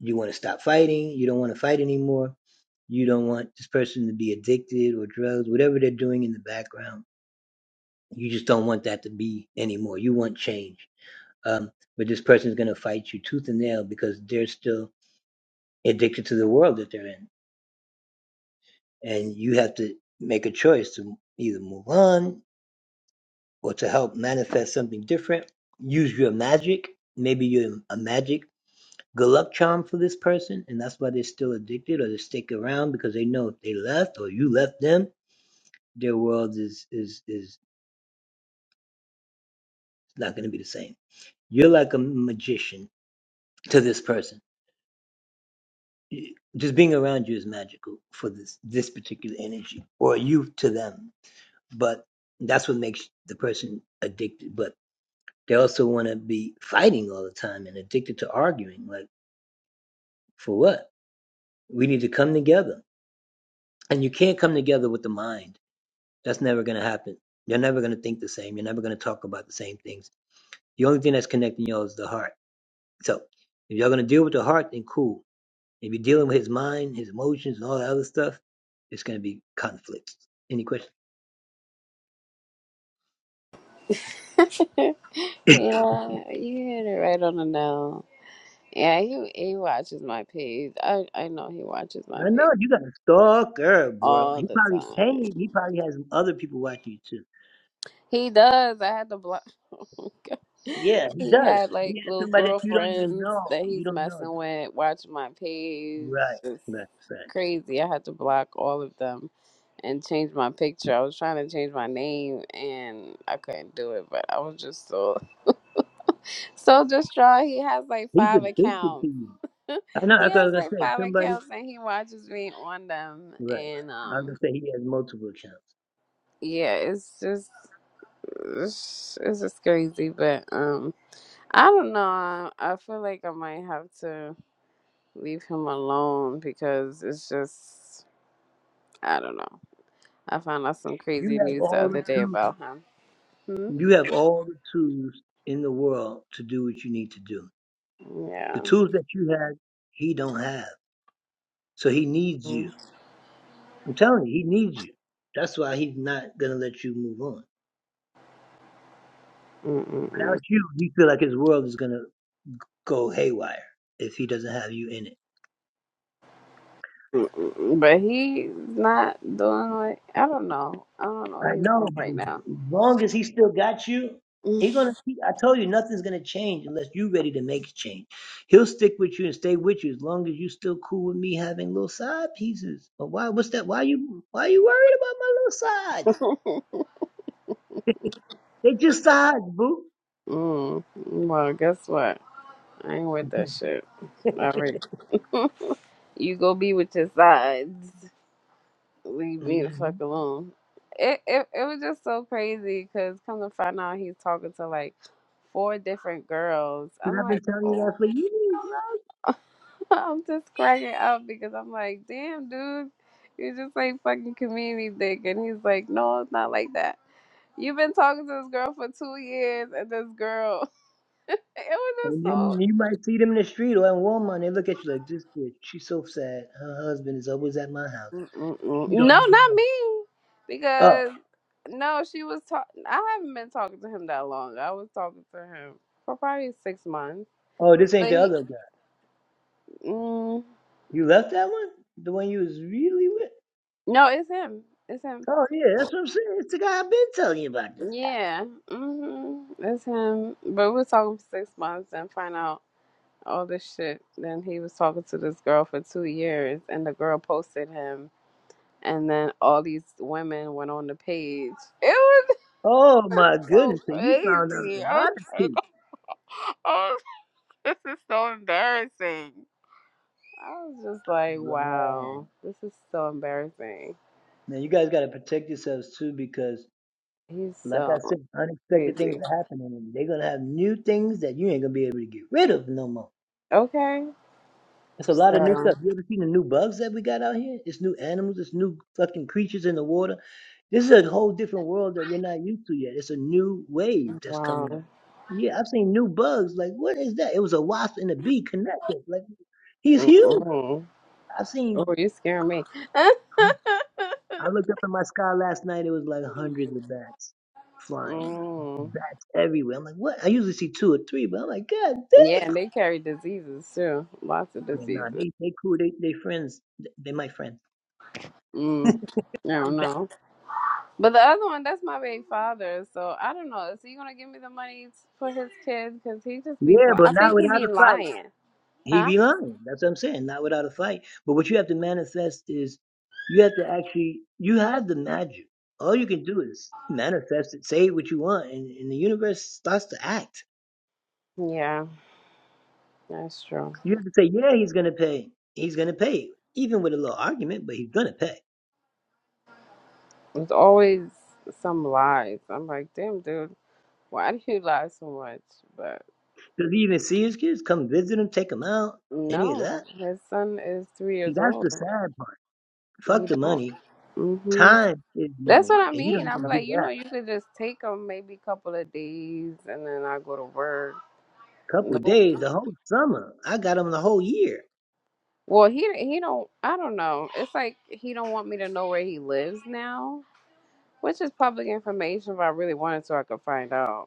you want to stop fighting. You don't want to fight anymore. You don't want this person to be addicted or drugs, whatever they're doing in the background. You just don't want that to be anymore. You want change. Um, but this person's going to fight you tooth and nail because they're still addicted to the world that they're in and you have to make a choice to either move on or to help manifest something different. Use your magic. Maybe you're a magic good luck charm for this person, and that's why they're still addicted or they stick around because they know if they left or you left them, their world is is is not going to be the same. You're like a magician to this person. You- Just being around you is magical for this this particular energy, or you to them. But that's what makes the person addicted. But They also want to be fighting all the time and addicted to arguing. Like, for what? We need to come together. And you can't come together with the mind. That's never going to happen. You're never going to think the same. You're never going to talk about the same things. The only thing that's connecting y'all is the heart. So, if y'all going to deal with the heart, then cool. If you're dealing with his mind, his emotions, and all that other stuff, it's going to be conflicts. Any questions? I
yeah, you hit it right on the nail. Yeah, he he watches my page. I I know he watches my page
know you got a stalker, bro.
all
He
the
probably
time.
paying. He probably has other people watching you too.
He does. I had to block.
Yeah, he
He
does.
had
He
like
has
little
somebody that you don't even
girlfriends
know.
that
You
he's
don't know.
messing with, watching my page.
Right,
It's
right, right.
crazy. I had to block all of them and change my picture. I was trying to change my name and I couldn't do it, but I was just so so distraught. He has like
He's
five
addicted to
accounts.
you. I know.
he
That's what I
has
was gonna
like
say.
five
Somebody.
accounts and he watches me on them
Right.
and
I was
um
gonna say he has multiple accounts.
yeah, it's just it's, it's just crazy, but um. I don't know. I, I feel like I might have to leave him alone because it's just I don't know. I found out some
You
crazy
have
news the
all the
other day
tools.
about him. Hmm?
You have all the tools in the world to do what you need to do. The
Yeah.
tools that you have, he don't have. So he needs you.
Mm, mm,
I'm telling you, he needs you. That's why he's not gonna let you move on.
mm, mm, mm,
Without you, he feel like his world is gonna go haywire if he doesn't have you in it.
mm, mm. But he's not doing like I don't know. I don't know what
I
he's doing
know, but
right
as
now.
as long as he still got you, he gonna. He, I told you, nothing's gonna change unless you ready to make a change. He'll stick with you and stay with you as long as you still cool with me having little side pieces. But why? What's that? Why you? Why you worried about my little sides? They just sides, boo.
Mm. Well, guess what? I ain't with that shit. All right. you go be with your sides. leave me the
hmm
fuck alone. It it, it was just so crazy because come to find out he's talking to like four different girls.
But
I'm
I've
like,
been telling you that
oh,
for years, bro.
I'm just cracking up because I'm like, damn, dude, you're just like fucking community dick. And he's like, no, it's not like that. You've been talking to this girl for two years, and this girl. It was just
And
so.
then you might see them in the street or in Walmart, and they look at you like this bitch. She's so sad. Her husband is always at my house.
Mm-mm.
She don't
No,
even
not
know.
me.
Oh,
Because no, she was talking. I haven't been talking to him that long. I was talking to him for probably six months.
oh, this ain't
But
the
he,
other.
mm,
You left that one? The one you was really with?
no, it's him. It's him.
Oh yeah, that's what I'm saying. It's the guy I've been telling you about this.
Yeah, hmm it's him. But we was talking for six months and find out all this shit. Then he was talking to this girl for two years, and the girl posted him. And then all these women went on the page. It was
Oh my
so
goodness, so you found out
crazy.
a
I was
lot of
like,
people.
This is so embarrassing. I was just like,
Wow.
wow, this is so embarrassing.
Man, you guys gotta protect yourselves too because
He's
like
so
I said, unexpected things
crazy.
are happening and they're gonna have new things that you ain't gonna be able to get rid of no more.
Okay.
It's a lot of new
So,
stuff. You ever seen the new bugs that we got out here? It's new animals, it's new fucking creatures in the water. This is a whole different world that we're not used to yet. It's a new wave that's
wow.
coming. Yeah, I've seen new bugs. Like, what is that? It was a wasp and a bee connected. Like, he's huge.
Mm-mm.
I've seen.
Oh, you're scaring me.
I looked up in my sky last night. It was like hundreds of bats flying,
mm.
bats everywhere. I'm like, what? I usually see two or three, but I'm like, God
Yeah,
damn.
and they carry diseases too. Lots of
Yeah, nah,
diseases.
they they cool. They they friends. They, they my friends.
Mm. I don't
I'm back.
know. But the other one, that's my baby father. So I don't know. Is he going to give me the money for his kids? Because he just be,
Yeah,
pl-
but
I
not
think he
without
be
a fight.
lying.
He
Huh?
be lying. That's what I'm saying. Not without a fight. But what you have to manifest is you have to actually you have the magic. All you can do is manifest it, say what you want, and, and the universe starts to act.
Yeah. That's true.
You have to say, Yeah, he's gonna pay. He's gonna pay. Even with a little argument, but he's gonna pay.
There's always some lies. I'm like, damn, dude, why do you lie so much? But
Does he even see his kids? Come visit him, take him out, any of
no,
that?
his son is three
See,
years
that's
old.
the sad part. Fuck
He
the
don't.
money.
hmm
Time is
That's
money.
what I
And you
mean.
don't
I'm
even do
like, you know,
that.
you could just take him maybe a couple of days, and then I go to work.
Couple of
Nope.
days, the whole summer. I got him the whole year.
Well, he he don't. I don't know. It's like he don't want me to know where he lives now, which is public information. If I really wanted to, I could find out.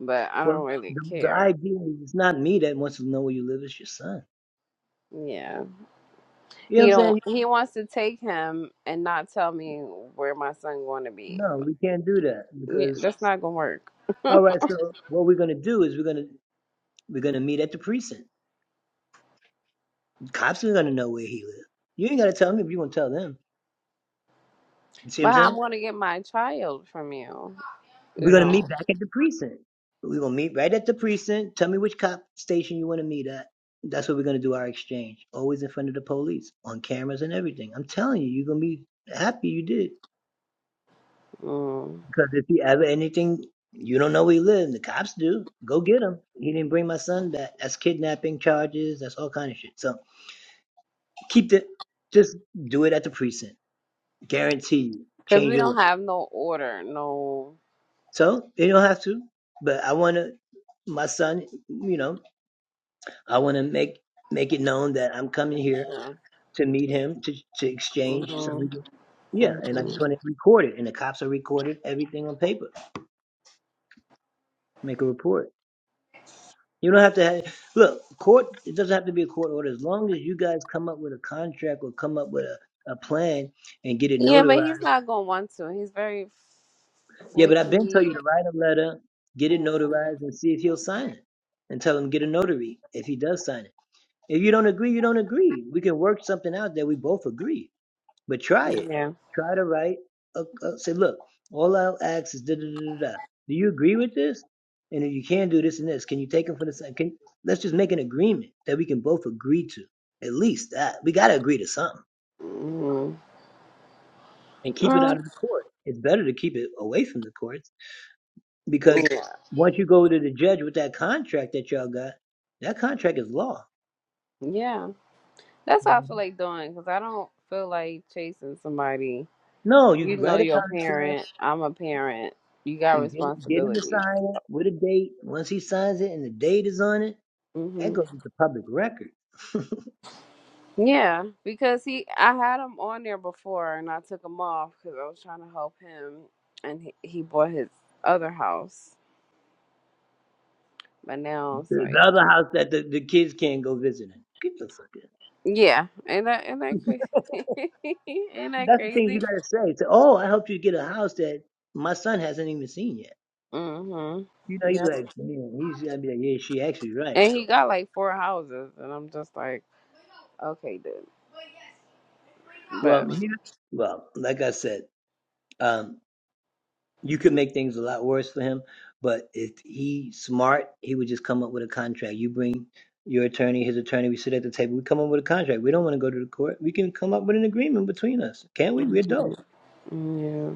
But I
Well,
don't really
the, the
care.
idea is not me that wants to know where you live, it's your son.
Yeah.
You know what
He
I'm
don't.
saying?
He wants to take him and not tell me where my son going to be.
No, we can't do that
Yeah,
because
that's not gonna work.
all right, so what we're gonna do is we're gonna we're gonna meet at the precinct. Cops are gonna know where he lives. You ain't gotta tell me if you wanna tell them. You see what I'm
But how I'm
saying?
gonna get my child from you?
We're
You
gonna meet
know,
back at the precinct. We're gonna meet right at the precinct. Tell me which cop station you wanna meet at. That's what we're gonna do our exchange. Always in front of the police, on cameras and everything. I'm telling you, you're gonna be happy you did.
because
Because if he ever anything, you don't know where he lives. The cops do. Go get him. He didn't bring my son back. That's kidnapping charges. That's all kind of shit. So keep the, just do it at the precinct. Guarantee you, change
we
your
don't
life.
have no order, no.
So you don't have to, but I want to, my son. You know, I want to make make it known that I'm coming here
Yeah.
to meet him to to exchange
hmm
something. Yeah,
hmm
and I just want to record it, and the cops are recorded everything on paper. Make a report. You don't have to have, look, court, it doesn't have to be a court order. As long as you guys come up with a contract or come up with a, a plan and get it
yeah, but
notarized.
he's not gonna want to. He's very
Yeah, but I've been told you
flicky.
to write a letter, get it
Mm,
notarized and see if he'll sign it and tell him get a notary if he does sign it. If you don't agree, you don't agree. We can work something out that we both agree. But try it.
Yeah.
Try to write. A, a, say, look, all I'll ask is da da da da da. Do you agree with this? And if you can do this and this, can you take them for the side? Can let's just make an agreement that we can both agree to. At least that we got to agree to something
hmm
and keep it out
mm
of the court. It's better to keep it away from the courts because
Yeah.
once you go to the judge with that contract that y'all got, that contract is law.
Yeah. That's what I feel like doing because I don't feel like chasing somebody
No, you
You know
write a
your
contract
parent. I'm a parent. You got
and get, get him to
responsibilities.
sign it with a date. Once he signs it and the date is on it, That
hmm
goes into public record.
Yeah, because he, I had him on there before, and I took him off because I was trying to help him, and he, he bought his other house. But now it's
The, the
like,
other house that the, the kids can't go visiting. Get the fuck out.
yeah, ain't that ain't that crazy? ain't that
That's the thing you
crazy?
gotta say. Say, oh, I helped you get a house that my son hasn't even seen yet.
hmm
You know, he'd be
Yeah,
like, man, he's gonna be like, yeah, she actually right
and he
though.
got like four houses, and I'm just like, okay, dude. But
Well, he, well, like I said, um, you could make things a lot worse for him. But if he's smart, he would just come up with a contract. You bring your attorney, his attorney. We sit at the table. We come up with a contract. We don't want to go to the court. We can come up with an agreement between us, can't we? We're adults.
Mhm.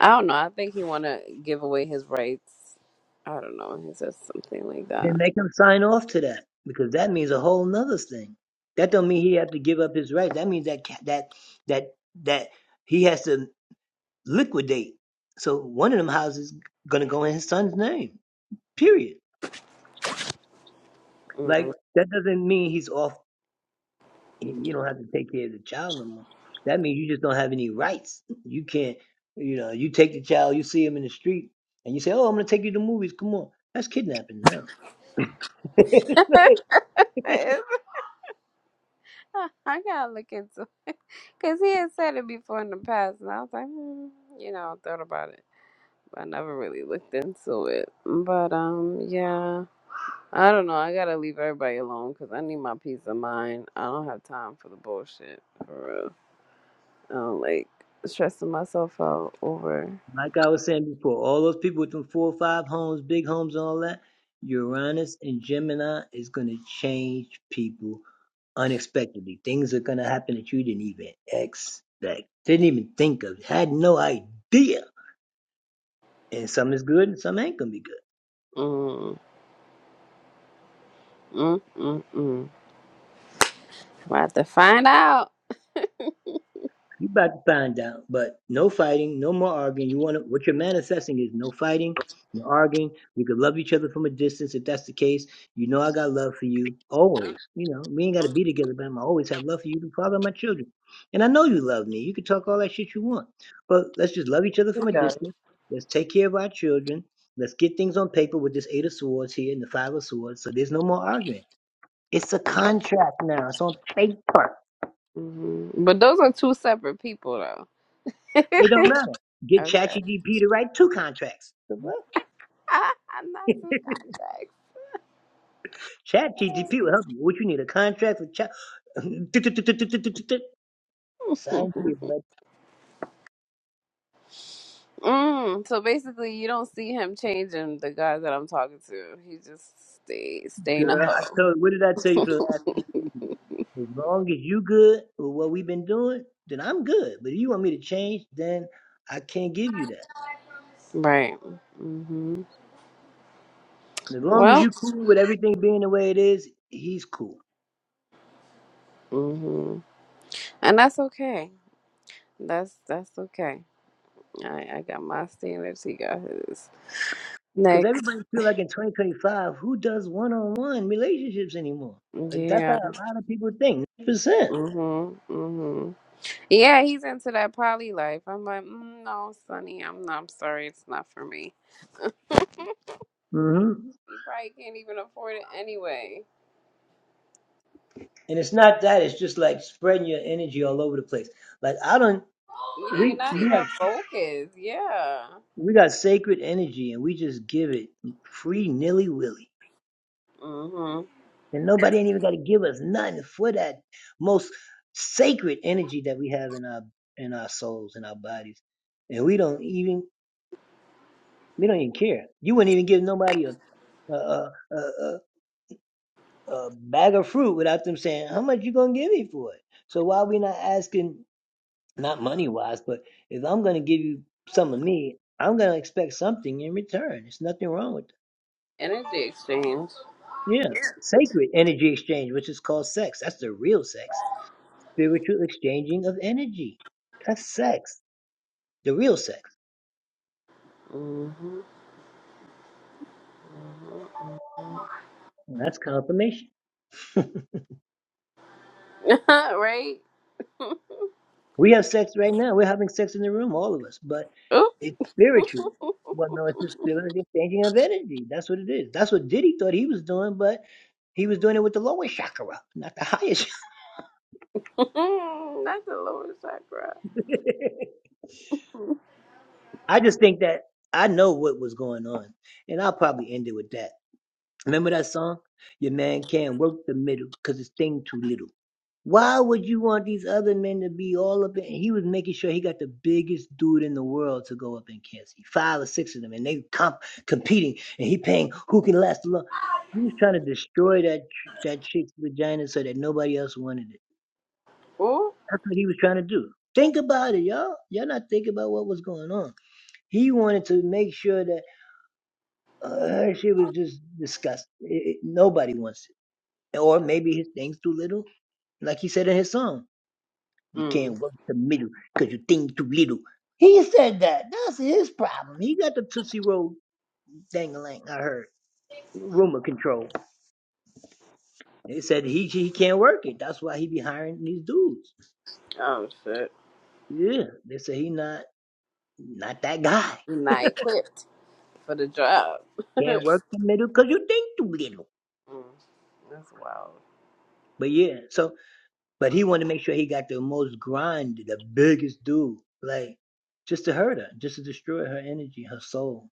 I don't know. I think he want to give away his rights. I don't know. He says something like
Then
that.
make him sign off to that because that means a whole nother thing. That don't mean he have to give up his rights. That means that ca- that that that he has to liquidate. So one of them houses gonna go in his son's name. Period. Like
Mm.
that doesn't mean he's off. You don't have to take care of the child no more. That means you just don't have any rights. You can't. You know, you take the child, you see him in the street, and you say, "Oh, I'm gonna take you to movies. Come on." That's kidnapping now.
I gotta look into because he had said it before in the past, and I was like, mm, you know, I thought about it, but I never really looked into it. But um, yeah, I don't know. I gotta leave everybody alone because I need my peace of mind. I don't have time for the bullshit for real. I don't like stressing myself out over.
Like I was saying before, all those people with them four or five homes, big homes, and all that, Uranus and Gemini is going to change people unexpectedly. Things are going to happen that you didn't even expect, didn't even think of, had no idea. And some is good and some ain't going to be good.
Mm, mm, mm, mm. I have to find out.
You about to find out, but no fighting, no more arguing. You want to, what you're manifesting is no fighting, no arguing. We could love each other from a distance if that's the case. You know I got love for you always. You know we ain't got to be together, but I'm always have love for you, the father of my children. And I know you love me. You can talk all that shit you want, but let's just love each other from a
Yeah.
distance. Let's take care of our children. Let's get things on paper with this eight of swords here and the five of swords. So there's no more arguing. It's a contract now. It's on paper.
hmm But those are two separate people, though.
It don't matter. Get
Okay.
ChatGPT to write two contracts. The what?
I'm not in
ChatGPT will help you. What you need a contract with Chat? Sign
contact.
here, but
mm, so basically, you don't see him changing the guy that I'm talking to. He just stays staying a
girl, I
hoe.
told. What did I tell you for the last three weeks? As long as you good with what we've been doing, then I'm good. But if you want me to change, then I can't give you that.
Right. hmm
And as long as
Well.
you cool with everything being the way it is, he's cool.
hmm And that's okay. That's that's okay. I I got my standards. He got his.
Because
Next.
everybody feel like in 2025, who does one-on-one relationships anymore? Like that's how a
Yeah.
lot of people think. percent.
Mhm. Mhm. Yeah, he's into that poly life. I'm like, mm, no, Sonny. I'm not. I'm sorry. It's not for me.
hmm
You probably can't even afford it anyway.
And it's not that. It's just like spreading your energy all over the place. Like I don't.
Yeah, you're
We
not
we have
even focused. Yeah.
we got sacred energy, and we just give it free nilly willy,
hmm
and nobody ain't even got to give us nothing for that most sacred energy that we have in our in our souls and our bodies, and we don't even we don't even care. You wouldn't even give nobody a a a, a, a a bag of fruit without them saying how much you gonna give me for it. So why we not asking? not money wise, but if I'm going to give you some of me, I'm going to expect something in return. There's nothing wrong with that.
Energy exchange.
Yeah.
Yeah.
Sacred energy exchange, which is called sex. That's the real sex. Spiritual exchanging of energy. That's sex. The real sex.
hmm
And that's confirmation.
right?
We have sex right now. We're having sex in the room, all of us, but
Ooh.
it's spiritual. Well, no, it's just spiritual exchanging of energy. That's what it is. That's what Diddy thought he was doing, but he was doing it with the lower chakra, not the highest.
That's the lower chakra.
I just think that I know what was going on, and I'll probably end it with that. Remember that song? Your man can't work the middle because his thing too little. Why would you want these other men to be all up in? He was making sure he got the biggest dude in the world to go up in Kansas. Five or six of them, and they comp competing, and he paying who can last the long. He was trying to destroy that that chick's vagina so that nobody else wanted it.
Ooh.
That's what he was trying to do. Think about it, y'all. Y'all not thinking about what was going on. He wanted to make sure that. Uh, she was just disgusted. It, it, nobody wants it. Or maybe his thing's too little. Like he said in his song, you
Mm.
can't work the middle because you think too little. He said that. That's his problem. He got the Tootsie Roll dangling, I heard. Rumor control. They said he he can't work it. That's why he be hiring these dudes.
Oh, shit.
Yeah. They said he not not that guy.
You're not equipped for the job. mm.
Can't work the middle because you think too little.
That's wild.
But yeah, so But he wanted to make sure he got the most grind, the biggest dude, like just to hurt her, just to destroy her energy, her soul.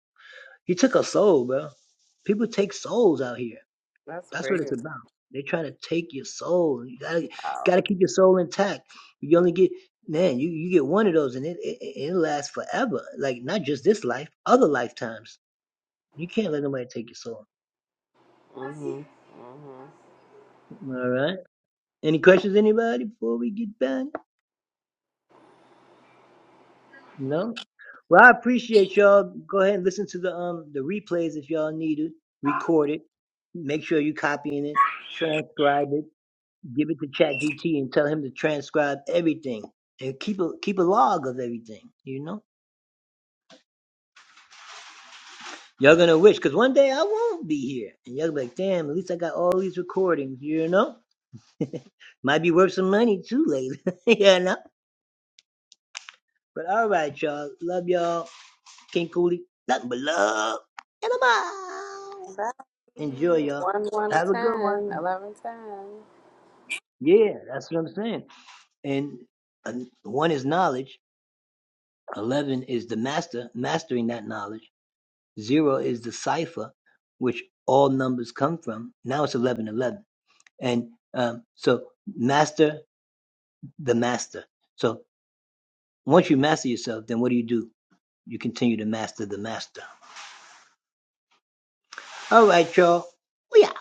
He took her soul, bro. People take souls out here.
That's
That's what
crazy.
it's about. They're trying to take your soul. You gotta,
Wow.
gotta keep your soul intact. You only get, man, you, you get one of those and it, it, it it lasts forever. Like, not just this life, other lifetimes. You can't let nobody take your soul.
hmm hmm
All right. Any questions, anybody, before we get back? No. Well, I appreciate y'all. Go ahead and listen to the um the replays if y'all need it. Record it. Make sure you copying it, transcribe it, give it to ChatGT and tell him to transcribe everything and keep a keep a log of everything. You know, y'all gonna wish because one day I won't be here and y'all gonna be like, damn, at least I got all these recordings. You know, might be worth some money too later. you know. But all right, y'all. Love y'all. King Cooley. Nothing but love. And I'm out.
Bye.
Enjoy, y'all.
1, one,
Have a good one.
10, eleven, ten.
Yeah, that's what I'm saying. And uh, one is knowledge. Eleven is the master, mastering that knowledge. Zero is the cipher, which all numbers come from. Now it's eleven, eleven, and um, so master the master. So once you master yourself, then what do you do? You continue to master the master. All right, y'all. We out.